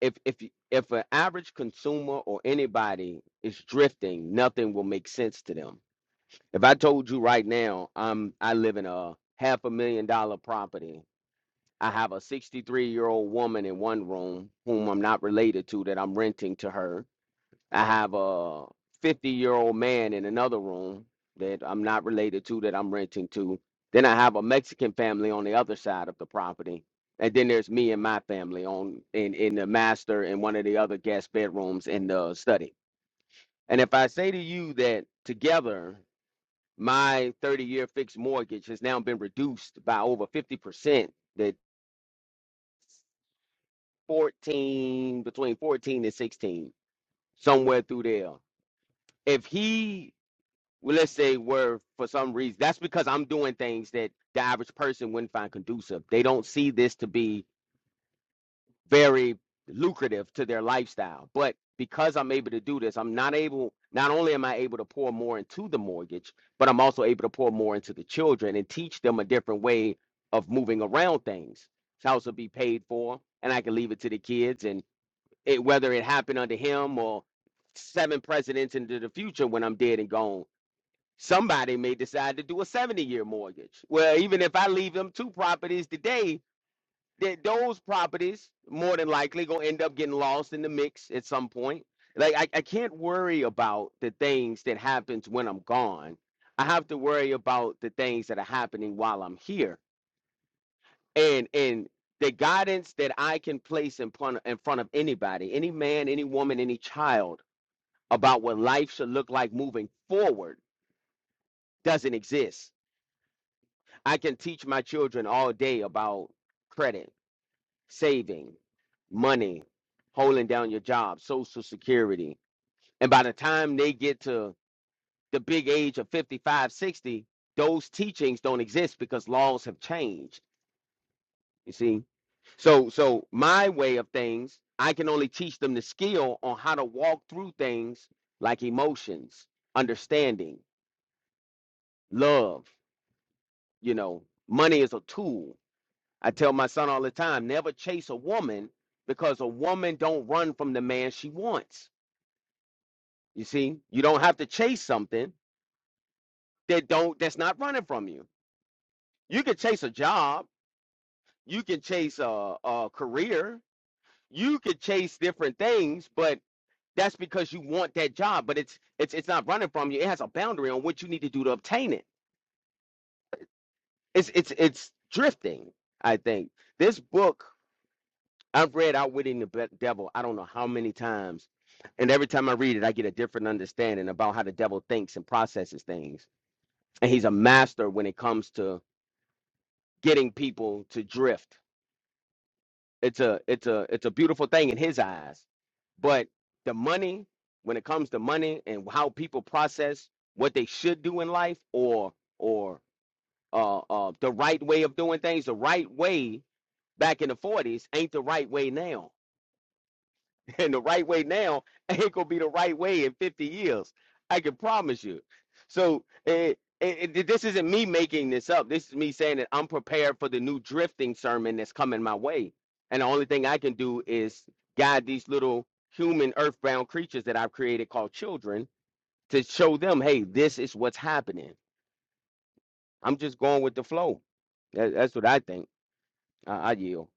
If if y- if an average consumer or anybody is drifting, nothing will make sense to them If I told you right now, I'm I live in a half a million dollar property. I have a 63 year old woman in one room whom I'm not related to that I'm renting to her. I have a 50 year old man in another room that I'm not related to that I'm renting to. Then I have a Mexican family on the other side of the property. And then there's me and my family on in, in the master and one of the other guest bedrooms in the study. And if I say to you that together my 30 year fixed mortgage has now been reduced by over 50% that 14 between 14 and 16 somewhere through there if he well, let's say were for some reason that's because i'm doing things that the average person wouldn't find conducive they don't see this to be very lucrative to their lifestyle. But because I'm able to do this, I'm not able, not only am I able to pour more into the mortgage, but I'm also able to pour more into the children and teach them a different way of moving around things. This house will be paid for, and I can leave it to the kids. And it, whether it happened under him or seven presidents into the future when I'm dead and gone, somebody may decide to do a 70 year mortgage. Well, even if I leave them two properties today, that those properties more than likely gonna end up getting lost in the mix at some point. Like I, I can't worry about the things that happens when I'm gone. I have to worry about the things that are happening while I'm here. And and the guidance that I can place in front in front of anybody, any man, any woman, any child about what life should look like moving forward doesn't exist. I can teach my children all day about credit. saving, money, holding down your job, social security. And by the time they get to the big age of 55, 60, those teachings don't exist because laws have changed. You see? So so my way of things, I can only teach them the skill on how to walk through things like emotions, understanding, love, you know, money is a tool. I tell my son all the time, never chase a woman because a woman don't run from the man she wants You see, you don't have to chase something that don't that's not running from you. You can chase a job, you can chase a, a career, you could chase different things, but that's because you want that job, but it's it's it's not running from you. It has a boundary on what you need to do to obtain it. It's it's it's drifting, I think. This book I've read Outwitting the Be- Devil, I don't know how many times, and every time I read it, I get a different understanding about how the devil thinks and processes things. And he's a master when it comes to getting people to drift. It's a it's a it's a beautiful thing in his eyes. But the money, when it comes to money and how people process what they should do in life or or uh, uh, the right way of doing things, the right way back in the 40s ain't the right way now And the right way now ain't gonna be the right way in 50 years. I can promise you. So eh, eh, eh, this isn't me making this up. This is me saying that I'm prepared for the new drifting sermon that's coming my way. And the only thing I can do is guide these little human earthbound creatures that I've created called children to show them, hey, this is what's happening. I'm just going with the flow. That, that's what I think. I, I yield.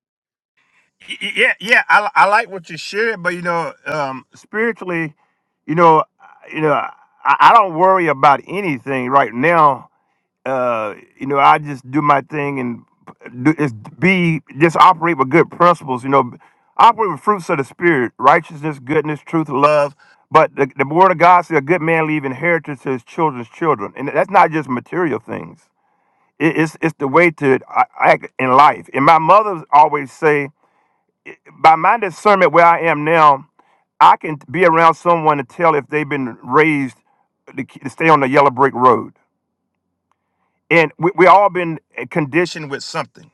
Y- y- Yeah, yeah, I, I like what you shared, but you know, um, spiritually, you know, I- you know, I, I don't worry about anything right now uh, you know, I just do my thing and do, is be just operate with good principles. You know, operate with fruits of the spirit: righteousness, goodness, truth, love. But the, the word of God says a good man leave inheritance to his children's children, and that's not just material things. It, it's it's the way to a- act in life. And my mother always say, by my discernment where I am now, I can be around someone and tell if they've been raised to, k- to stay on the yellow brick road and we, we all been conditioned with something.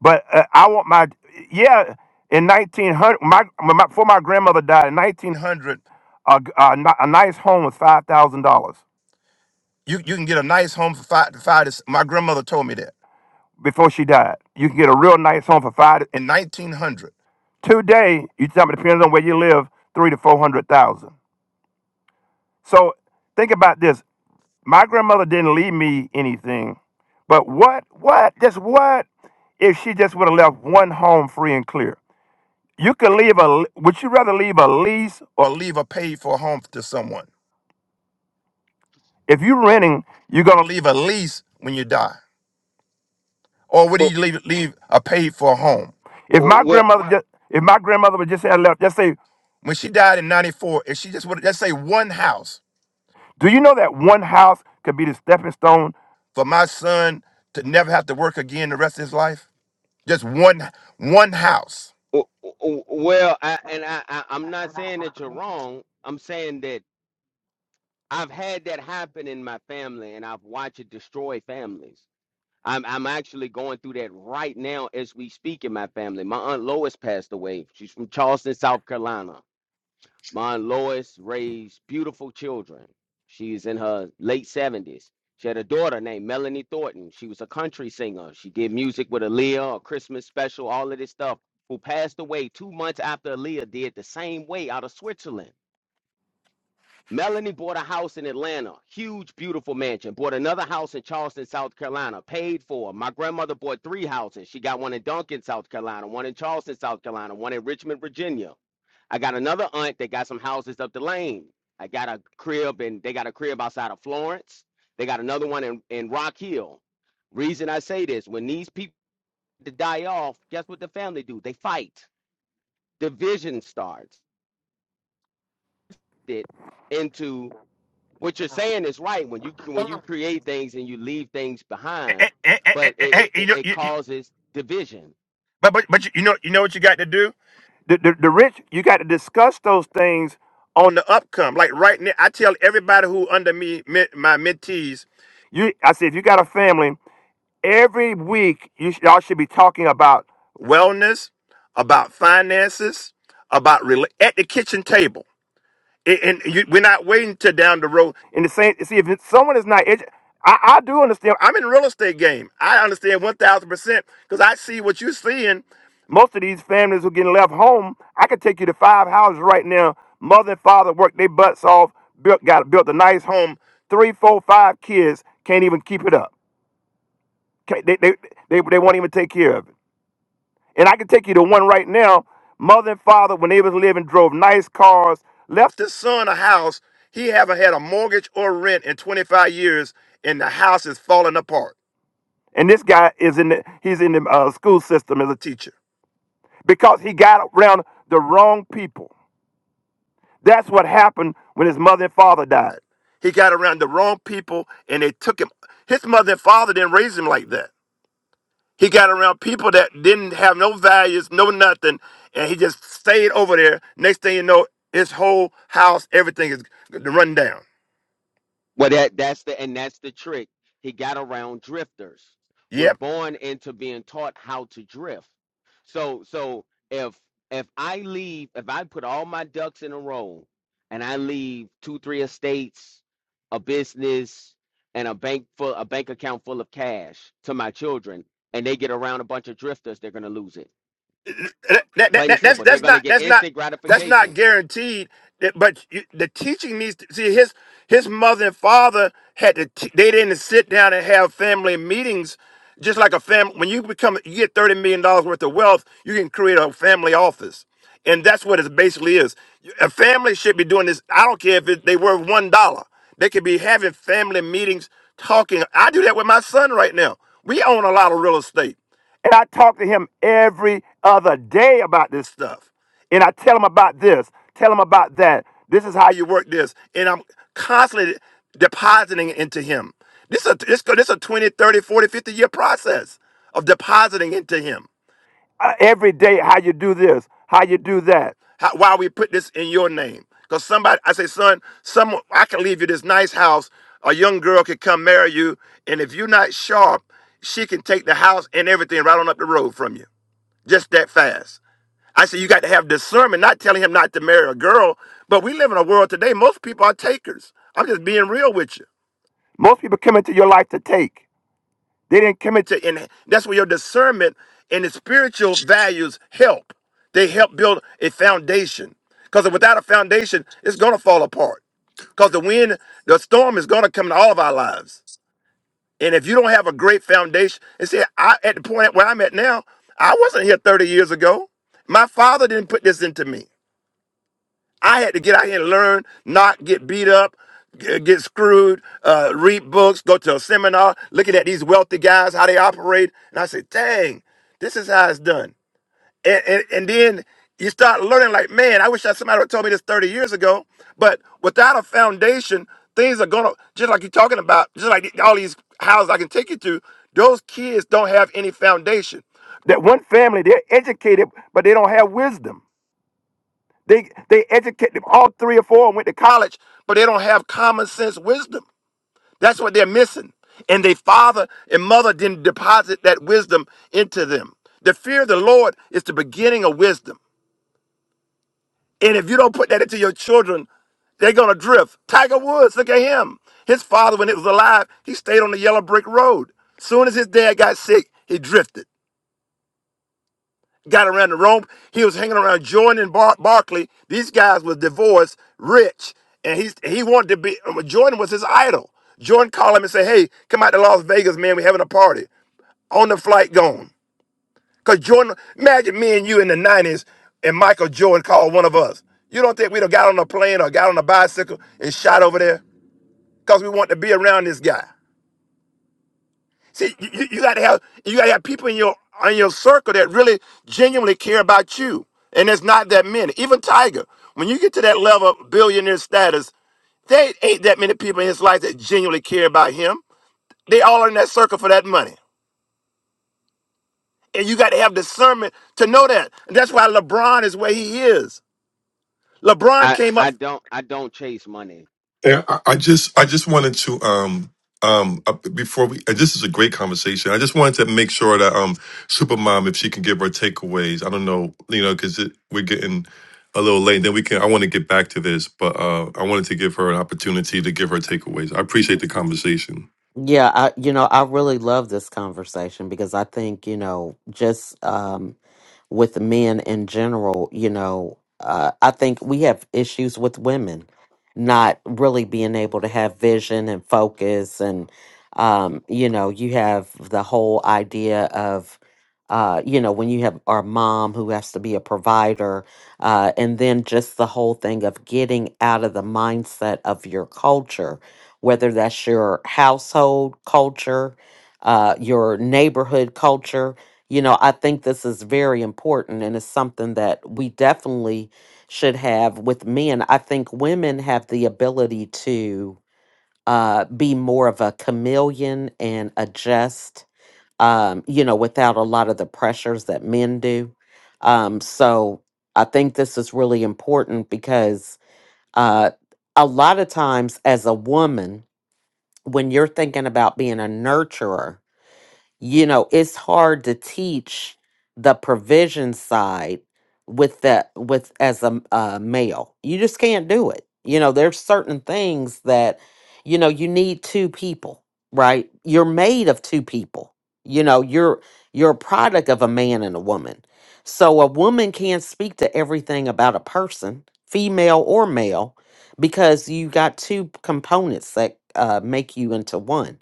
But uh, I want my yeah. In 1900, my, when my before my grandmother died in 1900, a, a, ni- a nice home was five thousand dollars. You you can get a nice home for five to five. To, s- my grandmother told me that before she died. You can get a real nice home for five to- in 1900. Today, you tell me depends on where you live, three to four hundred thousand. So think about this. My grandmother didn't leave me anything, but what, what, just what if she just would have left one home free and clear? You could leave a, would you rather leave a lease or leave a paid for home to someone? If you're renting, you're going to leave a lease when you die. Or would Well, you leave, leave a paid for home? If my well, grandmother just, if my grandmother would just have left, just say, when she died in 94, if she just would, just say one house, Do you know that one house could be the stepping stone for my son to never have to work again the rest of his life? Just one one house. W- w- Well, I, and I, I, I'm not saying that you're wrong. I'm saying that I've had that happen in my family, and I've watched it destroy families. I'm, I'm actually going through that right now as we speak in my family. My aunt Lois passed away. She's from Charleston, South Carolina. Mon Lois raised beautiful children. She's in her late 70s. She had a daughter named Melanie Thornton. She was a country singer. She did music with Aaliyah, a Christmas special, all of this stuff, who passed away two months after Aaliyah did the same way out of Switzerland. Melanie bought a house in Atlanta, huge, beautiful mansion. Bought another house in Charleston, South Carolina, paid for. My grandmother bought three houses. She got one in Duncan, South Carolina, one in Charleston, South Carolina, one in Richmond, Virginia. I got another aunt that got some houses up the lane. I got a crib and they got a crib outside of Florence. They got another one in, in Rock Hill. Reason I say this, when these people die off, guess what the family do? They fight. Division starts it into what you're saying is right when you when you create things and you leave things behind, Eh, eh, eh, eh, but eh, eh, it, you it know, it you- you- causes division but but but you, you know you know what you got to do. The, the the rich, you got to discuss those things on the upcome. Like right now, I tell everybody who under me men- my mentees, you I say if you got a family, every week you sh- y'all should be talking about wellness, about finances, about rela- at the kitchen table. and, and you, we're not waiting till down the road. And the same, see, if it's- someone is not, edu- I, I do understand. I'm in the real estate game. I understand one thousand percent because I see what you're seeing. Most of these families who are getting left home, I could take you to five houses right now. Mother and father worked their butts off, built got built a nice home. Three, four, five kids can't even keep it up. Can't- They, they, they, they won't even take care of it. And I can take you to one right now. Mother and father, when they was living, drove nice cars, left his son a house. He haven't had a mortgage or rent in 25 years, and the house is falling apart. And this guy is in the he's in the uh, school system as a teacher because he got around the wrong people. That's what happened when his mother and father died. He got around the wrong people, and they took him. His mother and father didn't raise him like that. He got around people that didn't have no values, no nothing, and he just stayed over there. Next thing you know, his whole house, everything is run down. Well, that that's the and that's the trick. He got around drifters. We're Yep. born into being taught how to drift. So so if if I leave, if I put all my ducks in a row and I leave two, three estates, a business, and a bank full a bank account full of cash to my children, and they get around a bunch of drifters, they're gonna lose it. That, that, that, Plain and that- that's simple. They're that's going to not get that's not instant That's not gratification. guaranteed. That- But you, the teaching needs to see his his mother and father had to. T- they didn't sit down and have family meetings, just like a family. When you become, you get thirty million dollars worth of wealth, you can create a family office, and that's what it basically is. A family should be doing this. I don't care if it, they were one dollar. They could be having family meetings, talking. I do that with my son right now. We own a lot of real estate. And I talk to him every other day about this stuff and I tell them about this, tell them about that. This is how you work this, and I'm constantly depositing into him. This is a, this, this a twenty, thirty, forty, fifty year process of depositing into him. Uh, every day, how you do this, how you do that. How, why we put this in your name. Because somebody, I say, son, some, I can leave you this nice house. A young girl could come marry you. And if you're not sharp, she can take the house and everything right on up the road from you. Just that fast. I said, you got to have discernment, not telling him not to marry a girl. But we live in a world today, most people are takers. I'm just being real with you. Most people come into your life to take. They didn't come into, and that's where your discernment and the spiritual values help. They help build a foundation. Because without a foundation, it's going to fall apart. Because the wind, the storm is going to come into all of our lives. And if you don't have a great foundation, and see, I, at the point where I'm at now, I wasn't here 30 years ago. My father didn't put this into me. I had to get out here and learn, not get beat up, g- get screwed, uh, read books, go to a seminar, looking at these wealthy guys, how they operate. And I said, dang, this is how it's done. And, and, and then you start learning, like, man, I wish that somebody would told me this 30 years ago. But without a foundation, things are going to, just like you're talking about, just like all these houses I can take you to, those kids don't have any foundation. That one family, they're educated, but they don't have wisdom. They they educate them all three or four and went to college, but they don't have common sense wisdom. That's what they're missing. And their father and mother didn't deposit that wisdom into them. The fear of the Lord is the beginning of wisdom. And if you don't put that into your children, they're gonna drift. Tiger Woods, look at him. His father, when it was alive, he stayed on the yellow brick road. Soon as his dad got sick, he drifted. got around the Rome. He was hanging around Jordan and Bar- Barkley. These guys was divorced, rich, and he's he wanted to be. uh, Jordan was his idol. Jordan called him and said, "Hey, come out to Las Vegas, man. We're having a party." On the flight, gone. Cause Jordan, imagine me and you in the '90s, and Michael Jordan called one of us. You don't think we'd have got on a plane or got on a bicycle and shot over there? Cause we want to be around this guy. See, you, you you gotta have you gotta have people in your in your circle that really genuinely care about you. And there's not that many. Even Tiger, when you get to that level of billionaire status, there ain't that many people in his life that genuinely care about him. They all are in that circle for that money. And you gotta have discernment to know that. And that's why LeBron is where he is. LeBron I came up. I don't I don't chase money. Yeah, I, I just I just wanted to um um uh, before we uh, this is a great conversation. I just wanted to make sure that um Supermom if she can give her takeaways. I don't know, you know, because we're getting a little late. Then we can. I want to get back to this, but uh I wanted to give her an opportunity to give her takeaways. I appreciate the conversation. Yeah, I, you know, I really love this conversation because I think, you know, just um, with men in general, you know, uh, I think we have issues with women not really being able to have vision and focus. And, um, you know, you have the whole idea of, uh, you know, when you have our mom who has to be a provider, uh, and then just the whole thing of getting out of the mindset of your culture whether that's your household culture, uh, your neighborhood culture. You know, I think this is very important and it's something that we definitely should have with men. I think women have the ability to uh, be more of a chameleon and adjust, um, you know, without a lot of the pressures that men do. Um, so I think this is really important because uh, a lot of times as a woman, when you're thinking about being a nurturer, you know, it's hard to teach the provision side with that with as a a male. You just can't do it. You know, there's certain things that you know you need two people, right? You're made of two people. You know, you're you're a product of a man and a woman. So a woman can't speak to everything about a person, female or male, because you got two components that uh, make you into one.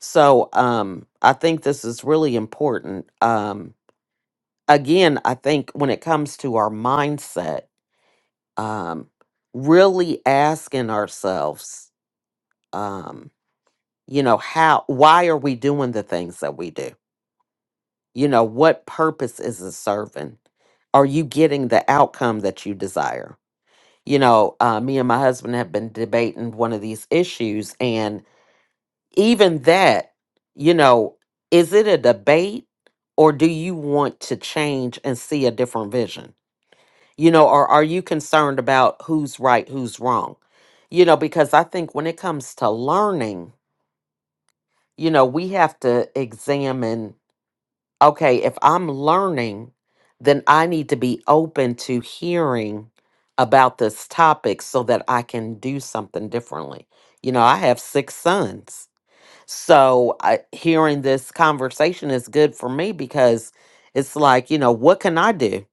So um, I think this is really important. Um, again, I think when it comes to our mindset, um, really asking ourselves, um, you know, how, why are we doing the things that we do? You know, what purpose is it serving? Are you getting the outcome that you desire? You know, uh, me and my husband have been debating one of these issues, and even that, you know, is it a debate or do you want to change and see a different vision? You know, or are you concerned about who's right, who's wrong? You know, because I think when it comes to learning, you know, we have to examine okay, if I'm learning, then I need to be open to hearing about this topic so that I can do something differently. You know, I have six sons so I, hearing this conversation is good for me because it's like, you know, what can I do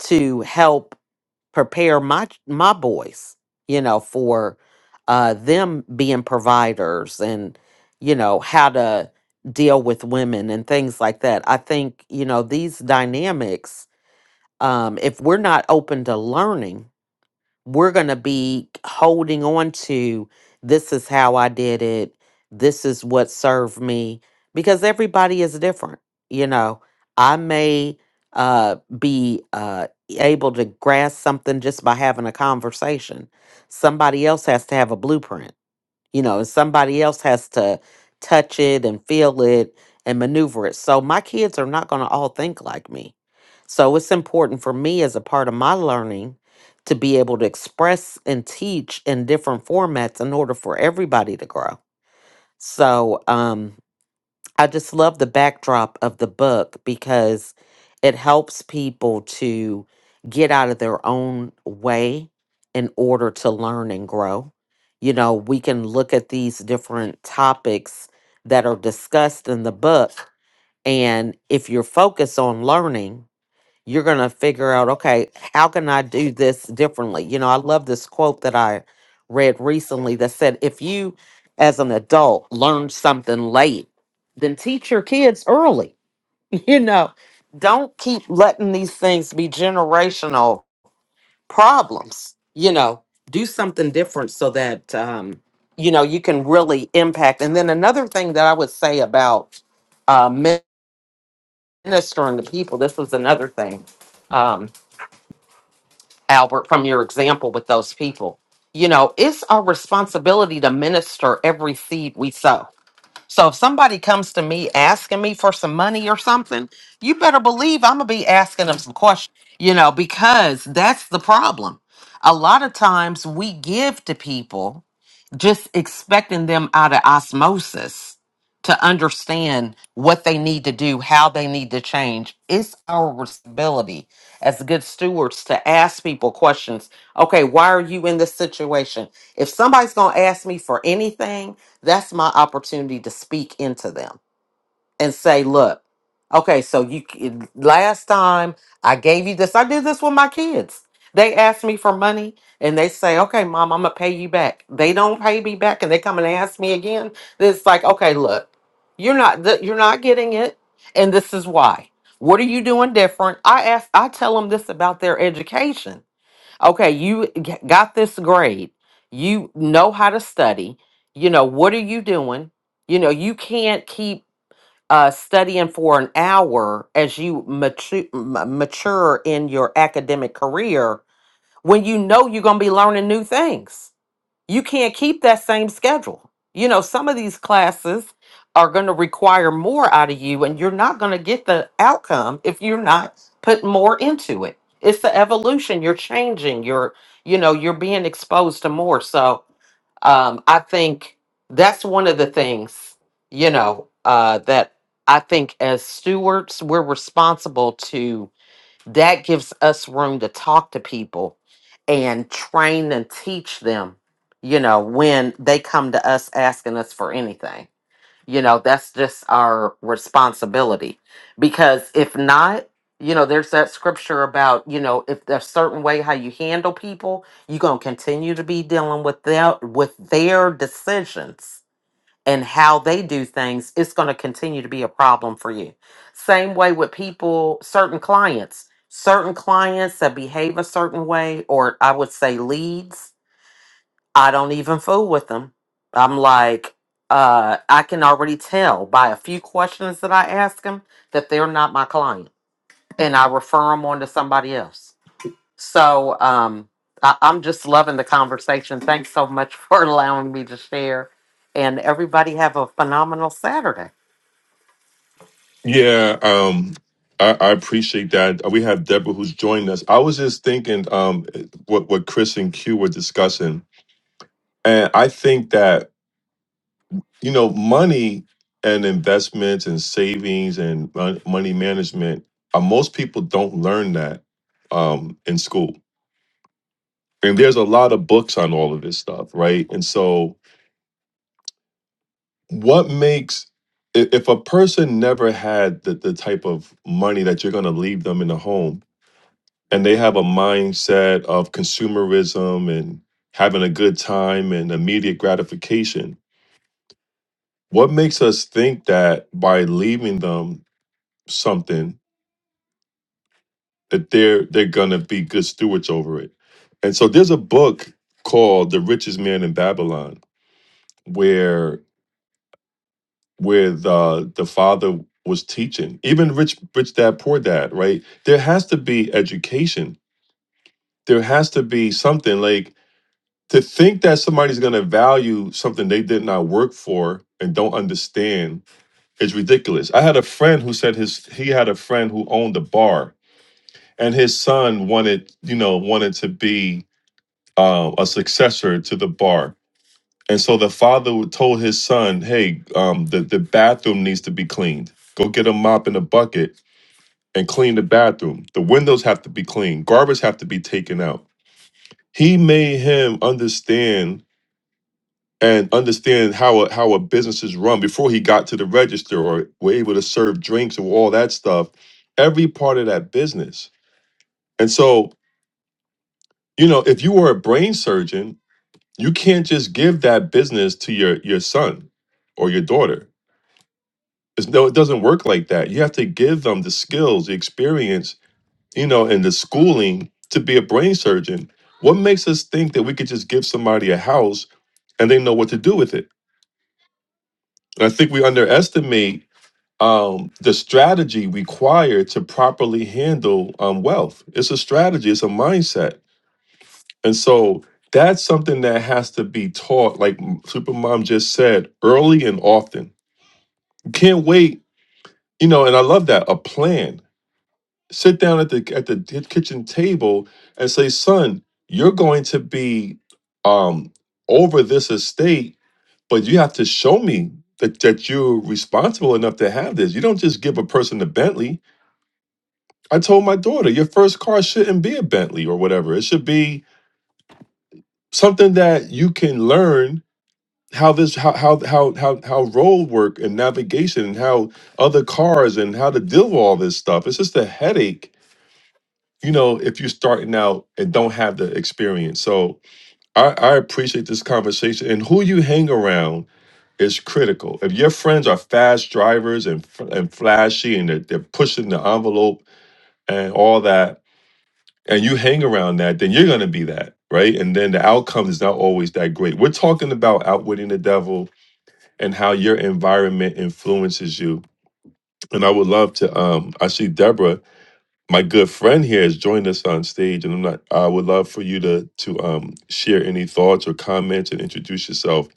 to help prepare my ch- my boys, you know, for uh, them being providers and you know how to deal with women and things like that. I think you know these dynamics. Um, if we're not open to learning we're going to be holding on to this is how I did it. This is what served me because everybody is different. You know, I may uh, be uh, able to grasp something just by having a conversation, somebody else has to have a blueprint you know, and somebody else has to touch it and feel it and maneuver it. So my kids are not going to all think like me. So it's important for me as a part of my learning to be able to express and teach in different formats in order for everybody to grow. So, um, I just love the backdrop of the book because it helps people to get out of their own way in order to learn and grow. You know, we can look at these different topics that are discussed in the book, and if you're focused on learning, you're going to figure out, okay, how can I do this differently? You know, I love this quote that I read recently that said, if you as an adult learn something late, then teach your kids early. You know, don't keep letting these things be generational problems. You know, do something different so that, um, you know, you can really impact. And then another thing that I would say about uh, ministering to people, this was another thing. Um, Albert, from your example with those people. You know, it's our responsibility to minister every seed we sow. So if somebody comes to me asking me for some money or something, you better believe I'm going to be asking them some questions, you know, because that's the problem. A lot of times we give to people just expecting them out of osmosis to understand what they need to do, how they need to change. It's our responsibility as good stewards to ask people questions. Okay, why are you in this situation? If somebody's going to ask me for anything, that's my opportunity to speak into them and say, look, okay, so you c- last time I gave you this, I did this with my kids. They asked me for money and they say, okay, mom, I'm gonna pay you back. They don't pay me back and they come and ask me again. Then It's like, okay, look, you're not th- you're not getting it, and this is why. What are you doing different? I ask, I tell them this about their education. Okay, you g- got this grade. You know how to study. You know what are you doing? You know you can't keep uh, studying for an hour as you mature, mature in your academic career when you know you're going to be learning new things you can't keep that same schedule. You know, some of these classes are going to require more out of you, and you're not going to get the outcome if you're not putting more into it. It's the evolution. You're changing. You're, you know, you're being exposed to more. So um, I think that's one of the things, you know, uh, that I think as stewards, we're responsible to that gives us room to talk to people and train and teach them, you know, when they come to us asking us for anything. You know, that's just our responsibility. Because if not, you know, there's that scripture about, you know, if there's a certain way how you handle people, you're gonna continue to be dealing with their with their decisions and how they do things, it's going to continue to be a problem for you. Same way with people, certain clients, certain clients that behave a certain way, or I would say leads, I don't even fool with them. I'm like, uh, I can already tell by a few questions that I ask them that they're not my client, and I refer them on to somebody else so um, I, I'm just loving the conversation. Thanks so much for allowing me to share. And everybody have a phenomenal Saturday. Yeah, um, I, I appreciate that. We have Deborah who's joined us. I was just thinking um what what Chris and Q were discussing, and I think that. you know, money and investments and savings and mon- money management, uh, most people don't learn that um, in school. And there's a lot of books on all of this stuff, right? And so, what makes i- if a person never had the, the type of money that you're going to leave them in the home and they have a mindset of consumerism and having a good time and immediate gratification, what makes us think that by leaving them something that they're they're gonna be good stewards over it. And so there's a book called The Richest Man in Babylon, where where the the father was teaching, even rich rich dad, poor dad, right? There has to be education. There has to be something like to think that somebody's gonna value something they did not work for and don't understand is ridiculous. I had a friend who said his he had a friend who owned a bar and his son wanted, you know, wanted to be uh, a successor to the bar. And so the father would- told his son, "Hey, um, the the bathroom needs to be cleaned. Go get a mop and a bucket and clean the bathroom. The windows have to be cleaned. Garbage have to be taken out." He made him understand and understand how a, how a business is run before he got to the register or were able to serve drinks or all that stuff. Every part of that business. And so, you know, if you were a brain surgeon You can't just give that business to your your son or your daughter. It's, no, it doesn't work like that. You have to give them the skills, the experience, you know, and the schooling to be a brain surgeon. What makes us think that we could just give somebody a house and they know what to do with it? And I think we underestimate um, the strategy required to properly handle um, wealth. It's a strategy. It's a mindset, and so that's something that has to be taught, like Supermom just said, early and often can't wait you know and i love that a plan sit down at the at the di- kitchen table and say son you're going to be um over this estate but you have to show me that, that you're responsible enough to have this you don't just give a person a bentley i told my daughter your first car shouldn't be a bentley or whatever it should be something that you can learn how this how how how how how road work and navigation and how other cars and how to deal with all this stuff. It's just a headache, you know, if you're starting out and don't have the experience. So I, I appreciate this conversation and who you hang around is critical. If your friends are fast drivers and f- and flashy and they're, they're pushing the envelope and all that, and you hang around that, then you're gonna be that, right? And then the outcome is not always that great. We're talking about outwitting the devil and how your environment influences you. And I would love to. Um, I see Deborah, my good friend here, has joined us on stage, and I'm not. I would love for you to to um, share any thoughts or comments and introduce yourself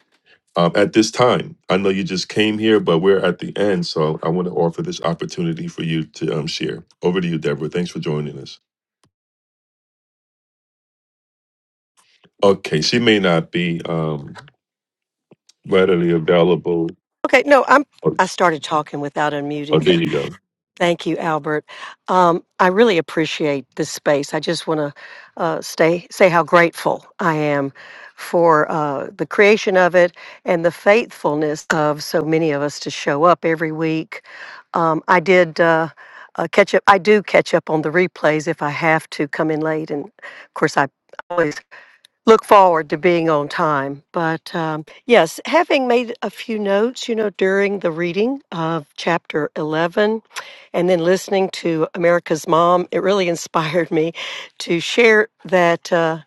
um, at this time. I know you just came here, but we're at the end, so I want to offer this opportunity for you to um, share. Over to you, Deborah. Thanks for joining us. Okay, she may not be um, readily available. Okay, no, I'm. Oh, I started talking without oh, unmuting. there you go. Thank you, Albert. Um, I really appreciate this space. I just want to uh, stay say how grateful I am for uh, the creation of it and the faithfulness of so many of us to show up every week. Um, I did. Uh, uh, catch up. I do catch up on the replays if I have to come in late, and of course I always look forward to being on time. But um, yes, having made a few notes, you know, during the reading of chapter 11 and then listening to America's Mom, it really inspired me to share that. Uh,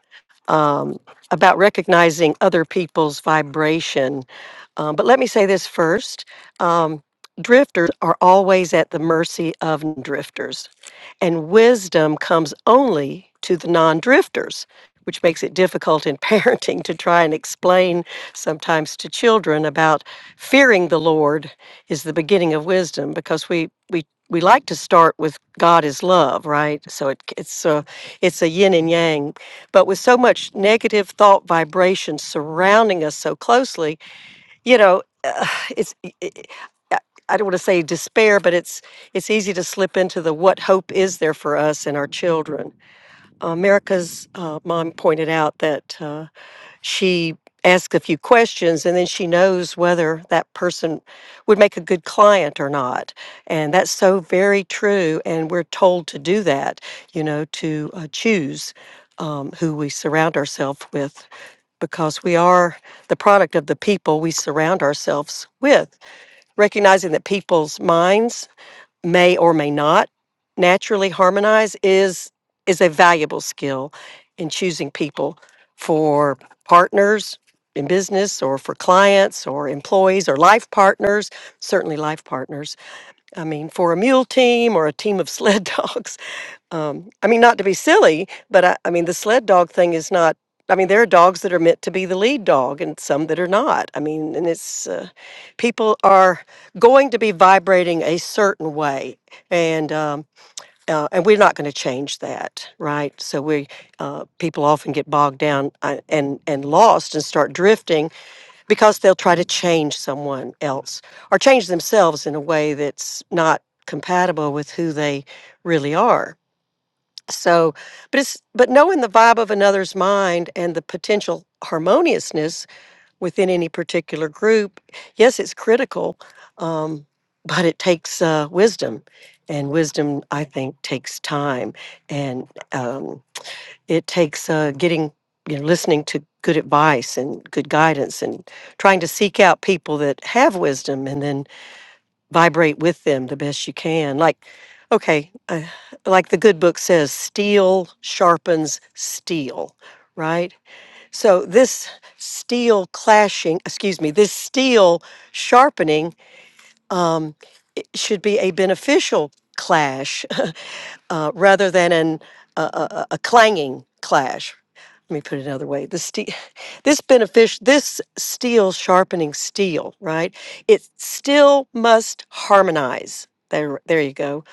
um, about recognizing other people's vibration. Um, but let me say this first um, drifters are always at the mercy of drifters, and wisdom comes only to the non drifters. Which makes it difficult in parenting to try and explain sometimes to children about fearing the Lord is the beginning of wisdom because we we we like to start with God is love, right? So it, it's a it's a yin and yang but with so much negative thought vibration surrounding us so closely you know uh, it's i i I I don't want to say despair but it's it's easy to slip into the what hope is there for us and our children America's uh, mom pointed out that uh, she asks a few questions and then she knows whether that person would make a good client or not. And that's so very true. And we're told to do that, you know, to uh, choose um, who we surround ourselves with because we are the product of the people we surround ourselves with. Recognizing that people's minds may or may not naturally harmonize is is a valuable skill in choosing people for partners in business or for clients or employees or life partners certainly life partners i mean for a mule team or a team of sled dogs um, I mean, not to be silly, but I, I mean, the sled dog thing is not. I mean, there are dogs that are meant to be the lead dog, and some that are not. I mean, and it's uh, people are going to be vibrating a certain way, and um, uh, and we're not going to change that, right? So we uh, people often get bogged down uh, and and lost and start drifting because they'll try to change someone else or change themselves in a way that's not compatible with who they really are so, but it's but knowing the vibe of another's mind and the potential harmoniousness within any particular group, yes, it's critical, um, but it takes uh, wisdom, and wisdom I think takes time, and um, it takes uh, getting you know listening to good advice and good guidance, and trying to seek out people that have wisdom, and then vibrate with them the best you can. Like, okay, uh, like the good book says, steel sharpens steel, right? So this steel clashing, excuse me, this steel sharpening um, should be a beneficial clash uh, rather than an, a, a, a clanging clash. Let me put it another way. The ste- this benefic- this steel sharpening steel, right? It still must harmonize. There, there you go.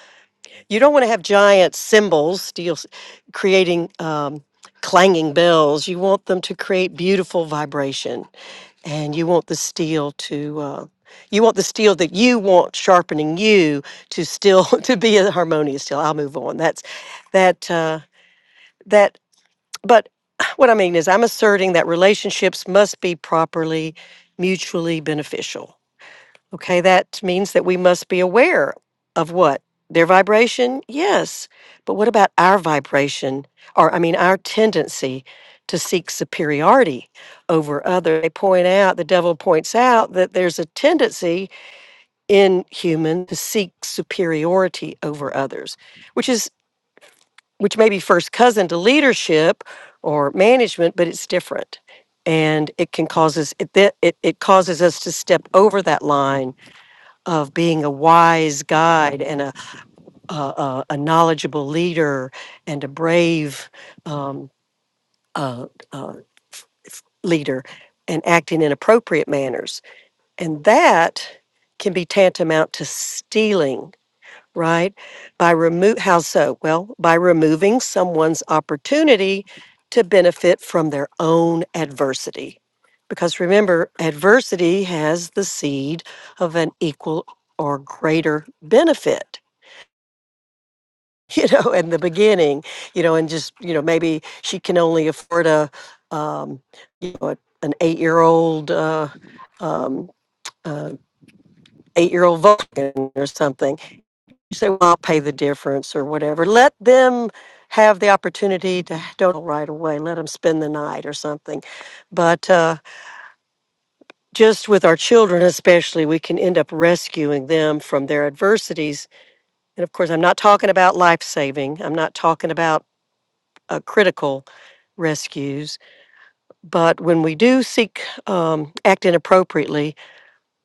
You don't want to have giant cymbals, steel, s- creating um, clanging bells. You want them to create beautiful vibration and you want the steel to uh, you want the steel that you want sharpening you to still to be a harmonious steel i'll move on that's that uh, that but what i mean is i'm asserting that relationships must be properly mutually beneficial Okay, that means that we must be aware of what? Their vibration? Yes. But what about our vibration, or I mean, our tendency to seek superiority over others? They point out, the devil points out that there's a tendency in human to seek superiority over others, which is which may be first cousin to leadership or management, but it's different. And it can causes it, it, it causes us to step over that line of being a wise guide and a a, a, a knowledgeable leader and a brave um, uh, uh, leader and acting in appropriate manners and that can be tantamount to stealing right by remove how so well by removing someone's opportunity to benefit from their own adversity because remember adversity has the seed of an equal or greater benefit you know, in the beginning, you know, and just, you know, maybe she can only afford a, um, you know, a, an eight year old, uh, um, uh, eight year old Vulcan or something. You say, well, I'll pay the difference or whatever. Let them have the opportunity to don't right away. Let them spend the night or something. But uh, just with our children, especially, we can end up rescuing them from their adversities. And of course, I'm not talking about life saving. I'm not talking about uh, critical rescues. But when we do seek, um, act inappropriately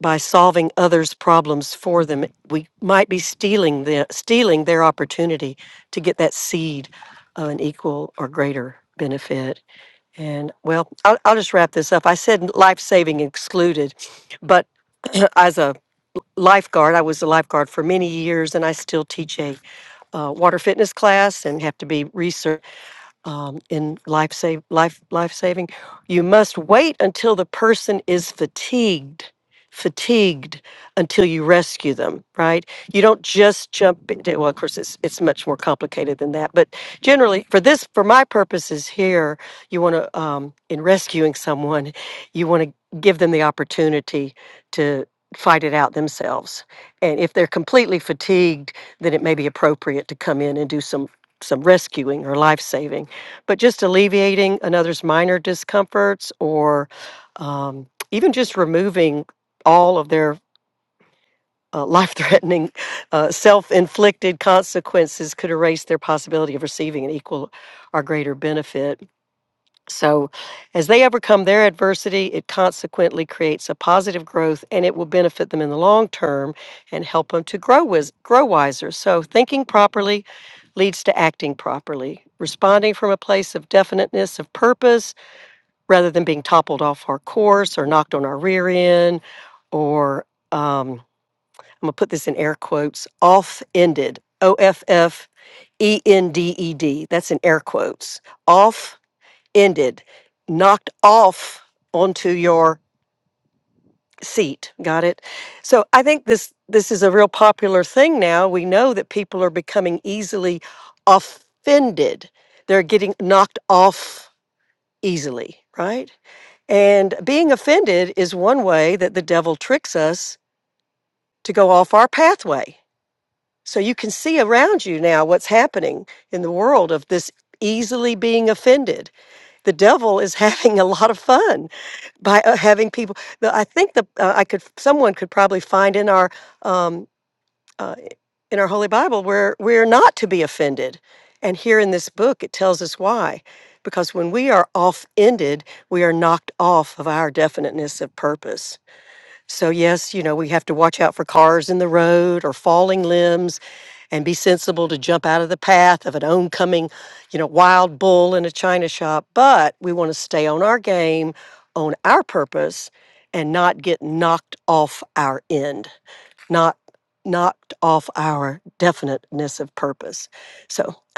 by solving others' problems for them, we might be stealing the, stealing their opportunity to get that seed of an equal or greater benefit. And well, I'll, I'll just wrap this up. I said life saving excluded, but as a lifeguard, I was a lifeguard for many years, and I still teach a uh, water fitness class and have to be research um, in life save life life saving you must wait until the person is fatigued fatigued until you rescue them right you don't just jump into well of course it's it's much more complicated than that but generally for this for my purposes here you want to um, in rescuing someone you want to give them the opportunity to fight it out themselves and if they're completely fatigued then it may be appropriate to come in and do some some rescuing or life saving but just alleviating another's minor discomforts or um, even just removing all of their uh, life threatening, uh, self inflicted consequences could erase their possibility of receiving an equal or greater benefit. So, as they overcome their adversity, it consequently creates a positive growth and it will benefit them in the long term and help them to grow, wis- grow wiser. So, thinking properly leads to acting properly, responding from a place of definiteness of purpose rather than being toppled off our course or knocked on our rear end or, um, I'm going to put this in air quotes, off ended, O F F E N D E D. That's in air quotes. Off ended, knocked off onto your seat. Got it? So I think this this is a real popular thing now. We know that people are becoming easily offended. They're getting knocked off easily, right? And being offended is one way that the devil tricks us to go off our pathway. So you can see around you now what's happening in the world of this easily being offended. The devil is having a lot of fun by uh, having people. The, I think the uh, I could someone could probably find in our um, uh, in our Holy Bible where we're not to be offended, and here in this book it tells us why. Because when we are off-ended, we are knocked off of our definiteness of purpose. So, yes, you know, we have to watch out for cars in the road or falling limbs and be sensible to jump out of the path of an oncoming, you know, wild bull in a china shop. But we want to stay on our game, on our purpose, and not get knocked off our end not knocked off our definiteness of purpose. So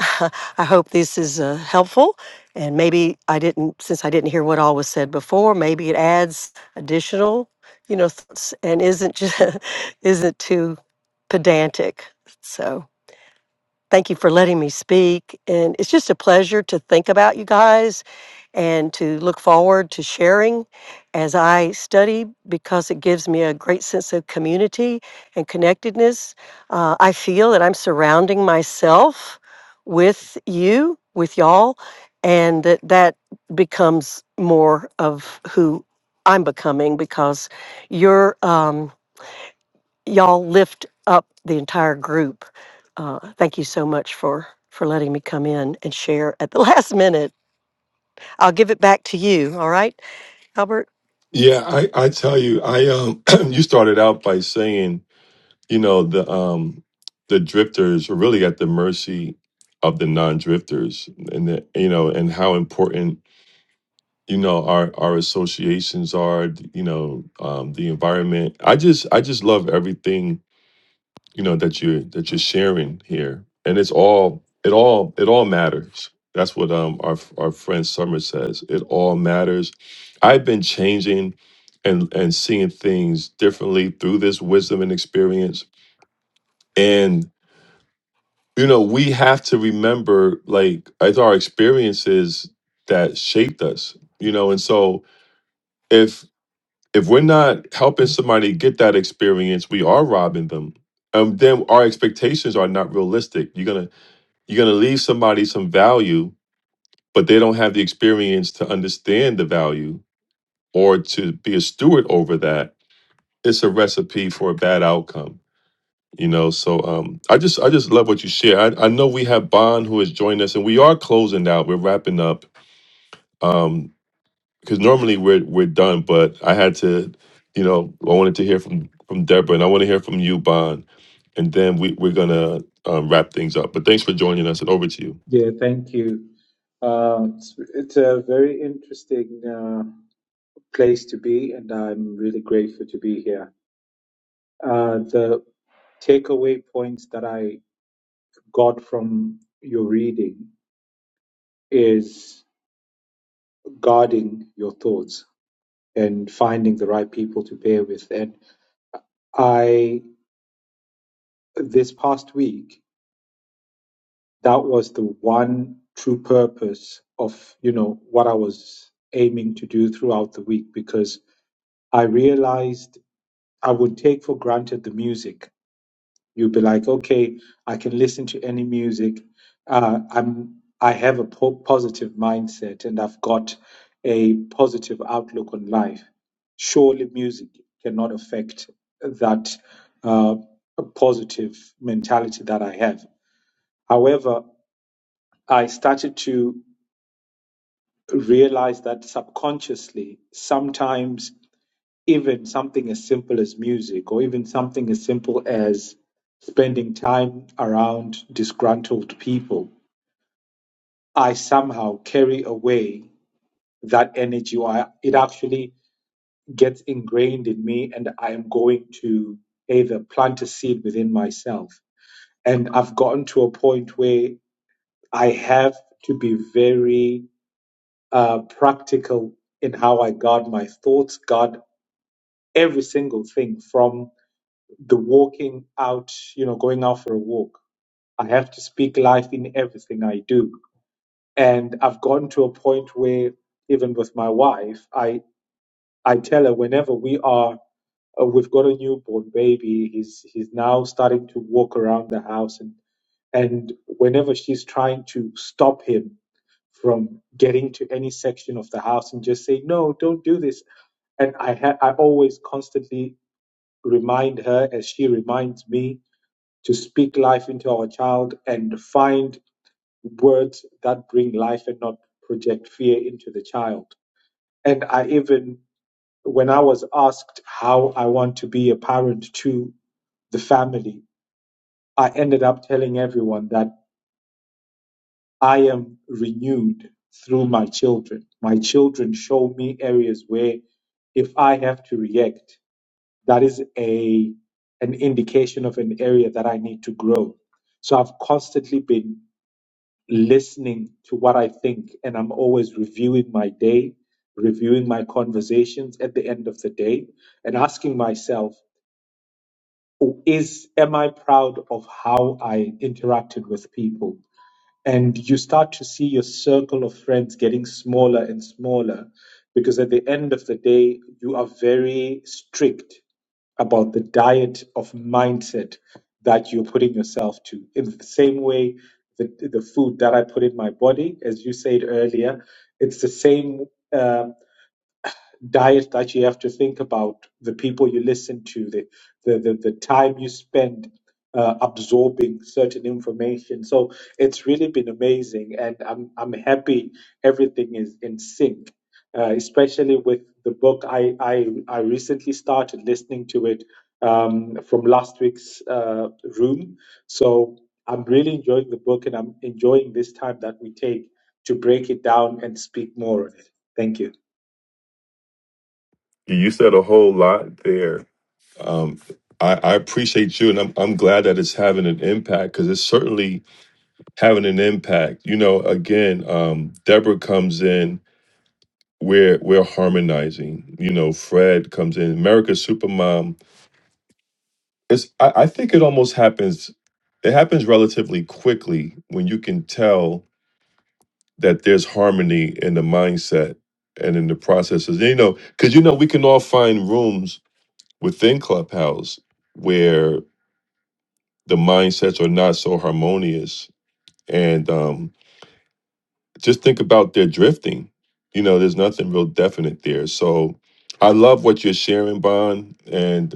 I hope this is uh, helpful. And maybe I didn't, since I didn't hear what all was said before, maybe it adds additional, you know, thoughts and isn't just, isn't too pedantic. So thank you for letting me speak. And it's just a pleasure to think about you guys and to look forward to sharing as I study because it gives me a great sense of community and connectedness. Uh, I feel that I'm surrounding myself with you, with y'all, and that that becomes more of who I'm becoming because you're, um, y'all lift up the entire group. Uh, thank you so much for for letting me come in and share at the last minute. I'll give it back to you. All right. Albert, Yeah, I, I tell you, I um, you started out by saying you know the um the drifters are really at the mercy of the non-drifters and the, you know and how important you know our our associations are you know um the environment i just i just love everything you know that you're that you're sharing here and it's all it all it all matters that's what um our our friend summer says it all matters i've been changing and and seeing things differently through this wisdom and experience and you know we have to remember like it's our experiences that shaped us you know and so if if we're not helping somebody get that experience we are robbing them um then our expectations are not realistic you're gonna you're gonna leave somebody some value but they don't have the experience to understand the value or to be a steward over that it's a recipe for a bad outcome you know so um i just i just love what you share i, I know we have bond who has joined us and we are closing out we're wrapping up um because normally we're we're done but i had to you know i wanted to hear from from deborah and i want to hear from you bond and then we, we're gonna um, wrap things up but thanks for joining us and over to you Yeah, thank you. Uh, it's, it's a very interesting uh, place to be, and I'm really grateful to be here. Uh, the takeaway points that I got from your reading is guarding your thoughts and finding the right people to pair with. And I, this past week, that was the one true purpose of you know what I was aiming to do throughout the week because I realized I would take for granted the music. You'd be like, okay, I can listen to any music. Uh, I'm I have a po- positive mindset and I've got a positive outlook on life. Surely, music cannot affect that uh, positive mentality that I have. However, I started to realize that subconsciously, sometimes even something as simple as music or even something as simple as spending time around disgruntled people, I somehow carry away that energy or I, it actually gets ingrained in me and I am going to either plant a seed within myself. And I've gotten to a point where I have to be very uh, practical in how I guard my thoughts, guard every single thing from the walking out, you know, going out for a walk. I have to speak life in everything I do. And I've gotten to a point where, even with my wife, I, I tell her whenever we are, uh, we've got a newborn baby, he's, he's now starting to walk around the house. And, and whenever she's trying to stop him from getting to any section of the house and just say, no, don't do this. And I, ha- I always constantly remind her as she reminds me to speak life into our child and find words that bring life and not project fear into the child. And I even, when I was asked how I want to be a parent to the family, I ended up telling everyone that I am renewed through my children. My children show me areas where if I have to react, that is a an indication of an area that I need to grow. So I've constantly been listening to what I think, and I'm always reviewing my day, reviewing my conversations at the end of the day, and asking myself, is am I proud of how I interacted with people? and you start to see your circle of friends getting smaller and smaller because at the end of the day you are very strict about the diet of mindset that you're putting yourself to in the same way the, the food that i put in my body as you said earlier it's the same uh, diet that you have to think about, the people you listen to, the the the, the time you spend uh, absorbing certain information. So it's really been amazing, and I'm I'm happy everything is in sync, uh, especially with the book. I I I recently started listening to it um, from last week's uh, room, so I'm really enjoying the book, and I'm enjoying this time that we take to break it down and speak more of it. Thank you. you said a whole lot there um I, I appreciate you, and I'm I'm glad that it's having an impact because it's certainly having an impact. You know, again, um, Deborah comes in we're we're harmonizing. You know, Fred comes in, America's Supermom. It's I, I think it almost happens it happens relatively quickly when you can tell that there's harmony in the mindset and in the processes. And, you know, because you know, we can all find rooms within Clubhouse where the mindsets are not so harmonious. And um, just think about their drifting. You know, there's nothing real definite there. So I love what you're sharing, Bond, and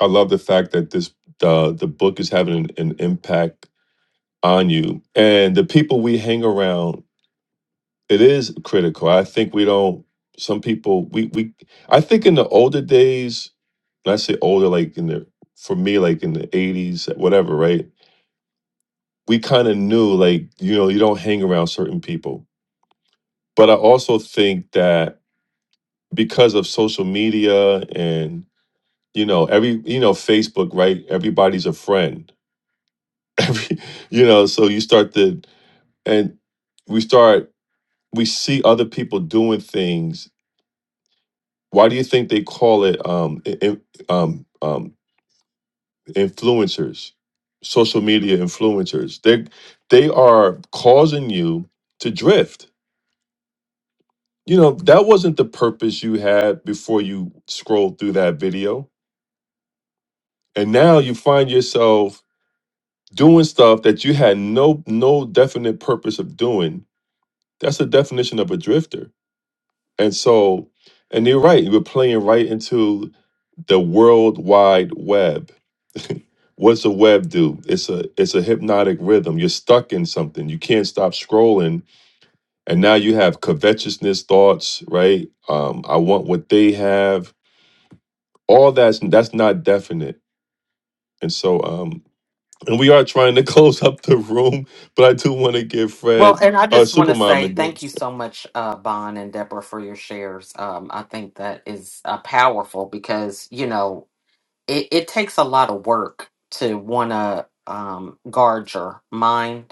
I love the fact that this uh, the book is having an, an impact on you and the people we hang around. It is critical. I think we don't. Some people we we. I think in the older days, and I say older, like in the for me, like in the eighties, whatever. Right? We kind of knew, like you know, you don't hang around certain people. But I also think that because of social media and you know every you know Facebook, right? Everybody's a friend every, you know so you start to and we start we see other people doing things why do you think they call it um i- in, um um influencers social media influencers they they are causing you to drift you know that wasn't the purpose you had before you scrolled through that video and now you find yourself doing stuff that you had no no definite purpose of doing that's the definition of a drifter And so, and you're right, you were playing right into the world wide web. What's a web do? It's a it's a hypnotic rhythm. You're stuck in something. You can't stop scrolling. And now you have covetousness thoughts, right? Um, I want what they have. All that's that's not definite. And so um and we are trying to close up the room, but I do want to give Well, Fred and I uh just want to say Supermom thank you so much, uh, Bon and Deborah, for your shares. Um, I think that is uh, powerful because, you know, it, it takes a lot of work to want to um, guard your mind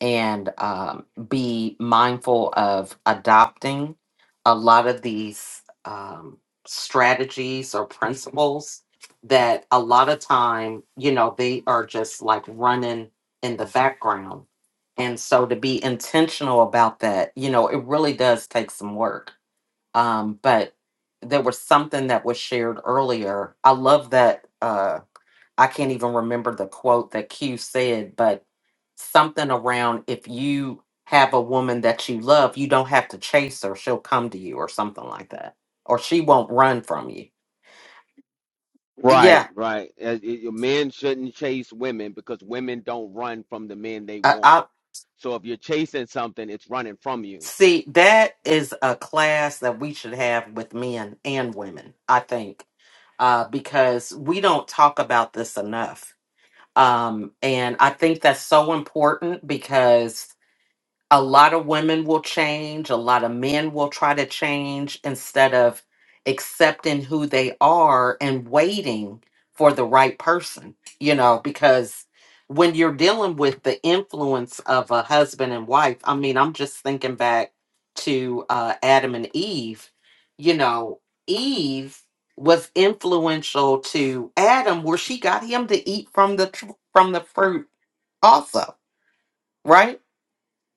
and um, be mindful of adopting a lot of these um, strategies or principles that a lot of time you know they are just like running in the background and so to be intentional about that you know it really does take some work um, but there was something that was shared earlier i love that Uh, I can't even remember the quote that Q said, but something around if you have a woman that you love, you don't have to chase her. She'll come to you or something like that. Or she won't run from you. Right, Yeah. right. As- it- your men shouldn't chase women because women don't run from the men they I, want. I So if you're chasing something, it's running from you. see that is a class that we should have with men and women, I think. Uh, because we don't talk about this enough. Um, and I think that's so important because a lot of women will change, a lot of men will try to change instead of accepting who they are and waiting for the right person, you know, because when you're dealing with the influence of a husband and wife, I mean, I'm just thinking back to uh, Adam and Eve, you know, Eve was influential to Adam where she got him to eat from the tr- from the fruit also, right?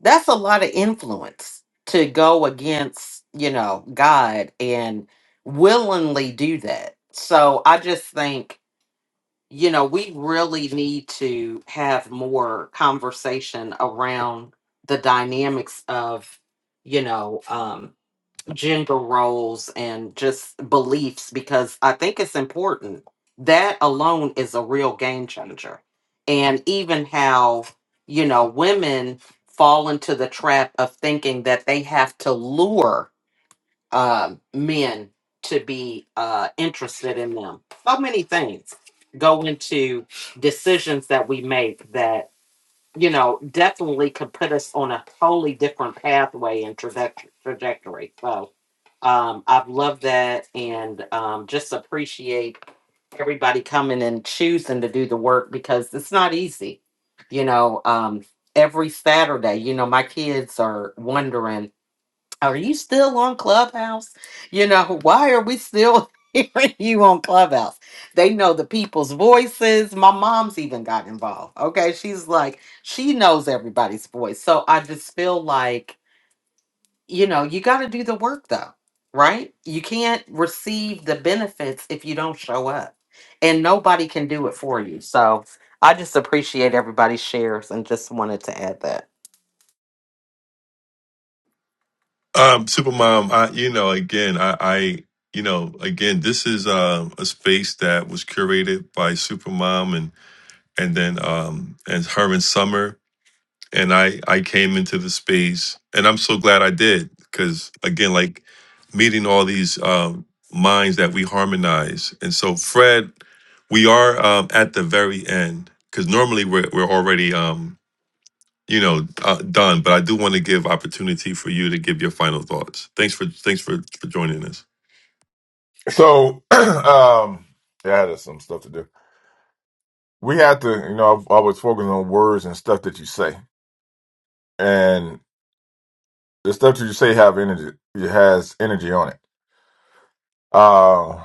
That's a lot of influence to go against, you know, God and willingly do that. So I just think, you know, we really need to have more conversation around the dynamics of, you know, um, gender roles and just beliefs because I think it's important. That alone is a real game changer. And even how, you know, women fall into the trap of thinking that they have to lure um, men to be uh, interested in them. So many things go into decisions that we make that, you know, definitely could put us on a totally different pathway and traje- trajectory. So, um, I've loved that and um, just appreciate everybody coming and choosing to do the work because it's not easy. You know, um, every Saturday, you know, my kids are wondering, are you still on Clubhouse? You know, why are we still hearing you on Clubhouse? They know the people's voices. My mom's even got involved. Okay. She's like, she knows everybody's voice. So I just feel like, you know, you got to do the work though, right? You can't receive the benefits if you don't show up, and nobody can do it for you. So I just appreciate everybody's shares and just wanted to add that. Um, Supermom, I, you know, again, I, I, you know, again, this is um a space that was curated by Supermom and and then um and her and Summer, and I I came into the space, and I'm so glad I did because again, like meeting all these um minds that we harmonize, and so Fred, we are um at the very end because normally we're we're already um you know, uh, done. But I do want to give opportunity for you to give your final thoughts. Thanks for thanks for for joining us. So, um, yeah, there's some stuff to do. We have to, you know, I've always focused on words and stuff that you say. and. the stuff that you say have energy it has energy on it. Uh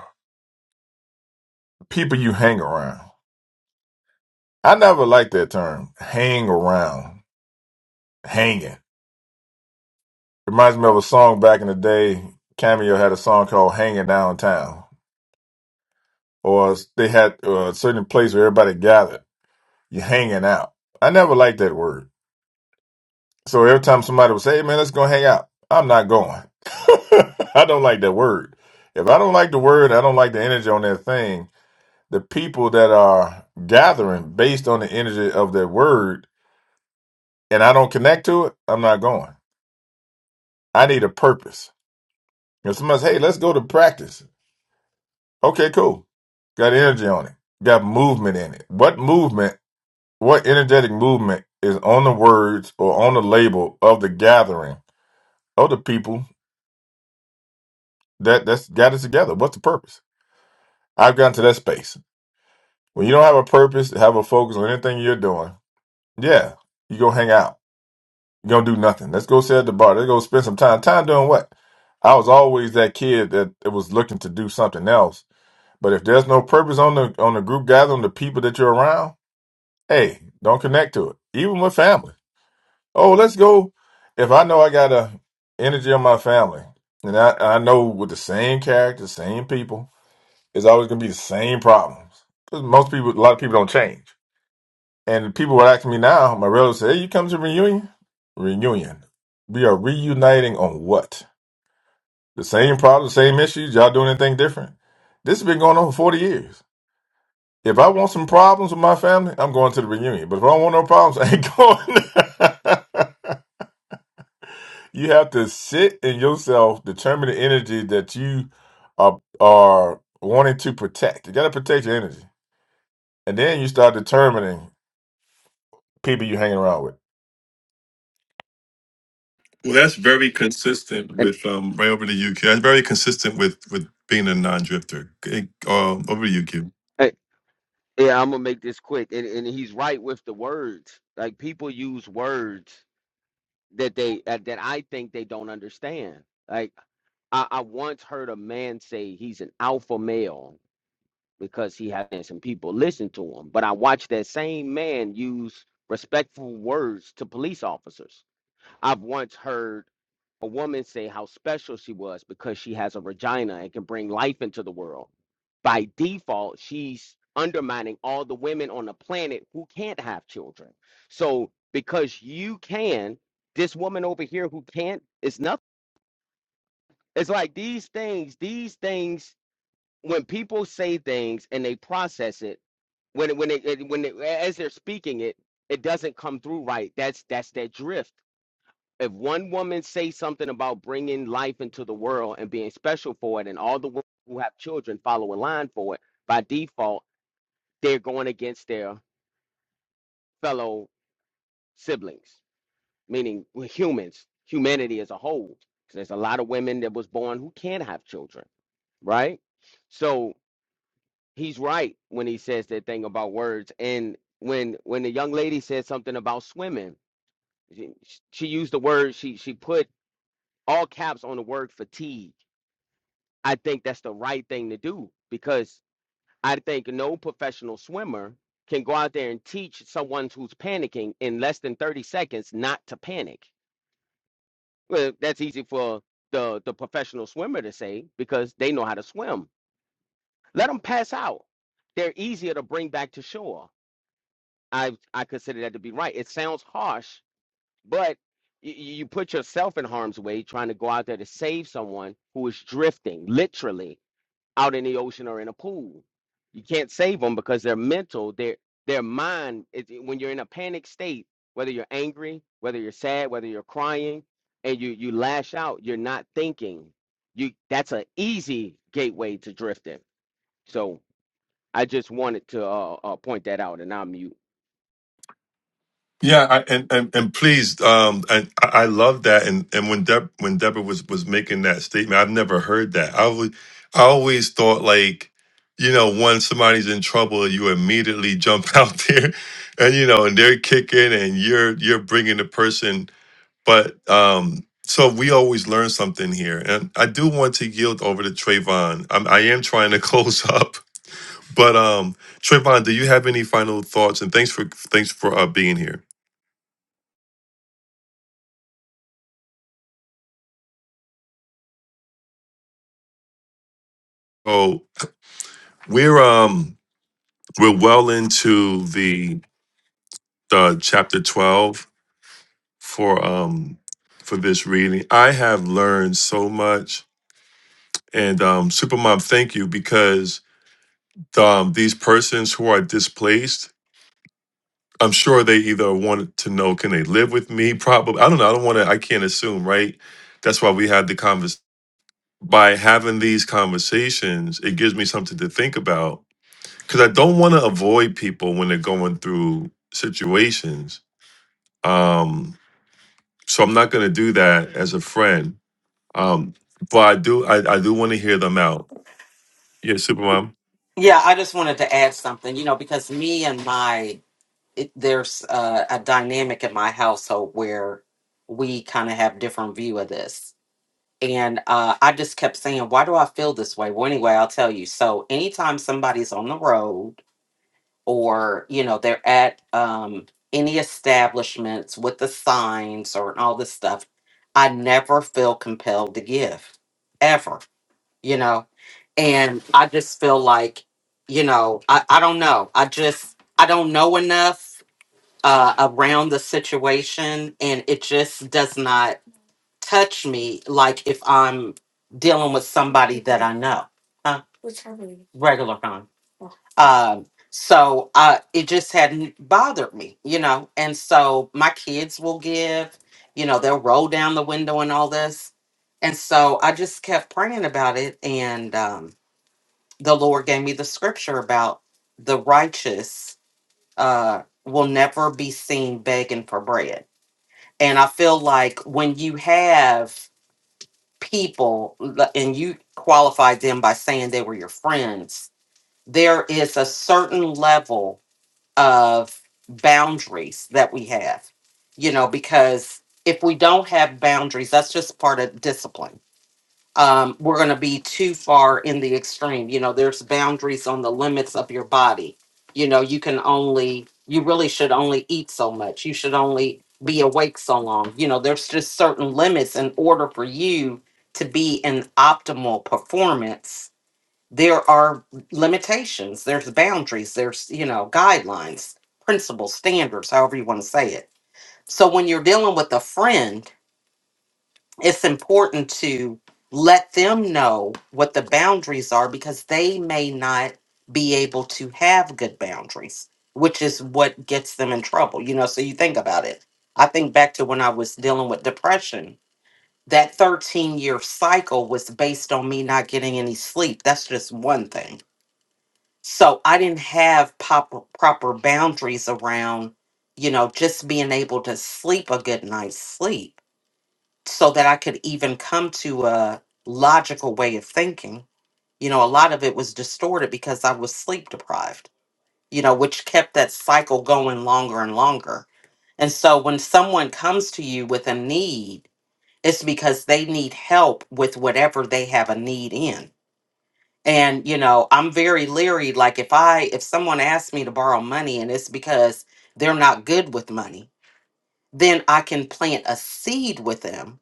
people you hang around. I never liked that term. Hang around. Hanging. Reminds me of a song back in the day. Cameo had a song called Hanging Downtown. Or they had uh, a certain place where everybody gathered. You're hanging out. I never liked that word. So every time somebody would say, hey man, let's go hang out. I'm not going. I don't like that word. If I don't like the word, I don't like the energy on that thing the people that are gathering based on the energy of their word and I don't connect to it, I'm not going. I need a purpose. If somebody says, hey, let's go to practice. Okay, cool. Got energy on it. Got movement in it. What movement, what energetic movement is on the words or on the label of the gathering of the people that that's gathered together? What's the purpose? I've gotten to that space. When you don't have a purpose, have a focus on anything you're doing, yeah, you go hang out Gonna do nothing. Let's go sit at the bar. Let's go spend some time. Time doing what? I was always that kid that it was looking to do something else. But if there's no purpose on the on the group gathering, the people that you're around, hey, don't connect to it. Even with family. Oh, let's go. If I know I got a energy on my family, and I, I know with the same character, same people, it's always gonna be the same problems. Because most people, a lot of people don't change. And people were asking me now, my relatives say, Hey, you come to reunion? Reunion. We are reuniting on what? The same problems, same issues, y'all doing anything different? This has been going on for 40 years. If I want some problems with my family, I'm going to the reunion. But if I don't want no problems, I ain't going. you have to sit in yourself, determine the energy that you are, are wanting to protect. You got to protect your energy. And then you start determining people you're hanging around with. Well, that's very consistent And with um right over to UQ. That's very consistent with with being a non drifter. Uh, over to UQ. eh, yeah, I'm gonna make this quick. And, and he's right with the words. Like people use words that they uh, that I think they don't understand. Like. I, I once heard a man say he's an alpha male because he had some people listen to him. But I watched that same man use respectful words to police officers. I've once heard a woman say how special she was because she has a vagina and can bring life into the world. By default, she's undermining all the women on the planet who can't have children. So because you can, this woman over here who can't is nothing. It's like these things, these things when people say things and they process it when it, when it, it- when it, as they're speaking it it doesn't come through right that's that's that drift if one woman say something about bringing life into the world and being special for it and all the women who have children follow a line for it by default they're going against their fellow siblings meaning we're humans humanity as a whole 'Cause there's a lot of women that was born who can't have children right so he's right when he says that thing about words. And when when the young lady said something about swimming, she, she used the word she she put all caps on the word fatigue. I think that's the right thing to do because I think no professional swimmer can go out there and teach someone who's panicking in less than 30 seconds not to panic. Well, that's easy for the the professional swimmer to say because they know how to swim. Let them pass out. They're easier to bring back to shore I I consider that to be right. It sounds harsh, but you, you put yourself in harm's way trying to go out there to save someone who is drifting, literally out in the ocean or in a pool. You can't save them because their mental, their their mind. It, it- when you're in a panic state, whether you're angry, whether you're sad, whether you're crying, and you you lash out, you're not thinking. You that's an easy gateway to drifting. So I just wanted to uh, uh, point that out, and I'm mute. Yeah, I, and, and and please, um, and I I love that. And and when Deb when Deborah was was making that statement, I've never heard that. I always I always thought like, you know, once somebody's in trouble, you immediately jump out there, and you know, and they're kicking, and you're you're bringing the person. But um, so we always learn something here, and I do want to yield over to Trayvon. I'm, I am trying to close up, but um, Trayvon, do you have any final thoughts? And thanks for thanks for uh, being here. So, We're um we're well into the uh, chapter twelve for um for this reading. I have learned so much, and um, Supermom, thank you because um, these persons who are displaced, I'm sure they either want to know can they live with me. Probably, I don't know. I don't want to. I can't assume, right? That's why we had the convers. By having these conversations, it gives me something to think about because I don't want to avoid people when they're going through situations Um, so I'm not going to do that as a friend. Um, but I do, I, I do want to hear them out. Yeah, Supermom. Yeah, I just wanted to add something, you know, because me and my, it, there's uh, a dynamic in my household where we kind of have different view of this. And uh, I just kept saying, why do I feel this way? Well, anyway, I'll tell you. So, anytime somebody's on the road or, you know, they're at um, any establishments with the signs or all this stuff, I never feel compelled to give, ever, you know? And I just feel like, you know, I, I don't know. I just, I don't know enough uh, around the situation. And it just does not touch me like if I'm dealing with somebody that I know, huh? Regular con. Um, so uh, it just hadn't bothered me, you know. And so my kids will give, you know, they'll roll down the window and all this. And so I just kept praying about it, and um, the Lord gave me the scripture about the righteous uh, will never be seen begging for bread. And I feel like when you have people and you qualified them by saying they were your friends there is a certain level of boundaries that we have you know because if we don't have boundaries that's just part of discipline um, we're going to be too far in the extreme. You know, there's boundaries on the limits of your body. You know, you can only, you really should only eat so much. You should only be awake so long. You know, there's just certain limits in order for you to be in optimal performance. There are limitations, there's boundaries, there's, you know, guidelines, principles, standards, however you want to say it. So when you're dealing with a friend, it's important to let them know what the boundaries are because they may not be able to have good boundaries, which is what gets them in trouble. You know, so you think about it. I think back to when I was dealing with depression. That 13 year cycle was based on me not getting any sleep. That's just one thing. So I didn't have proper, proper boundaries around, you know, just being able to sleep a good night's sleep so that I could even come to a logical way of thinking. You know, a lot of it was distorted because I was sleep deprived, you know, which kept that cycle going longer and longer. And so when someone comes to you with a need, it's because they need help with whatever they have a need in. And, you know, I'm very leery. Like if I, if someone asks me to borrow money and it's because they're not good with money, then I can plant a seed with them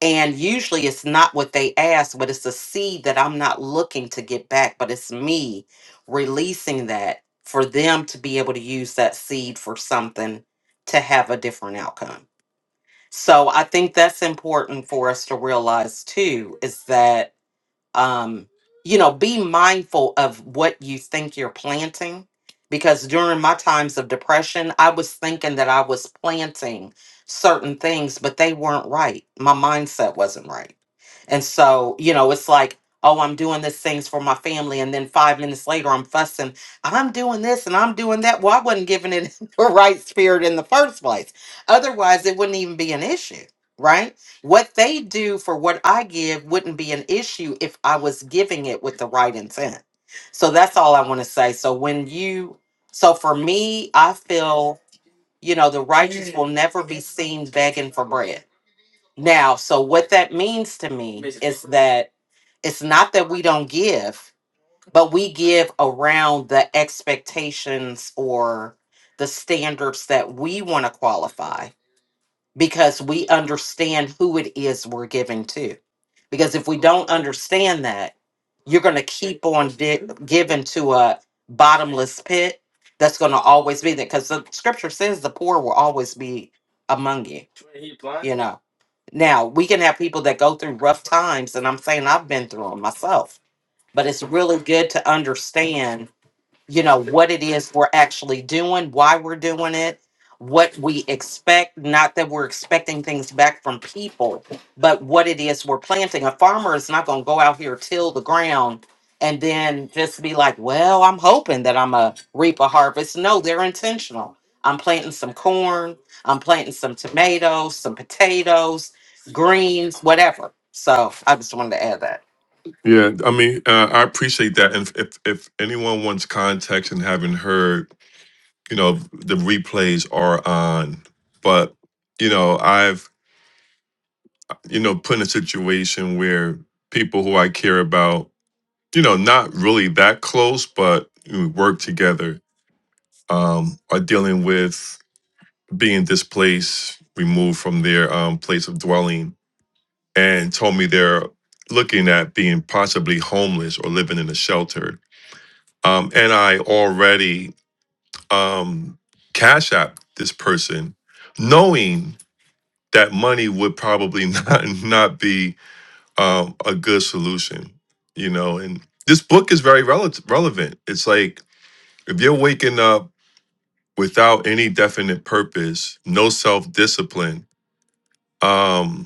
And usually it's not what they ask, but it's a seed that I'm not looking to get back, but it's me releasing that for them to be able to use that seed for something to have a different outcome. So I think that's important for us to realize too is that um, you know, be mindful of what you think you're planting. Because during my times of depression, I was thinking that I was planting certain things, but they weren't right. My mindset wasn't right. And so, you know, it's like, oh, I'm doing these things for my family. And then five minutes later, I'm fussing, I'm doing this and I'm doing that. Well, I wasn't giving it the right spirit in the first place. Otherwise, it wouldn't even be an issue, right? What they do for what I give wouldn't be an issue if I was giving it with the right intent. So that's all I want to say. So when you, so for me, I feel, you know, the righteous will never be seen begging for bread. Now, so what that means to me is that it's not that we don't give, but we give around the expectations or the standards that we want to qualify because we understand who it is we're giving to because if we don't understand that you're going to keep on di- giving to a bottomless pit that's going to always be there because the scripture says the poor will always be among you you know now we can have people that go through rough times and i'm saying i've been through them myself but it's really good to understand you know what it is we're actually doing why we're doing it what we expect not that we're expecting things back from people but what it is we're planting a farmer is not going to go out here till the ground and then just be like well i'm hoping that i'm a reap a harvest no they're intentional i'm planting some corn i'm planting some tomatoes some potatoes greens whatever so i just wanted to add that Yeah, I mean, uh, I appreciate that. And if if anyone wants context and haven't heard, you know, the replays are on. But you know, I've you know put in a situation where people who I care about, you know, not really that close, but we work together, um, are dealing with being displaced, removed from their um, place of dwelling, and told me they're looking at being possibly homeless or living in a shelter. Um, and I already um, cash app this person, knowing that money would probably not not be um, a good solution, you know. And this book is very rele- relevant. It's like if you're waking up without any definite purpose, no self discipline. Um,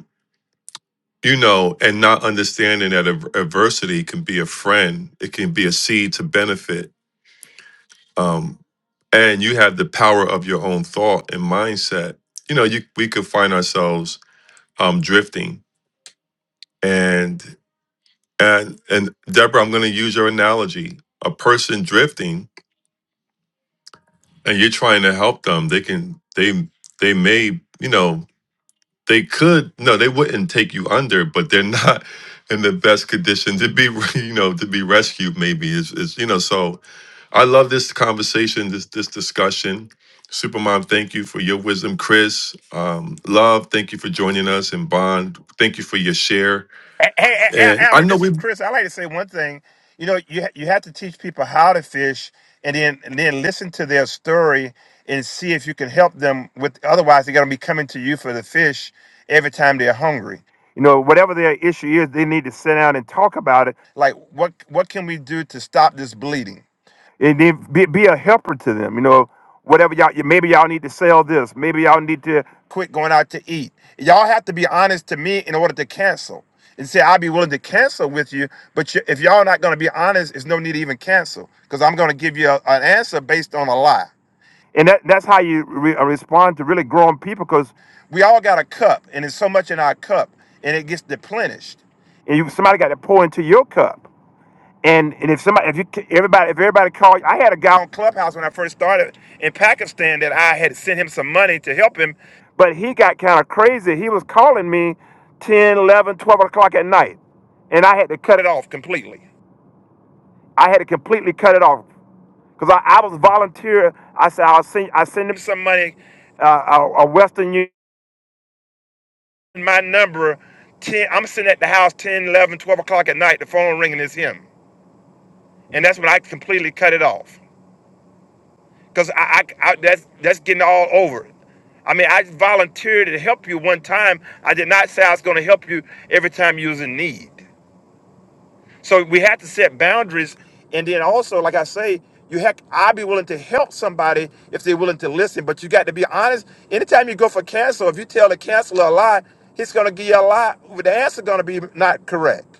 you know, and not understanding that ad- adversity can be a friend, it can be a seed to benefit. Um, and you have the power of your own thought and mindset. You know, you we could find ourselves um, drifting, and and and Deborah, I'm going to use your analogy: a person drifting, and you're trying to help them. They can they they may you know they could no they wouldn't take you under but they're not in the best condition to be you know to be rescued maybe is is you know so i love this conversation this this discussion supermom thank you for your wisdom chris um love thank you for joining us and bond thank you for your share Hey, hey, and Al- i Albert, know this we is Chris. I like to say one thing. You know, you ha- you have to teach people how to fish, and then and then listen to their story and see if you can help them. With otherwise, they're going to be coming to you for the fish every time they're hungry. You know, whatever their issue is, they need to sit down and talk about it. Like, what what can we do to stop this bleeding? and then be, be a helper to them. You know, whatever y'all, you- maybe y'all need to sell this. Maybe y'all need to quit going out to eat. Y'all have to be honest to me in order to cancel and say I'll be willing to cancel with you. But you, if y'all not going to be honest, it's no need to even cancel because I'm going to give you a, an answer based on a lie. And that, that's how you re- uh, respond to really grown people because we all got a cup and there's so much in our cup and it gets deplenished. And you, somebody got to pour into your cup. And and if somebody, if you, everybody, if everybody called, I had a guy on Clubhouse when I first started in Pakistan that I had sent him some money to help him, but he got kind of crazy. He was calling me 10, 11, 12 o'clock at night, and I had to cut it off completely. I had to completely cut it off because I, I was volunteer. I said I'll send I send him some money, uh, a, a Western Union my number. 10, I'm sitting at the house 10, 11, 12 o'clock at night. The phone ringing is him, and that's when I completely cut it off. Cause I, I, I that's that's getting all over. I mean, I volunteered to help you one time. I did not say I was going to help you every time you was in need. So we had to set boundaries, and then also, like I say, you have I'd be willing to help somebody if they're willing to listen. But you got to be honest. Anytime you go for counsel, if you tell the counselor a lie, he's going to give you a lie. The answer going to be not correct.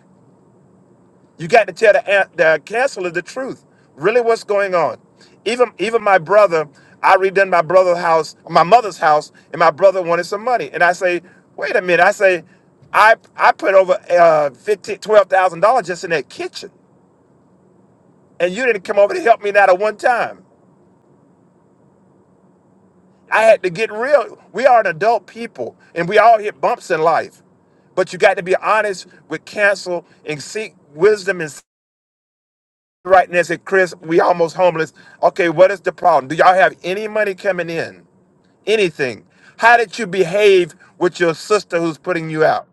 You got to tell the, an- the counselor the truth. Really, what's going on? Even even my brother, I redone my brother's house, my mother's house, and my brother wanted some money. And I say, wait a minute. I say, I I put over uh, fifteen twelve thousand dollars just in that kitchen, and you didn't come over to help me not at one time. I had to get real. We are an adult people, and we all hit bumps in life, but you got to be honest with counsel and seek wisdom and right now and say, Chris, we almost homeless. Okay, what is the problem? Do y'all have any money coming in? Anything? How did you behave with your sister who's putting you out?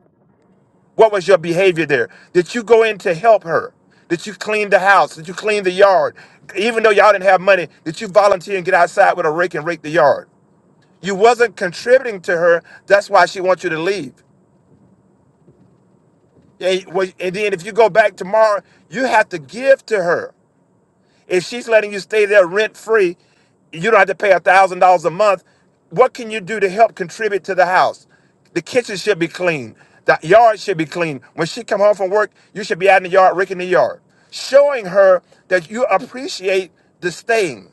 What was your behavior there? Did you go in to help her? Did you clean the house? Did you clean the yard? Even though y'all didn't have money, did you volunteer and get outside with a rake and rake the yard? You wasn't contributing to her. That's why she wants you to leave. And, well, and then if you go back tomorrow, you have to give to her. If she's letting you stay there rent free, you don't have to pay a thousand dollars a month. What can you do to help contribute to the house? The kitchen should be clean. The yard should be clean. When she come home from work, you should be out in the yard, raking the yard, showing her that you appreciate the staying.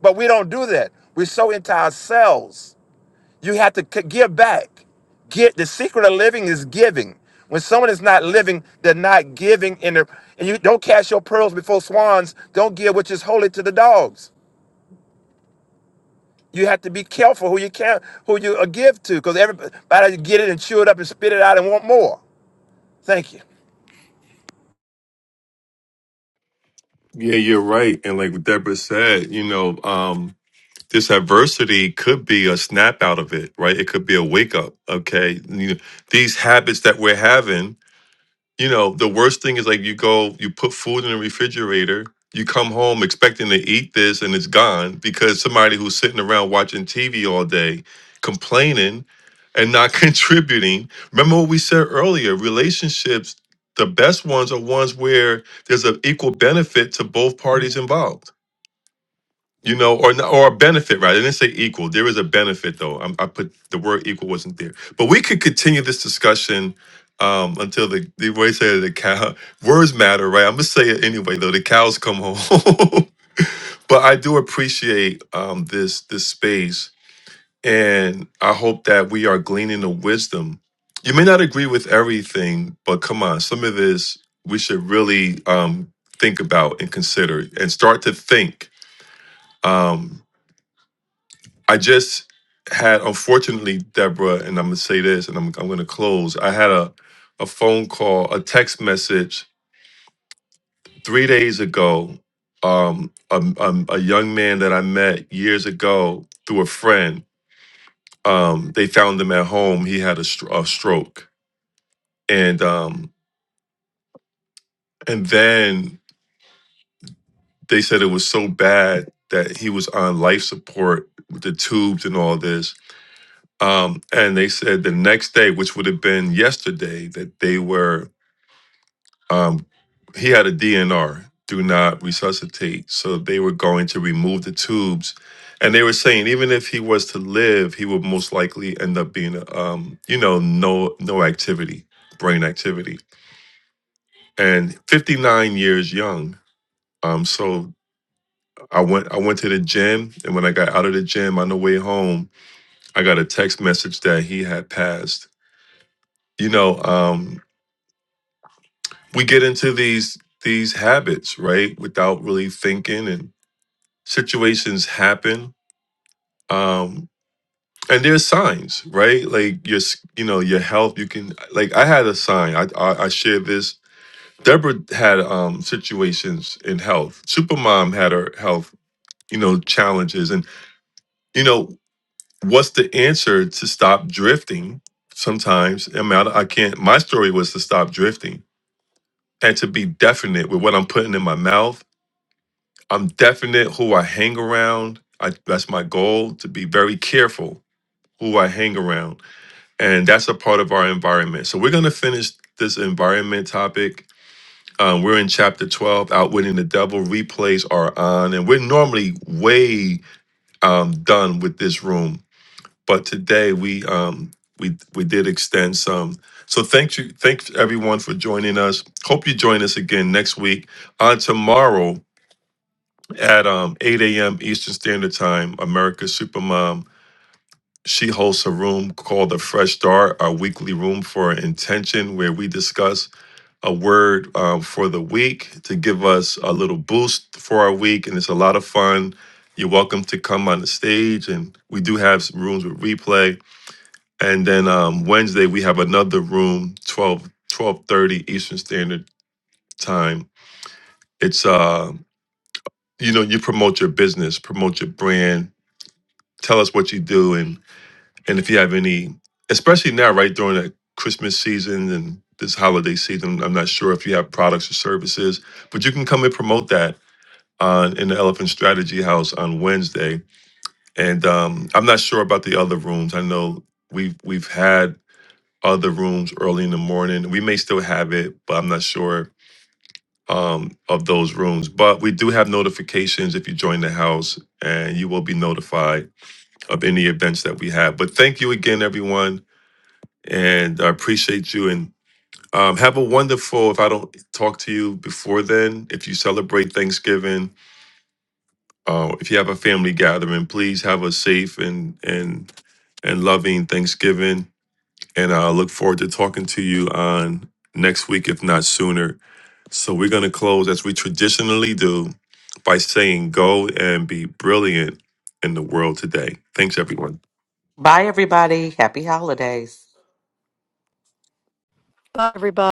But we don't do that. We're so into ourselves. You have to c- give back. Get the secret of living is giving. When someone is not living, they're not giving in their and you don't cast your pearls before swans. Don't give which is holy to the dogs. You have to be careful who you can who you uh, give to, because everybody get it and chew it up and spit it out and want more. Thank you. yeah you're right and like deborah said you know um this adversity could be a snap out of it right it could be a wake up okay you know, these habits that we're having you know, the worst thing is like you go, you put food in the refrigerator, you come home expecting to eat this and it's gone because somebody who's sitting around watching TV all day complaining and not contributing. Remember what we said earlier relationships, the best ones are ones where there's an equal benefit to both parties involved you know, or not, or a benefit, right? I didn't say equal. There is a benefit, though. i I put the word equal wasn't there, but we could continue this discussion um, until the the way say the cow words matter, right? I'm gonna say it anyway, though. The cows come home, but I do appreciate um, this this space, and I hope that we are gleaning the wisdom. You may not agree with everything, but come on, some of this we should really um, think about and consider, and start to think. Um, I just had, unfortunately, Deborah, and I'm gonna say this, and I'm I'm gonna close. I had a a phone call, a text message three days ago. Um, a, a, a young man that I met years ago through a friend. Um, they found him at home. He had a, str- a stroke, and um, and then they said it was so bad that he was on life support with the tubes and all this Um, and they said the next day, which would have been yesterday, that they were, um, he had a DNR, do not resuscitate. So they were going to remove the tubes. And they were saying even if he was to live, he would most likely end up being, um, you know, no no activity, brain activity. And 59 years young. Um, so I went I went to the gym, and when I got out of the gym on the way home, I got a text message that he had passed. You know, um. we get into these these habits right without really thinking and situations happen um and there's signs right like your s- you know your health you can like i had a sign i i, I shared this deborah had um situations in health supermom had her health you know challenges and you know what's the answer to stop drifting sometimes i mean i, I can't my story was to stop drifting and to be definite with what i'm putting in my mouth I'm definite who I hang around. I, that's my goal to be very careful who I hang around. And that's a part of our environment. So we're going to finish this environment topic. Um, we're in chapter 12, Outwitting the Devil. Replays are on. And we're normally way um, done with this room. But today we um, we we did extend some. So thank you, thanks everyone for joining us. Hope you join us again next week. On tomorrow, at um, 8 a.m. Eastern Standard Time, America's Supermom. She hosts a room called The Fresh Start, our weekly room for intention, where we discuss a word um, for the week to give us a little boost for our week. And it's a lot of fun. You're welcome to come on the stage. And we do have some rooms with replay. And then um, Wednesday, we have another room, 12, 12.30 Eastern Standard Time. It's, uh, you know, you promote your business, promote your brand, Tell us what you do and and if you have any, especially now, right during the Christmas season and this holiday season. I'm not sure if you have products or services, but you can come and promote that on in the Elephant Strategy House on Wednesday. And um, I'm not sure about the other rooms. I know we've we've had other rooms early in the morning. We may still have it, but I'm not sure um, of those rooms. But we do have notifications if you join the house, and you will be notified of any events that we have. But thank you again, everyone, and I appreciate you. And um, have a wonderful. If I don't talk to you before then, if you celebrate Thanksgiving, uh, if you have a family gathering, please have a safe and and and loving Thanksgiving. And I look forward to talking to you on next week, if not sooner. So we're going to close as we traditionally do by saying, "Go and be brilliant in the world today." Thanks, everyone. bye everybody happy holidays bye, everybody.